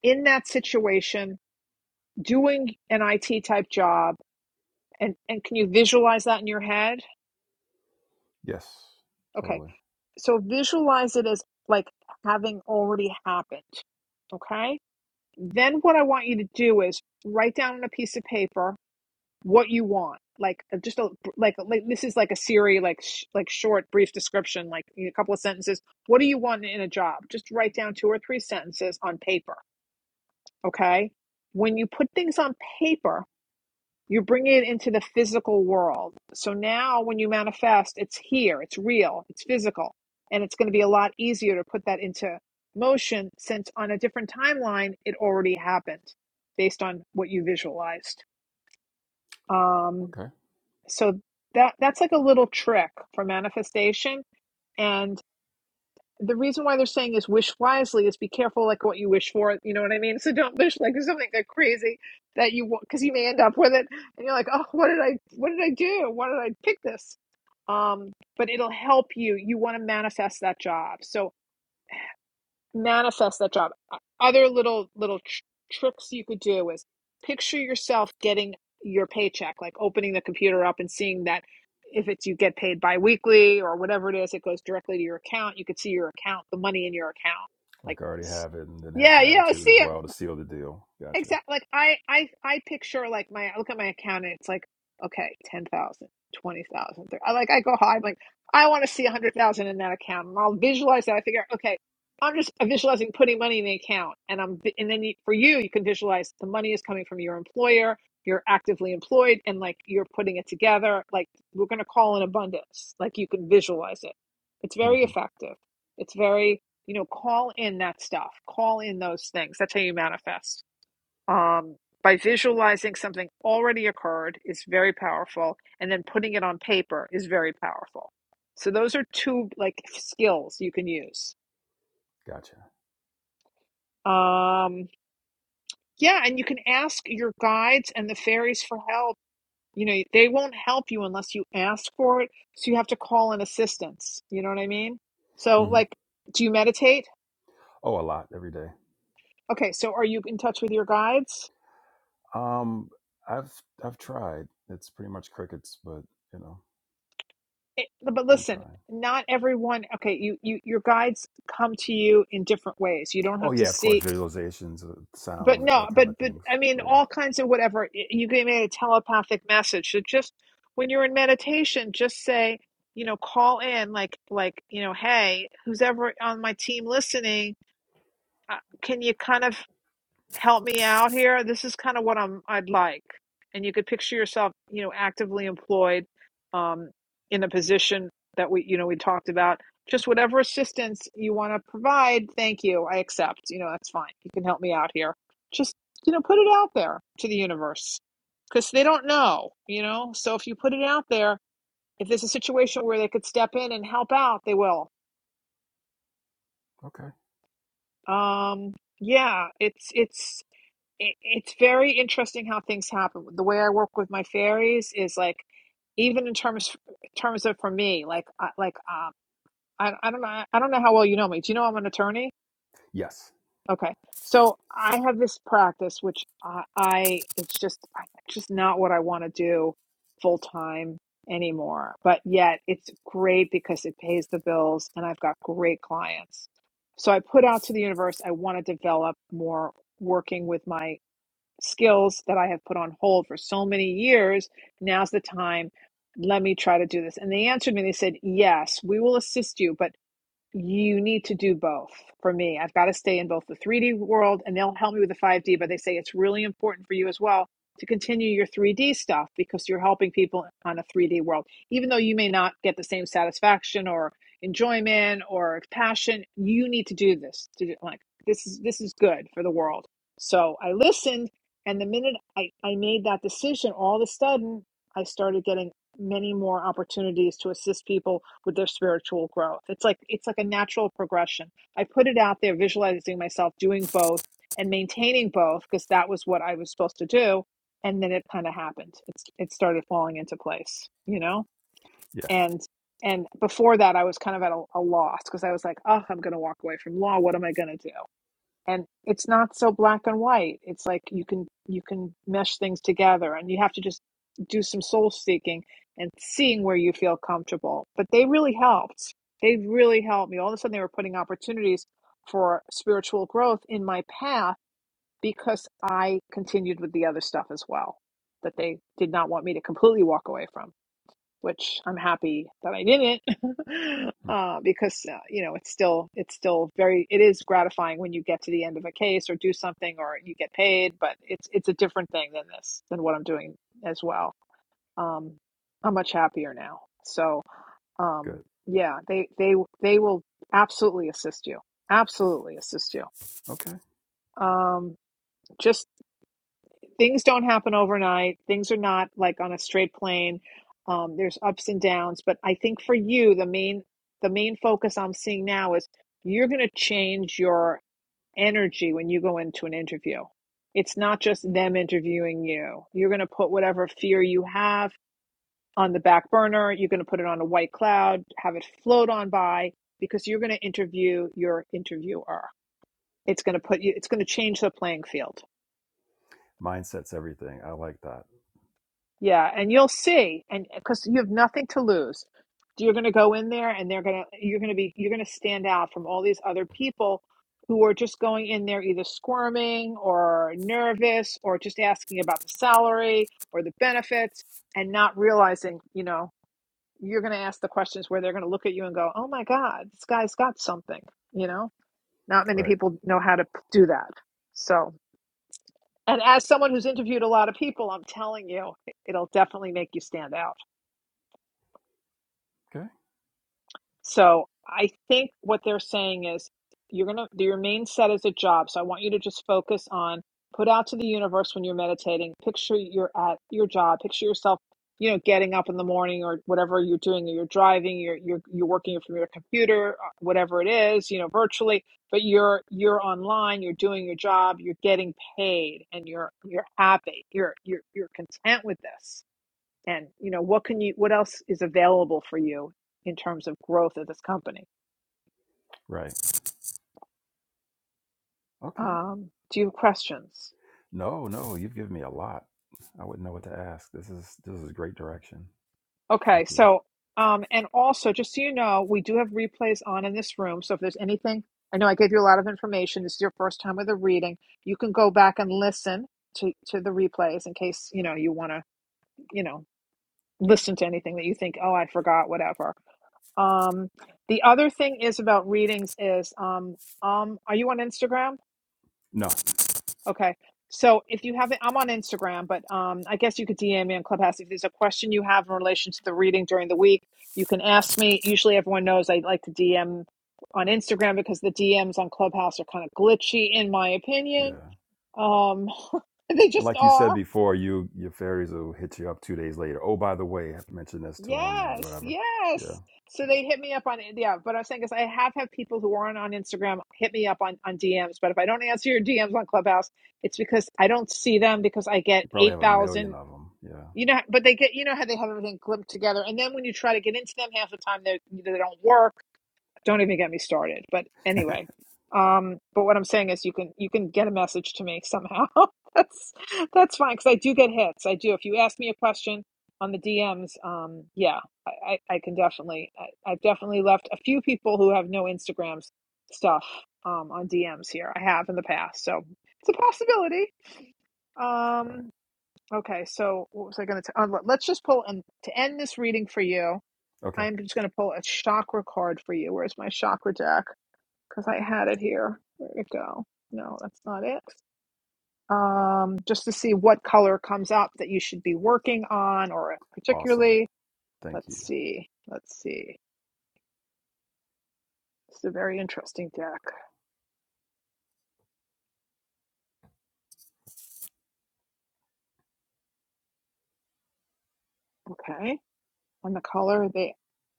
Speaker 1: in that situation doing an IT type job and and can you visualize that in your head?
Speaker 6: Yes,
Speaker 1: Okay.
Speaker 6: totally.
Speaker 1: So visualize it as like having already happened. Okay? Then what I want you to do is write down on a piece of paper what you want. Like uh, just a like like this is like a Siri like sh- like short brief description like a couple of sentences. What do you want in a job? Just write down two or three sentences on paper. Okay? When you put things on paper, you bring it into the physical world. So now when you manifest, it's here, it's real, it's physical. And it's going to be a lot easier to put that into motion since on a different timeline, it already happened based on what you visualized. Um,
Speaker 6: Okay.
Speaker 1: so that that's like a little trick for manifestation. and the reason why they're saying is wish wisely is be careful like what you wish for you know what i mean so don't wish like there's something like crazy that you want because you may end up with it and you're like oh what did i what did i do why did i pick this um but it'll help you you want to manifest that job so manifest that job. Other little little tr- tricks you could do is picture yourself getting your paycheck, like opening the computer up and seeing that if it's you get paid biweekly or whatever it is, it goes directly to your account. You could see your account, the money in your account. Like,
Speaker 6: Like I already have it and then have
Speaker 1: yeah, yeah,
Speaker 6: gratitude as
Speaker 1: see,
Speaker 6: well to seal the deal. Gotcha.
Speaker 1: Exactly. Like I, I, I picture like my I look at my account and it's like, okay, 10,000, 20,000. I like I go high. I'm like, I want to see a hundred thousand in that account, and I'll visualize that. I figure, okay, I'm just visualizing putting money in the account, and I'm vi- and then you, for you, you can visualize the money is coming from your employer. You're actively employed, and like you're putting it together. Like we're gonna call in abundance. Like you can visualize it. It's
Speaker 6: hmm
Speaker 1: very effective. It's very you know call in that stuff. Call in those things. That's how you manifest um, by visualizing something already occurred is very powerful and then putting it on paper is very powerful so those are two like skills you can use
Speaker 6: Gotcha.
Speaker 1: um, yeah and you can ask your guides and the fairies for help you know they won't help you unless you ask for it so you have to call in assistance you know what i mean so
Speaker 6: hmm
Speaker 1: like do you meditate
Speaker 6: Oh, a lot every day.
Speaker 1: okay so are you in touch with your guides
Speaker 6: Um, I've I've tried. It's pretty much crickets, but you know,
Speaker 1: it, but
Speaker 6: been
Speaker 1: listen
Speaker 6: trying.
Speaker 1: not everyone okay you, you your guides come to you in different ways you don't
Speaker 6: Oh
Speaker 1: have to
Speaker 6: yeah, of course,
Speaker 1: see
Speaker 6: visualizations, uh,
Speaker 1: but
Speaker 6: sound, all
Speaker 1: no
Speaker 6: kind of
Speaker 1: but but
Speaker 6: things.
Speaker 1: i mean
Speaker 6: But
Speaker 1: all
Speaker 6: yeah,
Speaker 1: kinds of whatever Y- you can make a telepathic message so just when you're in meditation just say you know call in like like you know hey who's ever on my team listening uh, can you kind of help me out here. This is kind of what I'm I'd like. And you could picture yourself, you know, actively employed um, in a position that we, you know, we talked about. Just whatever assistance you want to provide, thank you. I accept. You know, that's fine. You can help me out here. Just, you know, put it out there to the universe because they don't know, you know. So if you put it out there, if there's a situation where they could step in and help out, they will.
Speaker 6: okay.
Speaker 1: Um, yeah, it's it's it, it's very interesting how things happen. The way I work with my fairies is like, even in terms terms of for me, like I like um, I I don't know I don't know how well you know me. Do you know I'm an attorney?
Speaker 6: Yes.
Speaker 1: Okay, so I have this practice which I, I it's just I- it's just not what I want to do full time anymore. But yet it's great because it pays the bills and I've got great clients. So I put out to the universe. I want to develop more working with my skills that I have put on hold for so many years. Now's the time. Let me try to do this. And they answered me. They said, Yes, we will assist you, but you need to do both. For me, I've got to stay in both the 3D world and they'll help me with the 5D, but they say it's really important for you as well to continue your 3D stuff because you're helping people on a 3D world. Even though you may not get the same satisfaction or enjoyment or passion, you need to do this. To do, like this is this is good for the world. So I listened and the minute I, I made that decision, all of a sudden I started getting many more opportunities to assist people with their spiritual growth. It's like it's like a natural progression. I put it out there visualizing myself doing both and maintaining both because that was what I was supposed to do and then it kind of happened. It's it started falling into place, you know?
Speaker 6: Yeah.
Speaker 1: And and before that I was kind of at a, a loss because I was like, "Oh, I'm going to walk away from law. What am I going to do?" and it's not so black and white it's like you can you can mesh things together and you have to just do some soul seeking and seeing where you feel comfortable but they really helped they really helped me all of a sudden they were putting opportunities for spiritual growth in my path because i continued with the other stuff as well that they did not want me to completely walk away from which I'm happy that I didn't, *laughs*
Speaker 6: Hmm.
Speaker 1: uh, because uh, you know it's still it's still very it is gratifying when you get to the end of a case or do something or you get paid, but it's it's a different thing than this than what I'm doing as well. Um, I'm much happier now. So um,
Speaker 6: Good.
Speaker 1: yeah, they they they will absolutely assist you, absolutely assist you.
Speaker 6: Okay.
Speaker 1: Um, just things don't happen overnight. Things are not like on a straight plane. Um, there's ups and downs, but I think for you, the main the main focus I'm seeing now is you're going to change your energy when you go into an interview. It's not just them interviewing you. You're going to put whatever fear you have on the back burner. You're going to put it on a white cloud, have it float on by, because you're going to interview your interviewer. It's going to put you. It's going to change the playing field.
Speaker 6: Mindset's everything. I like that.
Speaker 1: Yeah, and you'll see, and because you have nothing to lose, you're going to go in there, and they're going to you're going to be you're going to stand out from all these other people who are just going in there either squirming or nervous or just asking about the salary or the benefits and not realizing, you know, you're going to ask the questions where they're going to look at you and go, "Oh my God, this guy's got something," you know. Not many
Speaker 6: Right.
Speaker 1: people know how to p- do that, so. And as someone who's interviewed a lot of people, I'm telling you, it'll definitely make you stand out.
Speaker 6: Okay.
Speaker 1: So I think what they're saying is you're going to, your main set is a job. So I want you to just focus on put out to the universe when you're meditating. Picture you're at your job. Picture yourself, you know, getting up in the morning or whatever you're doing, or you're driving, you're, you're, you're working from your computer, uh, whatever it is, you know, virtually, but you're, you're online, you're doing your job, you're getting paid and you're, you're happy. You're, you're, you're content with this and you know what can you what else is available for you in terms of growth of this company
Speaker 6: Right. Okay.
Speaker 1: um, do you have questions
Speaker 6: No, no, you've given me a lot. I wouldn't know what to ask. This is this is great direction.
Speaker 1: okay
Speaker 6: Thank you.
Speaker 1: so um, and also just so you know we do have replays on in this room so if there's anything i know i gave you a lot of information this is your first time with a reading you can go back and listen to, to the replays in case you know you want to you know listen to anything that you think oh i forgot whatever um, the other thing is about readings is um, um, are you on instagram
Speaker 6: No.
Speaker 1: Okay. So if you haven't, I'm on Instagram, but um, I guess you could DM me on Clubhouse. If there's a question you have in relation to the reading during the week, you can ask me. Usually everyone knows I like to DM on Instagram because the DMs on Clubhouse are kind of glitchy, in my opinion.
Speaker 6: Yeah.
Speaker 1: Um, *laughs* they
Speaker 6: And
Speaker 1: just
Speaker 6: like you said
Speaker 1: are.
Speaker 6: before, you your fairies will hit you up two days later. Oh, by the way, I have to mention this to them. That
Speaker 1: Yes,
Speaker 6: whatever. Yeah.
Speaker 1: yes. So they hit me up on, yeah, but I'm saying is I have had people who aren't on Instagram hit me up on, on DMs, but if I don't answer your DMs on Clubhouse, it's because I don't see them because I get
Speaker 6: You probably have a million
Speaker 1: 8,000
Speaker 6: of them. Yeah.
Speaker 1: You know, but they get you know how they have everything clipped together, and then when you try to get into them, half the time they they don't work. Don't even get me started. But
Speaker 6: *laughs*
Speaker 1: anyway, um, but what I'm saying is you can you can get a message to me somehow. *laughs* that's that's fine because I do get hits. I do. If you ask me a question on the DMs, um, yeah, I I, I can definitely I, I've definitely left a few people who have no Instagrams stuff um on DMs here. I have in the past, so it's a possibility. Um,
Speaker 6: right.
Speaker 1: Okay, so what was I going to tell? Let's just pull and to end this reading for you.
Speaker 6: Okay.
Speaker 1: I'm just going to pull a chakra card for you. Where's my chakra deck? Because I had it here. Where'd it go? No, that's not it. Um, just to see what color comes up that you should be working on, or
Speaker 6: Awesome.
Speaker 1: particularly.
Speaker 6: Thank you.
Speaker 1: Let's see. Let's see. It's a very interesting deck. Okay. on the color they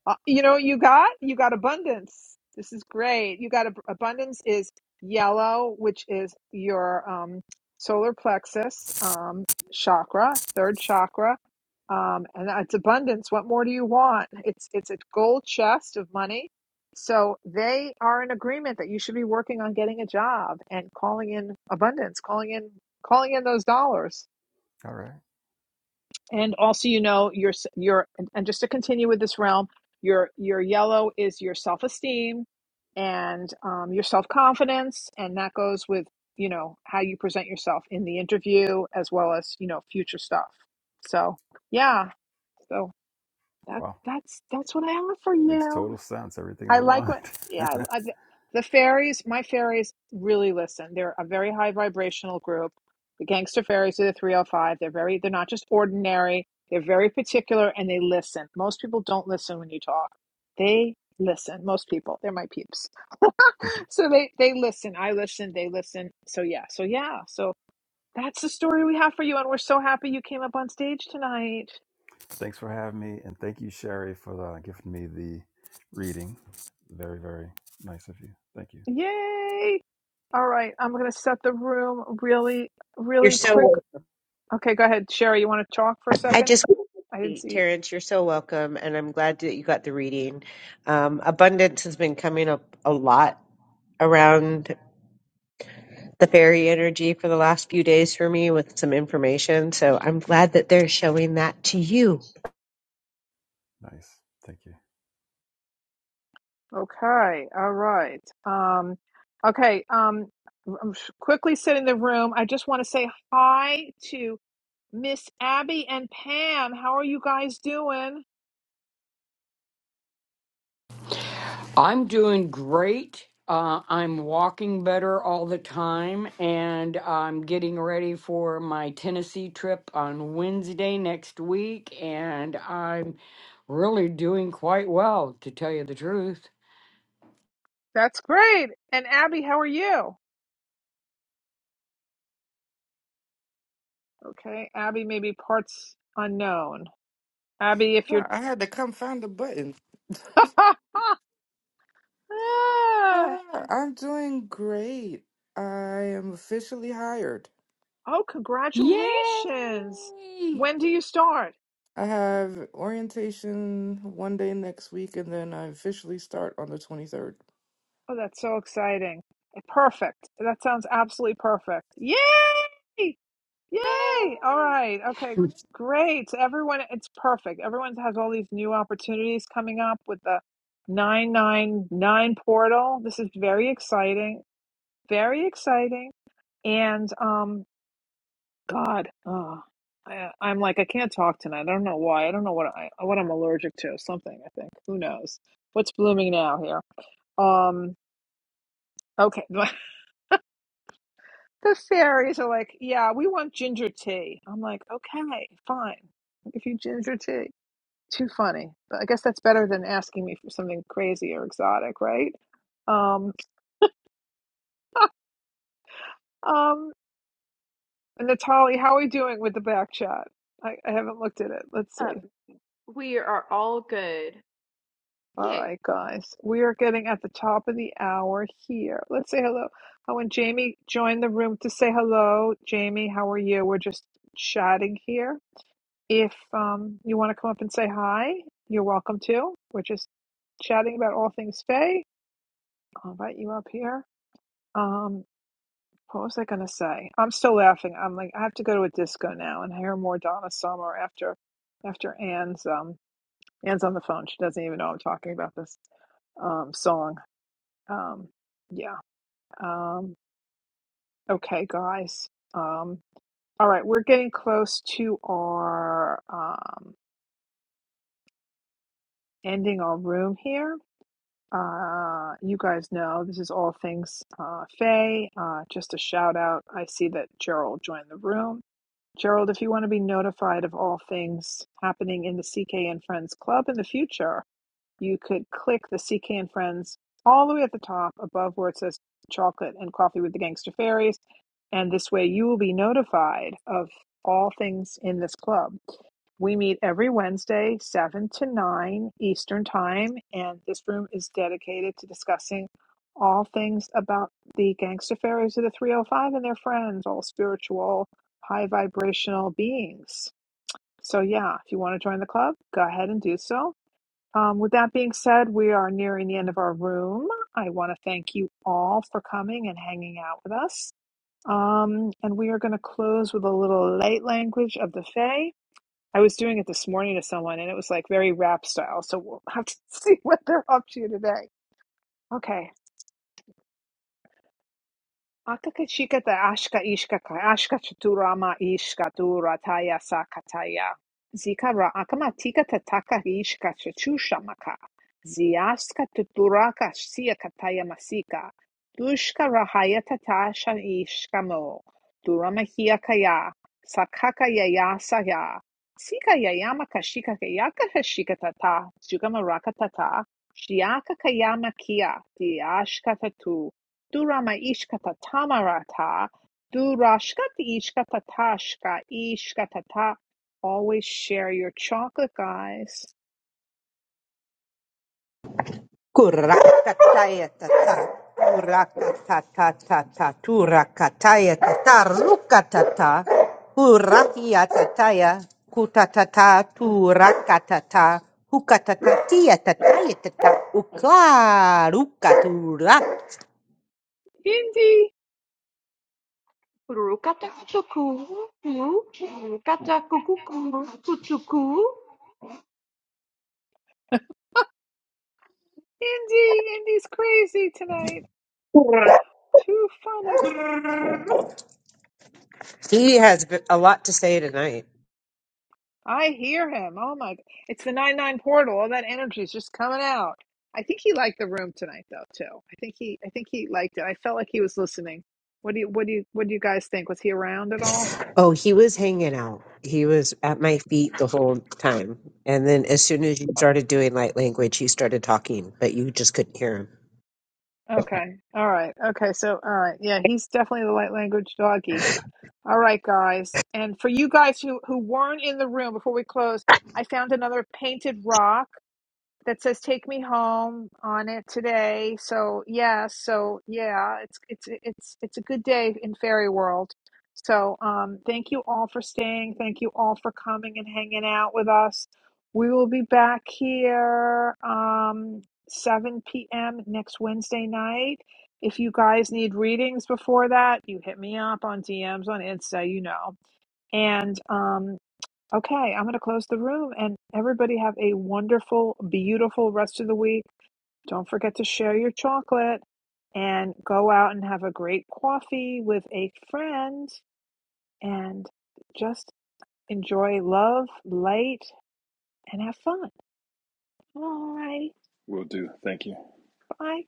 Speaker 1: uh, you know what you got you got abundance this is great you got ab- abundance is yellow which is your um, solar plexus um, chakra third chakra um, and that's abundance what more do you want it's it's a gold chest of money so they are in agreement that you should be working on getting a job and calling in abundance calling in calling in those dollars
Speaker 6: All right.
Speaker 1: and also you know your your and and just to continue with this realm your your yellow is your self-esteem and um, your self-confidence and that goes with you know how you present yourself in the interview as well as you know future stuff so yeah so that
Speaker 6: Wow,
Speaker 1: that's that's what i have for
Speaker 6: makes
Speaker 1: you
Speaker 6: total sense. Everything's
Speaker 1: I like
Speaker 6: aligned.
Speaker 1: what,
Speaker 6: *laughs*
Speaker 1: yeah, I, I, the fairies, my fairies really listen. They're a very high vibrational group. The gangster fairies are the 305. They're very, they're not just ordinary. They're very particular and they listen. Most people don't listen when you talk. They listen. Most people, they're my peeps. *laughs* So they, they listen. I listen. They listen. So yeah. So yeah. So that's the story we have for you. And we're so happy you came up on stage tonight.
Speaker 6: Thanks for having me, and thank you, Sherry, for uh, giving me the reading. Very, very nice of you. Thank you.
Speaker 1: Yay. All right. I'm going to set the room really,
Speaker 3: You're
Speaker 1: really
Speaker 3: so
Speaker 1: quickly Okay, go ahead, Sherry. You want to talk for a
Speaker 3: I
Speaker 1: second?
Speaker 3: just
Speaker 1: I didn't see.
Speaker 3: Terrence, you're so welcome, and I'm glad that you got the reading. Um, abundance has been coming up a lot around the fairy energy for the last few days for me with some information, so I'm glad that they're showing that to you.
Speaker 6: Nice. Thank you.
Speaker 1: Okay, all right. Um, okay. Um, I'm sh- quickly sitting in the room. I just want to say hi to Miss Abby and Pam. How are you guys doing?
Speaker 12: I'm doing great. Uh, I'm walking better all the time, and I'm getting ready for my Tennessee trip on Wednesday next week, and I'm really doing quite well, to tell you the truth.
Speaker 1: That's great. And Abby, how are you? Okay, Abby, maybe parts unknown. Abby, if you're.
Speaker 13: Ah, I had to come find the button.
Speaker 1: *laughs* Ah,
Speaker 13: Ah, I'm doing great. I am officially hired.
Speaker 1: oh,
Speaker 12: Yay!
Speaker 1: congratulations. When do you start?
Speaker 13: I have orientation one day next week, and then I officially start on the 23rd.
Speaker 1: Oh, that's so exciting. Eh, Perfect. That sounds absolutely perfect. Yay! Yay! All right. Okay.
Speaker 12: Yay! *laughs*
Speaker 1: Great. So Everyone, it's perfect. Everyone has all these new opportunities coming up with the 999 portal. This is very exciting. Very exciting. And, um, God, oh, I, I'm like, I can't talk tonight. I don't know why. I don't know what I, what I'm allergic to. Something, I think. Who knows? What's blooming now here? Um, okay. *laughs* The fairies are like, yeah, we want ginger tea. I'm like, okay, fine. I'll give you ginger tea. Too funny. But I guess that's better than asking me for something crazy or exotic, right? Um, um, and Natalie, how are we doing with the back chat? I, I haven't looked at it. Let's
Speaker 2: Um,
Speaker 1: see.
Speaker 2: we are all good.
Speaker 1: All
Speaker 2: Yay.
Speaker 1: right, guys. We are getting at the top of the hour here. Let's say hello. Oh, and Jamie joined the room to say hello. Jamie, how are you? We're just chatting here. If um, you want to come up and say hi, you're welcome to. We're just chatting about all things Faye. I'll invite you up here. Um, what was I going to say? I'm still laughing. I'm like, I have to go to a disco now and hear more Donna Summer after after Anne's um Anne's on the phone. She doesn't even know I'm talking about this um song. Um, yeah. Um, okay, guys. Um, all right, we're getting close to our um ending our room here. Uh, you guys know this is all things uh, Faye. Uh, just a shout out. I see that Gerald joined the room. Gerald, if you want to be notified of all things happening in the CK and Friends Club in the future, you could click the CK and Friends all the way at the top above where it says chocolate and coffee with the gangster fairies. And this way you will be notified of all things in this club. We meet every Wednesday, 7 to 9 Eastern Time, and this room is dedicated to discussing all things about the gangster fairies of the 305 and their friends, all spiritual, high vibrational beings. So, yeah, if you want to join the club, go ahead and do so. Um, with that being said, we are nearing the end of our room. I want to thank you all for coming and hanging out with us. Um, and we are going to close with a little light language of the Fae. I was doing it this morning to someone and it was like very rap style. So we'll *laughs* have to see what they're up to today. Okay. Atakachikata ashka ishkaka ashka chaturama ishka durataya sakataya. Zikara akama tikata taka ishka chachushamaka. Ziaska tuturaka siakataya masika. Dushka rahaya tatasha ishkamo. Durama hiakaya. Sakaka yayasaya. Sika yayama kashika kayaka kashikatata. Zugama rakatata. Shiaka kayama kia. Diashka tatu. Durama ishkata tamarata. Durashkati ishkata tashka ishkatata. Always share your chocolate, guys.
Speaker 3: Kurakataya tata, kurakatata tata, turakataya tata, rukatata, kurakia tataya, kutatata, turakatata, hukatatatia tataya tata, ukarukaturak.
Speaker 1: Indy,
Speaker 2: Kurukata kutuku, kuru, kata kukuku, kutuku.
Speaker 1: Indy, Indy's crazy tonight. Too funny.
Speaker 3: He has b- a lot to say tonight.
Speaker 1: I hear him. Oh my! It's the nine nine portal. All that energy is just coming out. I think he liked the room tonight, though. Too. I think he. I think he liked it. I felt like he was listening. What do you? What do you? What do you guys think? Was he around at all?
Speaker 3: Oh, he was hanging out. He was at my feet the whole time. And then as soon as you started doing light language, he started talking, but you just couldn't hear him.
Speaker 1: Okay. All right. Okay. So, all right. Yeah, he's definitely the light language doggy. All right, guys. And for you guys who who weren't in the room before we closed, I found another painted rock that says "Take me home" on it today. So yeah, so yeah, it's it's it's it's a good day in fairy world. So um, thank you all for staying. Thank you all for coming and hanging out with us. We will be back here um, 7 p.m. next Wednesday night. If you guys need readings before that, you hit me up on DMs on Insta, you know. And um, Okay, I'm going to close the room and everybody have a wonderful, beautiful rest of the week. Don't forget to share your chocolate and go out and have a great coffee with a friend and just enjoy love, light, and have fun. All right,
Speaker 6: Will do. Thank you.
Speaker 1: bye.